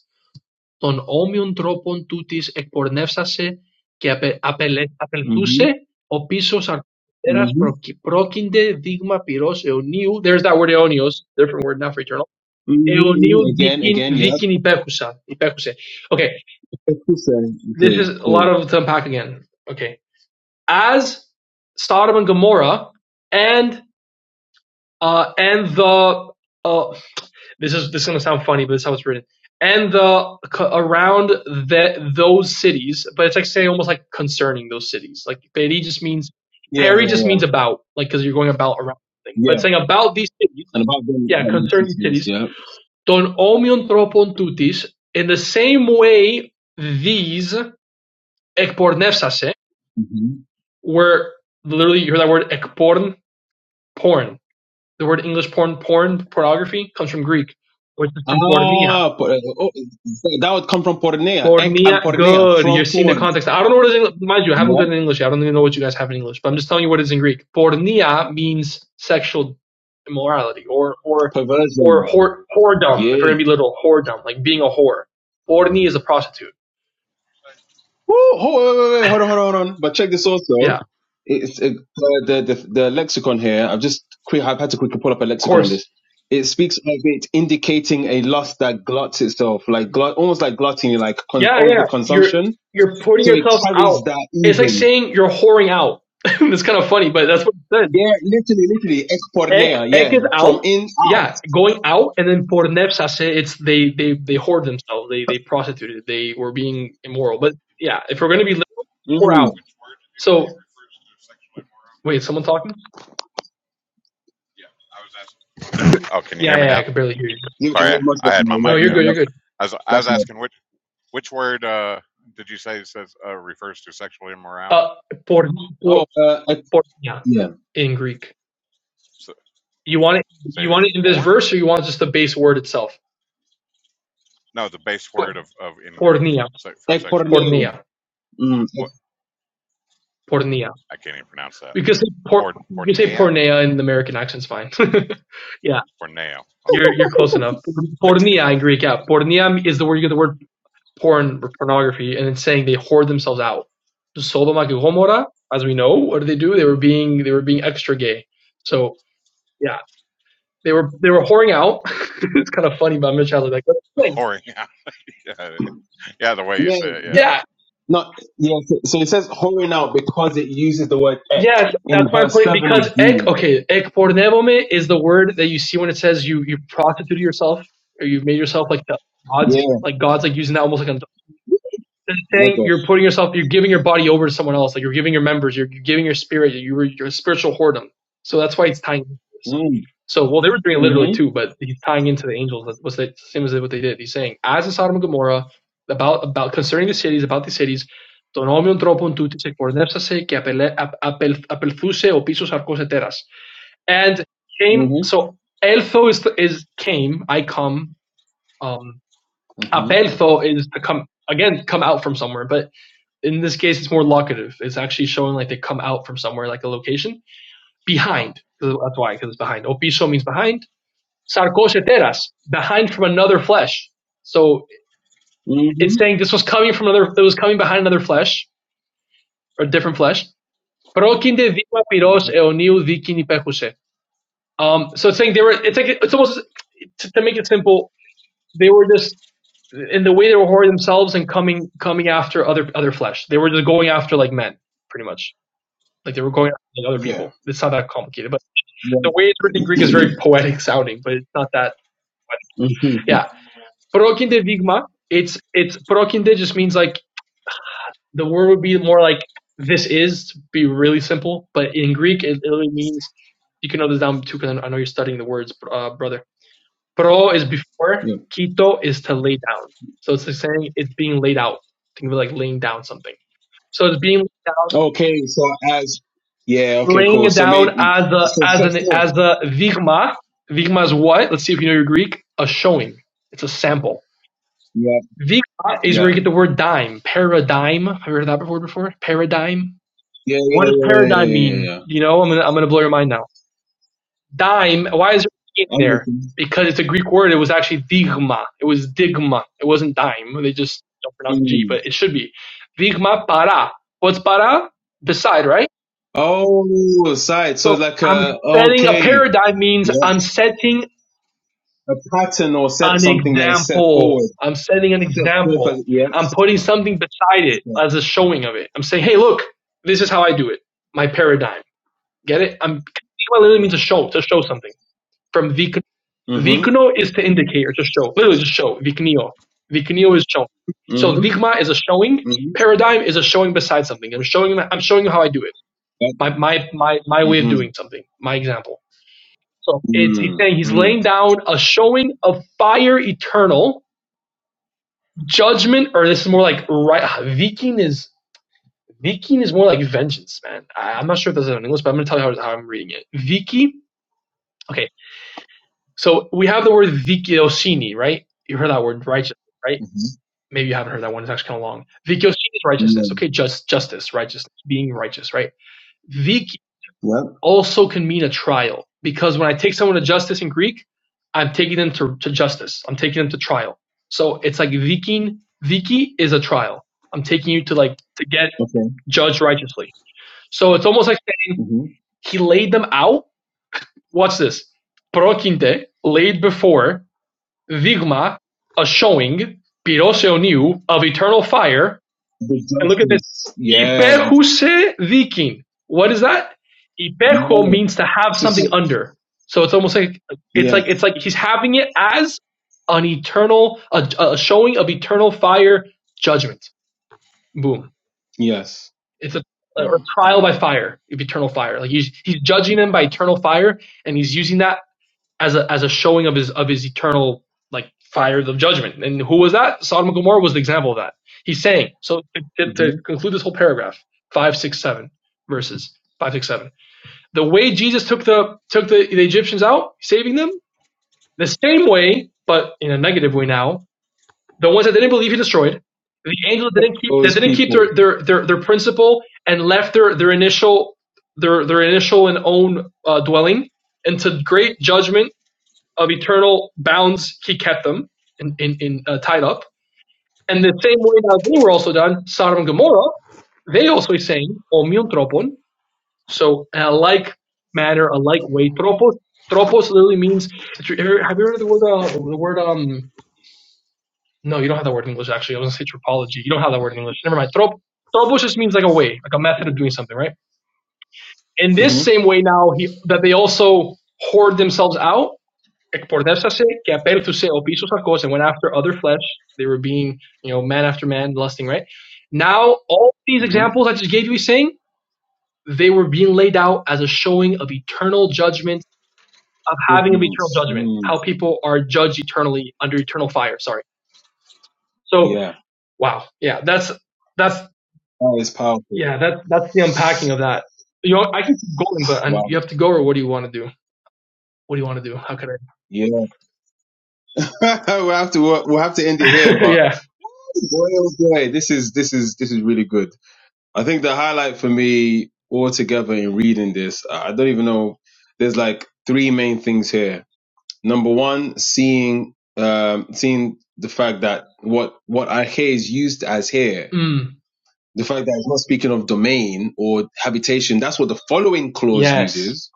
των όμοιων τρόπων τούτης εκπορνεύσασε και απελ- απελθούσε ο πίσω hmm hmm αρκουδέρας πρόκεινται δείγμα πυρός αιωνίου there's that word αιώνιος different word not for eternal hmm αιωνίου Again, δίκην, again, yeah. δίκην υπέχουσα, υπέχουσε okay Excellent. this is Okay, a cool. lot of to unpack again okay as Sodom and Gomorrah and uh, and the uh, This is this is gonna sound funny, but this is how it's written. And the around the, those cities, but it's like saying almost like concerning those cities. Like peri just means Yeah, peri just means about, like because you're going about around something. But yeah. it's saying about these cities, And about them, yeah, about them concerning cities, cities. yeah. Don omion tropon tutis. In the same way, these ekpornefsase hmm were literally you hear that word ekporn porn. The word English porn porn pornography comes from Greek, which is from pornea Ah, po- uh, oh, that would come from porneia, ek and Fornia, porneia, good. from You're seeing the porn. context. I don't know what it is in, English. mind you, I haven't looked Yeah, at it in English. yet. I don't even know what you guys have in English, but I'm just telling you what it is in Greek. Pornia means sexual immorality or or or perversion. whore, whoredom. If we're Yeah. gonna be literal, whoredom, like being a whore. Porni is a prostitute. Woo! Hold, wait, wait, wait, hold on, hold on, hold on. But check this also. Yeah, of It's uh, the, the the lexicon here. I've just quick. I've had to quickly pull up a lexicon on this. course. It speaks of it indicating a lust that gluts itself, like glut, almost like gluttony, like con- Yeah, yeah. You're overconsumption. you're putting So it yourself out. carries that It's like even. saying you're whoring out. it's kind of funny, but that's what it says. Yeah, literally, literally, Ek expornea. Ek Yeah, is out. from in out. Yeah, going out, and then por nepsase, it's they they they whore themselves. They they prostituted. They were being immoral. But which, yeah, if we're gonna be let which, whore Mm. out. which word did you say So refers to sexual immorality? wait, is someone talking? Yeah, I was asking. I could, Oh, can you yeah, hear yeah, me yeah, I now? could barely hear you. Give it Sorry, I, very much I that's had no. my No, Yep, mic you're yep, good. down. You're yep. good. I was, I was That's no. asking which, which word, uh, did you say says, uh, refers to sexual immorality? Uh, por por Oh, uh, ec- pornia yeah, in Greek. You want it? say You it want again. it in this Porn? verse, or you want just the base word itself? No, the base Por- word of, of in Greek Pornia, se- for sexual immor ekporneo. pornia, Mm. Ek, What? pornia. I can't even pronounce that. We could say por, Porn, you could say porneia? pornea in the American accent's fine. yeah. Porneo. Okay. You're you're close enough. Like Pornia in Greek, yeah. Pornia is the word you get the word porn or pornography, and it's saying they hoard themselves out. Sodom and Gomorrah, as we know, what did they do? They were being they were being extra gay. So yeah, they were they were whoring out. it's kind of funny, but Mitch has like that's the thing. whoring out. Yeah, yeah, yeah, the way you say it. yeah. Yeah. Yeah, No, yeah. So, so it says whoring out because it uses the word ek yes, that's in my verse point. seven of Because ek Jude. okay, ek pornevome is the word that you see when it says you you prostitute yourself or you've made yourself like the gods, Yeah, like gods, like using that almost like an than my saying you're gosh. putting yourself, you're giving your body over to someone else. Like you're giving your members, you're, you're giving your spirit, you are a spiritual whoredom. So that's why it's tying into this. Mm, So, well, they were doing it literally mm-hmm. too, but he's tying into the angels. That was the same as what they did. He's saying, as in Sodom and Gomorrah, about, about concerning the cities, about the cities, τον όμοιον τρόπον τούτη εκπορνεύσασε και απελθούσε ο πίσω αρκός ετέρας. And came, Mm-hmm. so eltho is, is came, I come, um, Mm-hmm. apeltho is to come, again, come out from somewhere, but in this case, it's more locative. It's actually showing like they come out from somewhere, like a location. behind. That's why, because it's behind. Opiso means behind. Sarcoseteras, behind from another flesh. So it's Mm-hmm. saying this was coming from another, it was coming behind another flesh, or different flesh. Prokinde dima pyros mm-hmm. eoniu dikin ipechuse. Um, so it's saying they were, it's like, it's almost, to, to make it simple, they were just, in the way they were whoring themselves and coming, coming after other, other flesh. They were just going after like men, pretty much. Like they were going after like, other Yeah. people. It's not that complicated, but Yeah. the way it's written in Greek is very poetic sounding, but it's not that. hmm Yeah, prokinde vigma. It's it's prokinde just means like the word would be more like this is to be really simple, but in Greek it literally means you can know this down too because I know you're studying the words, uh, brother. Pro is before, Yeah. keto is to lay down. So it's like saying it's being laid out. Think of it like laying down something. So it's being laid down Okay. So as yeah. Okay. laying Cool. it So down maybe as a so as set an as forth. a virma. Virma is what? Let's see if you know your Greek. A showing. It's a sample. Yeah. Virma is where you Yeah. get the word dime. Paradigm. Have you heard of that word before? Paradigm. Yeah. Yeah. Yeah. What Yeah. does Yeah. yeah. paradigm yeah. mean? yeah. You know, I'm gonna I'm gonna blow your mind now. Dime. Why is it in I'm with there? Because it's a Greek word. It was actually digma. It was digma. It wasn't dime. They just don't pronounce G, Mm. but it should be. digma para. What's para? Beside, right? Oh, side. So So like I'm a setting a okay. paradigm means Yeah. I'm setting A pattern or set an something that is set forward. example. I'm setting an Step forth example. as yeah. I'm putting something beside it Okay. as a showing of it. I'm saying, hey, look, this is how I do it. My paradigm. Get it? I'm Yeah. literally means to show, to show something. From vik Mm-hmm. vikno is to indicate or to show. Literally just show. Viknio. Viknio is shown. So Mm-hmm. vikma is a showing. Mm-hmm. Paradigm is a showing beside something. I'm showing I'm showing you how I do it. Yep. My my my my way of Mm-hmm. doing something. My example. So it's he's saying Mm-hmm. he's laying down a showing of fire eternal judgment, or this is more like right. Viking is Viking is more like vengeance, man. I, I'm not sure if that's in English, but I'm gonna tell you how, how I'm reading it. Viki. Okay, so we have the word vikioshini, right? You heard that word righteousness right? Mm-hmm. Maybe you haven't heard that one. It's actually kind of long. Vikioshini is righteousness. mm Okay, just justice, righteousness, being righteous, right? viki Yep. also can mean a trial because when I take someone to justice in Greek, I'm taking them to, to justice. I'm taking them to trial. So it's like vikin viki is a trial. I'm taking you to like to get Okay. judged righteously. So it's almost like saying Mm-hmm. he laid them out. Watch this. Prokinte laid before vigma a showing pirosoniu of eternal fire The and look at this. justice. Yeah. Υπέχουσε δίκην. What is that? Υπέχω Yeah. means to have It's something a- under. So it's almost like it's yeah. like it's like he's having it as an eternal a, a showing of eternal fire judgment. Boom. Yes. It's a or Boom. There trial we by go. fire of eternal fire. Like he's he's judging them by eternal fire, and he's using that as a as a showing of his of his eternal like fire of judgment. And who was that? Sodom and Gomorrah was the example of that. He's saying so to, Mm-hmm. to conclude this whole paragraph, five, six, seven verses, five, six, seven. The way Jesus took the took the, the Egyptians out, saving them, the same way, but in a negative way now. The ones that didn't believe he destroyed. The angels that didn't keep that Those didn't keep people. their their their, their principle and left their their initial their their initial and own uh, dwelling into great judgment of eternal bounds he kept them in, in, in uh, tied up. And the same way now they were also done, Sodom and Gomorrah, they also saying omion tropon. So in a like manner, a like way. Tropos tropos literally means have you heard the word uh, the word um no, you don't have that word in English actually. I was gonna say tropology. You don't have that word in English. Never mind. Trop tropos just means like a way, like a method of doing something, right? In this Mm-hmm. same way now he that they also hoard themselves out εκπορδεύσασε και απέλθουσε ο πίσω αρκός and went after other flesh. They were being, you know, man after man, lusting, right? Now, all these Mm-hmm. examples I just gave you, he's saying, they were being laid out as a showing of eternal judgment, of having an eternal Ordinance. judgment, how Mm. people are judged eternally under eternal fire. Sorry. So, Yeah. wow. Yeah, that's, that's, That is powerful. yeah, that, that's the unpacking of that. You know, I can keep going, but um, Wow. you have to go, or what do you want to do? What do you want to do? How could Yeah. we'll have to we'll, we'll have to end it here, I? but yeah. boy, oh boy, this is this is this is really good. I think the highlight for me altogether in reading this, I I don't even know. There's like three main things here. Number one, seeing um, seeing the fact that what what ahe is used as here, Mm. the fact that it's not speaking of domain or habitation. That's what the following clause Yes. uses,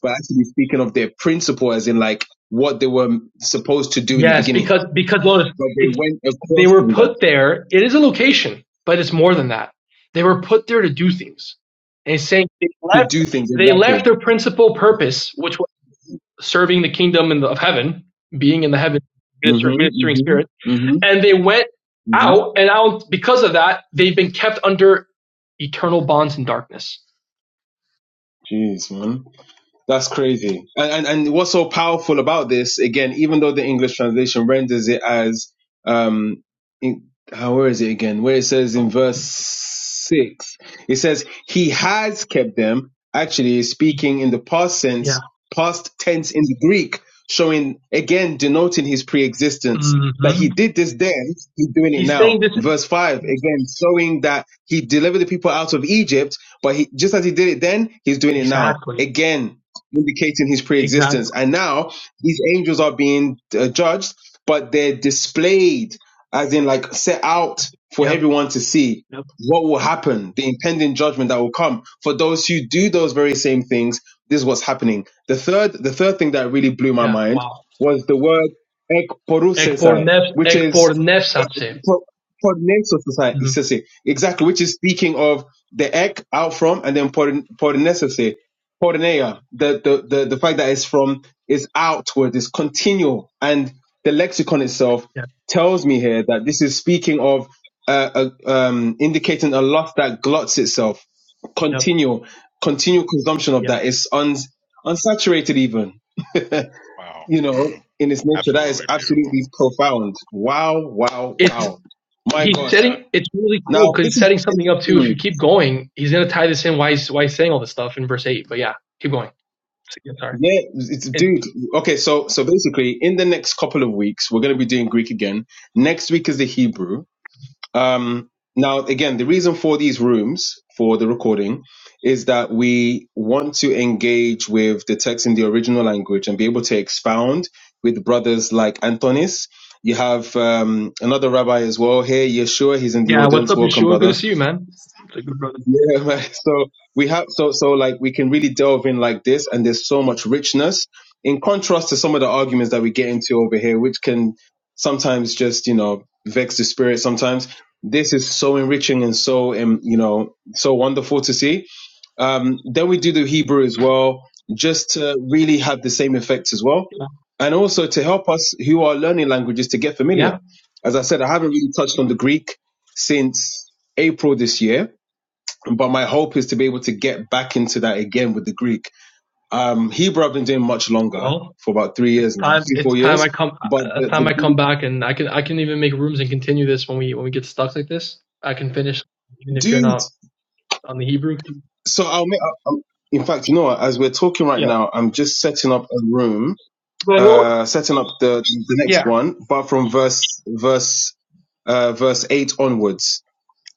but actually speaking of their principle, as in like what they were supposed to do in the Yes, beginning. because because Lotus, But they it's went they across were from that put there. It is a location, but it's more than that. They were put there to do things. And it's saying they to left do things they left exactly. their principal purpose, which was serving the kingdom in the, of heaven, being in the heaven, minister, hmm ministering hmm spirit, hmm and they went hmm out and out because of that. They've been kept under eternal bonds in darkness. Jeez, man. That's crazy. And, and and what's so powerful about this, again, even though the English translation renders it as um in, how where is it again? Where it says in verse six, it says he has kept them. Actually, is He, speaking in the past yeah. sense, past tense in the Greek, showing again denoting his pre-existence. hmm That he did this then, he's doing it He's now. saying this Verse five is again, showing that he delivered the people out of Egypt, but he just as he did it then, he's doing it now. exactly, Again, indicating his pre-existence. exactly. And now these angels are being uh, judged, but they're displayed as in like set out for Yep. everyone to see Yep. what will happen, the impending judgment that will come for those who do those very same things. This is what's happening. The third, the third thing that really blew my Yeah. mind Wow. was the word ekporusesai, Ekpornef which is uh, Ekpornefsatse. pro- Mm-hmm. prognosesai, exactly, which is speaking of the ek out from and then pornesesai porneia, the, the, the, the fact that it's from, it's outward, it's continual. And the lexicon itself Yeah, tells me here that this is speaking of, uh, a, um, indicating a lust that gluts itself, yeah, continual, continual consumption of yeah. that. It's uns unsaturated even, Wow. you know, in its nature. That is Absolutely beautiful. absolutely profound. Wow, wow, It's wow. My he's gosh. Yeah. setting. It's really Now, cool because this he's is, setting it, something up too. hmm. If you keep going, he's gonna tie this in. Why he's why he's saying all this stuff in verse eight. But yeah, keep going. Yeah, Sorry. Yeah, it's It's dude. Okay, so so basically, in the next couple of weeks, we're going to be doing Greek again. Next week is the Hebrew. Um, now again, the reason for these rooms for the recording is that we want to engage with the text in the original language and be able to expound with brothers like Antonis. You have um, another rabbi as well here, Yeshua. He's in the yeah. What's audience. up, Welcome, Yeshua? Good brother to see you, man. It's a good brother. yeah, man. So we have so so like we can really delve in like this, and there's so much richness in contrast to some of the arguments that we get into over here, which can sometimes you know vex the spirit. Sometimes this is so enriching and so um, you know so wonderful to see. Um, then we do the Hebrew as well, just to really have the same effects as well, Yeah. and also to help us who are learning languages to get yeah. familiar. As I said, I haven't really touched on the Greek since April this year but my hope is to be able to get back into that again with the Greek. Um, Hebrew I've been doing much longer Well, for about three it's years now, time. three It's four time years. I come. But Uh, the, time the I come Greek, back, and I can I can even make rooms and continue this when we when we get stuck like this. I can finish even if you're dude. not on the Hebrew. So I'll make. I'll, in fact, you know what? As we're talking right Yeah. now, I'm just setting up a room, But I know. uh, setting up the the Yeah. next one, but from verse verse uh, verse eight onwards.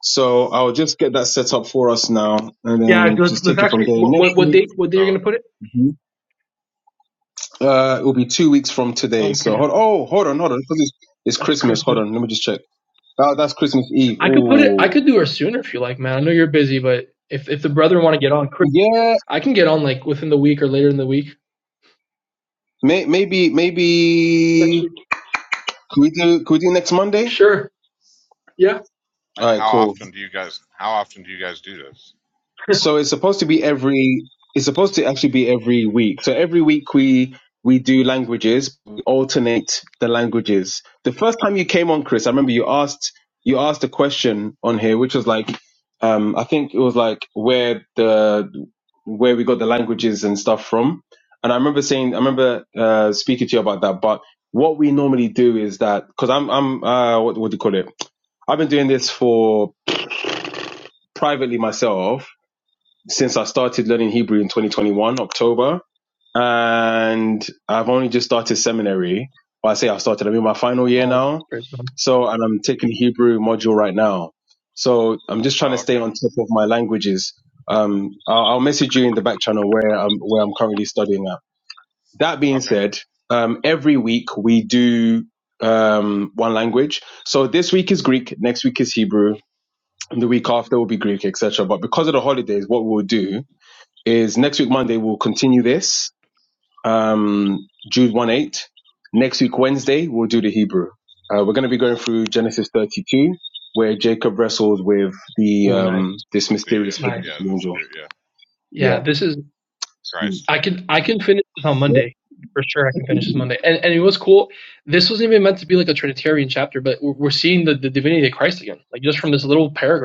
So I'll just get that set up for us now, and Yeah, then let's, just let's take it from actually. there. What, Next what what date? week. What date you're So. gonna put it? Uh, it will be two weeks from today. Okay, So hold, oh, hold on, hold on, because it's, it's that's Christmas. Hold Christmas. on, let me just check. Oh, that's Christmas Eve. I could put it. I Oh, could do her sooner if you like, man. I know you're busy, but if if the brother want to get on, Chris, yeah. I can get on like within the week or later in the week. May, maybe, Next maybe. week. Could we do? Could we do next Monday? Sure. Yeah. Like, All right, how cool. often do you guys? How often do you guys do this? So it's supposed to be every. It's supposed to actually be every week. So every week we we do languages. We alternate the languages. The first time you came on, Chris, I remember you asked you asked a question on here, which was like, um, I think it was like where the where we got the languages and stuff from. And I remember saying, I remember uh, speaking to you about that. But what we normally do is that because I'm, I'm, uh, what, what do you call it? I've been doing this for privately myself since I started learning Hebrew in 2021 October and I've only just started seminary. Well, I say I've started. I'm in my final year Oh, now, praise God. so and I'm taking Hebrew module right now. So I'm just trying to Oh, stay okay, on top of my languages. Um, I'll, I'll message you in the back channel where I'm where I'm currently studying at. That being okay. said, um, every week we do um, one language. So this week is Greek, next week is Hebrew, and the week after will be Greek, etc. But because of the holidays, what we'll do is next week Monday we'll continue this um, Jude 1 8. Next week, Wednesday, we'll do the Hebrew. Uh, we're going to be going through Genesis 32, where Jacob wrestles with the Oh, nice, um, this With the uh, mysterious figure, nice. yeah, the the angel. spirit, yeah, Yeah, Yeah. this is. Mm. Christ. I can I can finish this on Yeah. Monday for sure. I can finish this Exactly. Monday, and and it was cool. This wasn't even meant to be like a Trinitarian chapter, but we're, we're seeing the, the divinity of Christ again, like just from this little paragraph.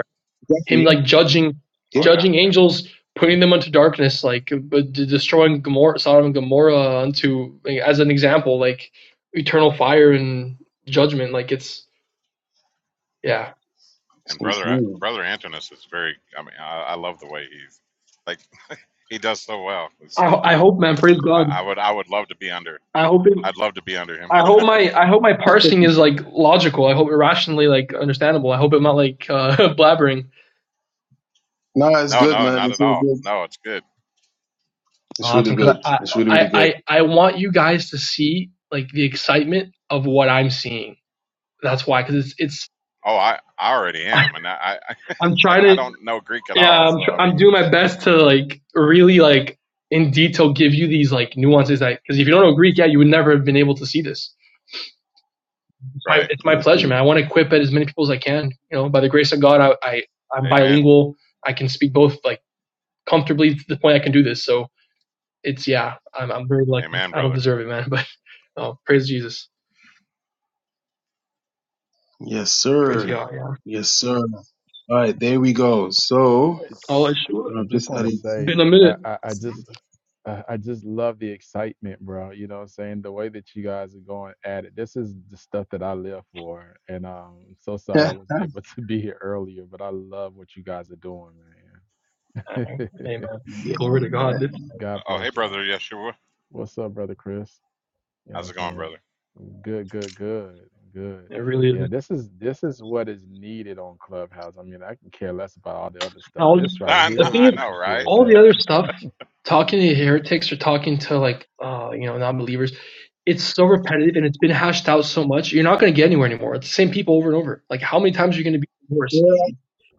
him Yeah. like judging yeah. Oh yeah, judging yep. angels, putting them unto darkness, like destroying Gomorrah, Sodom and Gomorrah unto like, as an example, like eternal fire and judgment. Like it's yeah. And brother brother Antinous is very. I mean, I, I love the way he's like he does so well. It's I like I hope man, praise I, God. I would I would love to be under. I hope it. I'd love to be under him. I hope my I hope my parsing is like logical. I hope it rationally like understandable. I hope I'm not like uh, blabbering. No, it's no, good, no, man. not It's at really all. good. No, it's good. It's really Awesome, because good. I, It's really, I really good. I I want you guys to see like the excitement of what I'm seeing. That's why, because it's it's Oh, I I already am, and I, I I'm it's trying like I to don't know Greek at Yeah, all. I'm So tr- I I'm mean, doing my best to like really like in detail give you these like nuances that because if you don't know Greek, yeah, you would never have been able to see this. It's my right? it's my pleasure, Honestly. man. I want to equip as many people as I can. You know, by the grace of God, I, I I'm Amen, bilingual. I can speak both like comfortably to the point I can do this. So it's yeah, I'm I'm very lucky. amen, I don't brother. deserve it, man. But oh, praise Jesus, Yes, praise sir. God. Yeah, Yes, sir. All right, there we go. So all I should I I've just just want to added. say, been a minute. I, I, I just, I I just love the excitement, bro. You know what I'm saying? The way that you guys are going at it. This is the stuff that I live for. And um, I'm so sorry I yeah. wasn't able to be here earlier, but I love what you guys are doing, Uh, man. Amen. Glory to God. It, God Oh, hey, bless brother y'all. Yeshua. What's up, brother Chris? You know what How's I'm it going, saying? brother? Good, good, good, good. it really is. Yeah, this is this is what is needed on Clubhouse. I mean, I can care less about all the other And stuff. all This right I know, the here, thing I is, this know, is where right? it's all the at. other stuff, talking to heretics or talking to like, uh, you know, non-believers, it's so repetitive and it's been hashed out so much. You're not going to get anywhere anymore. It's the same people over and over. Like, how many times are you going to be worse?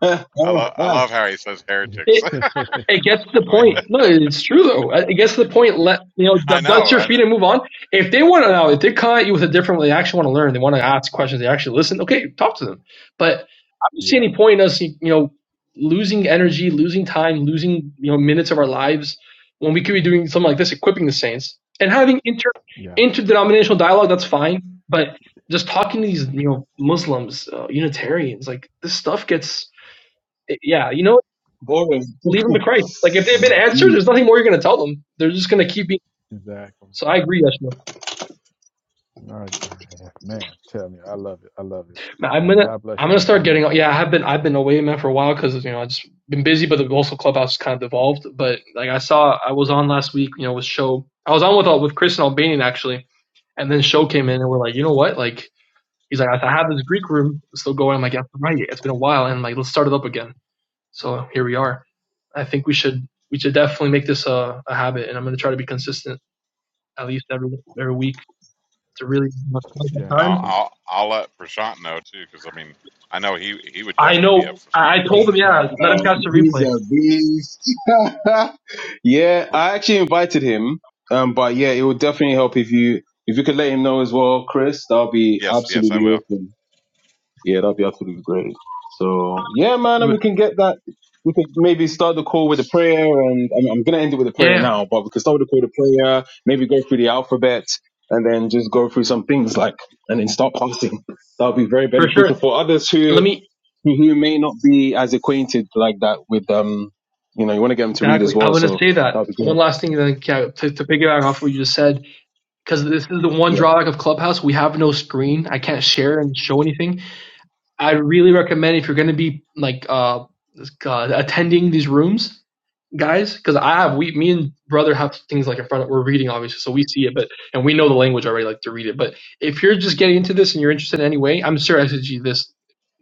I love I All love how he says heretics. It gets to the yeah. point. No, it's true though. It gets to the point. Let you know, I d- dust know, your I know. feet and move on. If they want to know, if they come at you with a different, they actually want to learn. They want to ask questions. They actually listen. Okay, talk to them. But I don't see Yeah, any point in us, you know, losing energy, losing time, losing you know minutes of our lives when we could be doing something like this, equipping the saints and having inter yeah. interdenominational dialogue. That's fine, but just talking to these you know Muslims, uh, Unitarians, like this stuff gets yeah, you know right. Leave them to Christ. Like if they've hmm been answered, there's He's nothing more you're gonna tell them. They're just gonna keep being. Exactly. So I agree, Yeshua. I agree. Yeah, Man, tell me. I love it. I love it. I'm Man, gonna God bless I'm you, gonna start Antonis. getting. Yeah, I have been I've been away, man, for a while because you know I just been busy, but the also clubhouse is kind of devolved. But like I saw, I was on last week. You know, with show I was on with uh, with Chris and Albanian actually, and then show came in and we're like, you know what, like. He's like, I have this Greek room still going. I'm like, yeah, right. It's been a while, and like, let's start it up again. So here we are. I think we should we should definitely make this a, a habit, and I'm going to try to be consistent. at least every every week to really have my Yeah, You know, time. absolutely. I'll I'll let Prashant know too, because I mean, I know he he would I definitely be up know. for something I like told this him, as well. yeah, let him uh, catch the he's replay. a Let's beast. yeah, I actually invited him. Um, but yeah, it would definitely help if you if you could let him know as well, Chris. That'll be Yes, yes, I absolutely will. awesome. Yeah, that will be absolutely great. So yeah, man, do and it. we can get that. We could maybe start the call with a prayer, and I'm, I'm gonna end it with a Yeah, prayer yeah, now. But we can start with a call with a prayer. Maybe go through the alphabet, and then just go through some things like, and then start passing. That'll be very for beneficial sure. for others who Let me who who may not be as acquainted like that with um you know you want to get them to read as exactly. i well want to so say that that'd be one good last thing. Then yeah, to, to piggyback off what you just said, because this is the one yeah drawback of Clubhouse. We have no screen. I can't share and show anything. I really recommend if you're gonna be like uh, uh attending these rooms, guys because i have we me and brother have things like in front of we're reading obviously so we see it but and we know the language already like to read it but if you're just getting into this and you're interested in any way i'm sure sg this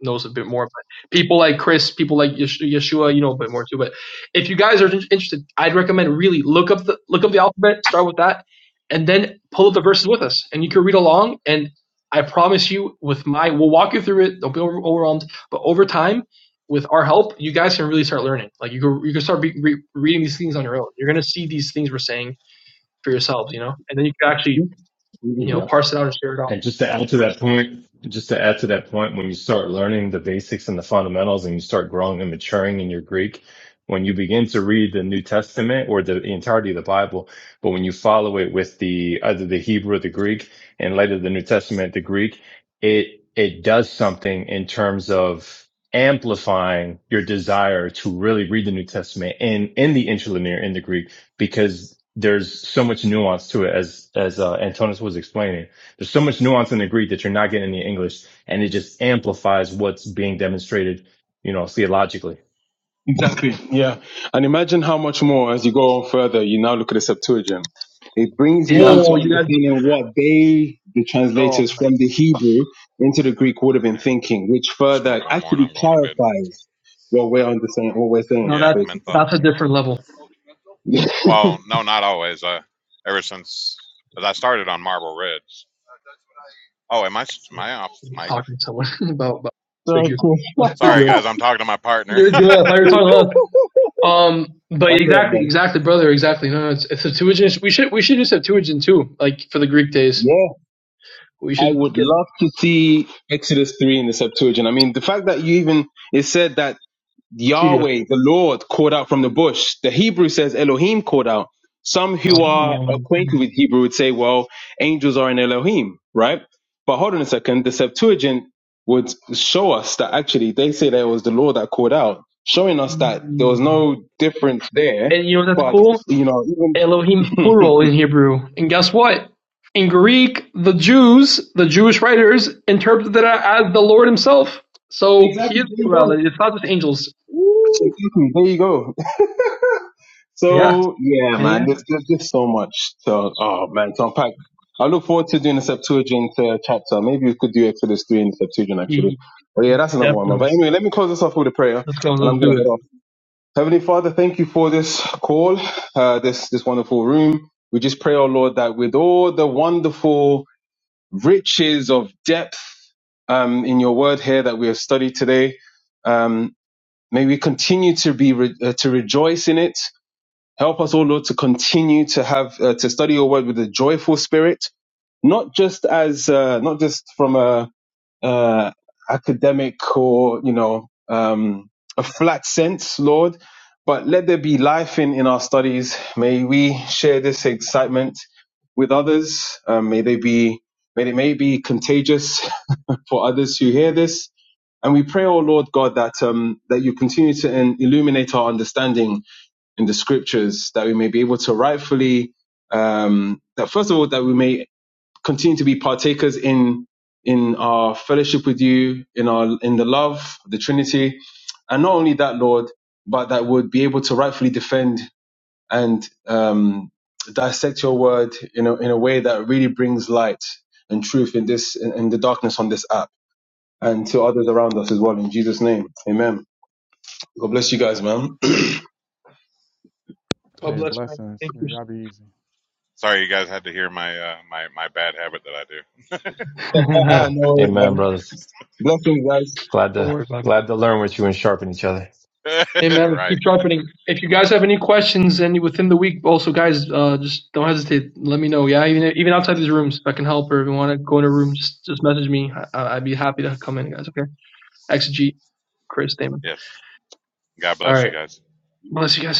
knows a bit more but people like chris people like Yesh- yeshua you know a bit more too but if you guys are in- interested i'd recommend really look up the look up the alphabet start with that and then pull up the verses with us and you can read along and i promise you with my we'll walk you through it don't be over- overwhelmed but over time with our help, you guys can really start learning. Like you can you can start re- re- reading these things on your own. You're gonna see these things we're saying for yourselves, you know, and then you can actually you know Mhm. Yeah. parse it out and share it out. And just to add to that point, just to add to that point, when you start learning the basics and the fundamentals and you start growing and maturing in your Greek, when you begin to read the New Testament or the entirety of the Bible, but when you follow it with the either the Hebrew or the Greek, and later the New Testament, the Greek, it it does something in terms of amplifying your desire to really read the New Testament in in the interlinear in the Greek because there's so much nuance to it as as uh, Antonis was explaining there's so much nuance in the Greek that you're not getting in the English, and it just amplifies what's being demonstrated, you know, theologically. exactly yeah and imagine how much more as you go on further you now look at the septuagint it brings you Yeah. into Oh, you guys, understanding what they the oh translators from the hebrew into the greek would have been Here, thinking which I'll smoke further one more and actually I'm going to bed. clarifies what we're understanding what we're no, saying Yeah, that's basically menthol. that's a different level. yeah Well, no, not always. Uh, ever since as I started on Marble Ridge. Oh, am I am I off mic? Talking to someone about, about sorry figures, cool that's Sorry, figures. guys, I'm talking to my partner. You're good. I thought you were talking to us. Um, but that's it exactly, man exactly, brother, exactly. No, no, it's, it's Septuagint. We should we should do Septuagint too, like for the Greek days. Yeah. We I should would get love to see Exodus 3 in the Septuagint. I mean, the fact that you even, it said that Kyrios. Yahweh, the Lord, called out from the bush. The Hebrew says Elohim called out. Some who are Um, acquainted with Hebrew would say, well, angels are an Elohim, right? But hold on a second. The Septuagint would show us that actually they say that it was the Lord that called out, showing us that there was no difference there. and you know that's But, cool. you know, even Elohim plural in Hebrew. And guess what? In Greek, the Jews, the Jewish writers, interpreted it as the Lord himself. So he exactly, is there you go. plurality. It's not just angels. Woo! Exactly, there you go. Yeah. So yeah, Yeah, yeah. man, there's, there's just so much to oh man to unpack. I look forward to doing the Septuagint uh, chapter. Maybe we could do Exodus three and Septuagint actually. He But yeah, that's another one, man. But definitely. anyway, let me close this off with a prayer, Let's go. and I'm Let's gonna do it. head off. Heavenly Father, thank you for this call, uh, this this wonderful room. We just pray, oh Lord, that with all the wonderful riches of depth um, in your word here that we have studied today, um, may we continue to be re- uh, to rejoice in it Help us, O Lord, to continue to have uh, to study your word with a joyful spirit, not just as uh, not just from a uh, academic or you know um, a flat sense, Lord, but let there be life in in our studies. May we share this excitement with others. Um, may they be may it may be contagious for others who hear this. And we pray, O Lord God, that um, that you continue to um, illuminate our understanding in the scriptures that we may be able to rightfully um that first of all that we may continue to be partakers in in our fellowship with you in our in the love of the trinity and not only that lord but that would be able to rightfully defend and um dissect your word in a, in a way that really brings light and truth in this in, in the darkness on this app and to others around us as well in jesus name amen god bless you guys man God Hey, bless, man. blessings. Thank you. Man, y'all be easy. Sorry, you guys had to hear my uh, my my bad habit that no Uh, worries, Amen, man. brothers. Blessings, guys. Glad Don't to worry about it. glad to learn with you and sharpen each other. Hey I do. man, let's right. keep sharpening. If you guys have any questions and within the week, also guys, uh, just don't hesitate. Let me know. Yeah, even even outside these rooms, if I can help or if you want to go in a room, just just message me. I, I'd be happy to come in, guys. Okay. Exegete, Chris, Damon. Yes. God All bless you right. guys. Bless you guys.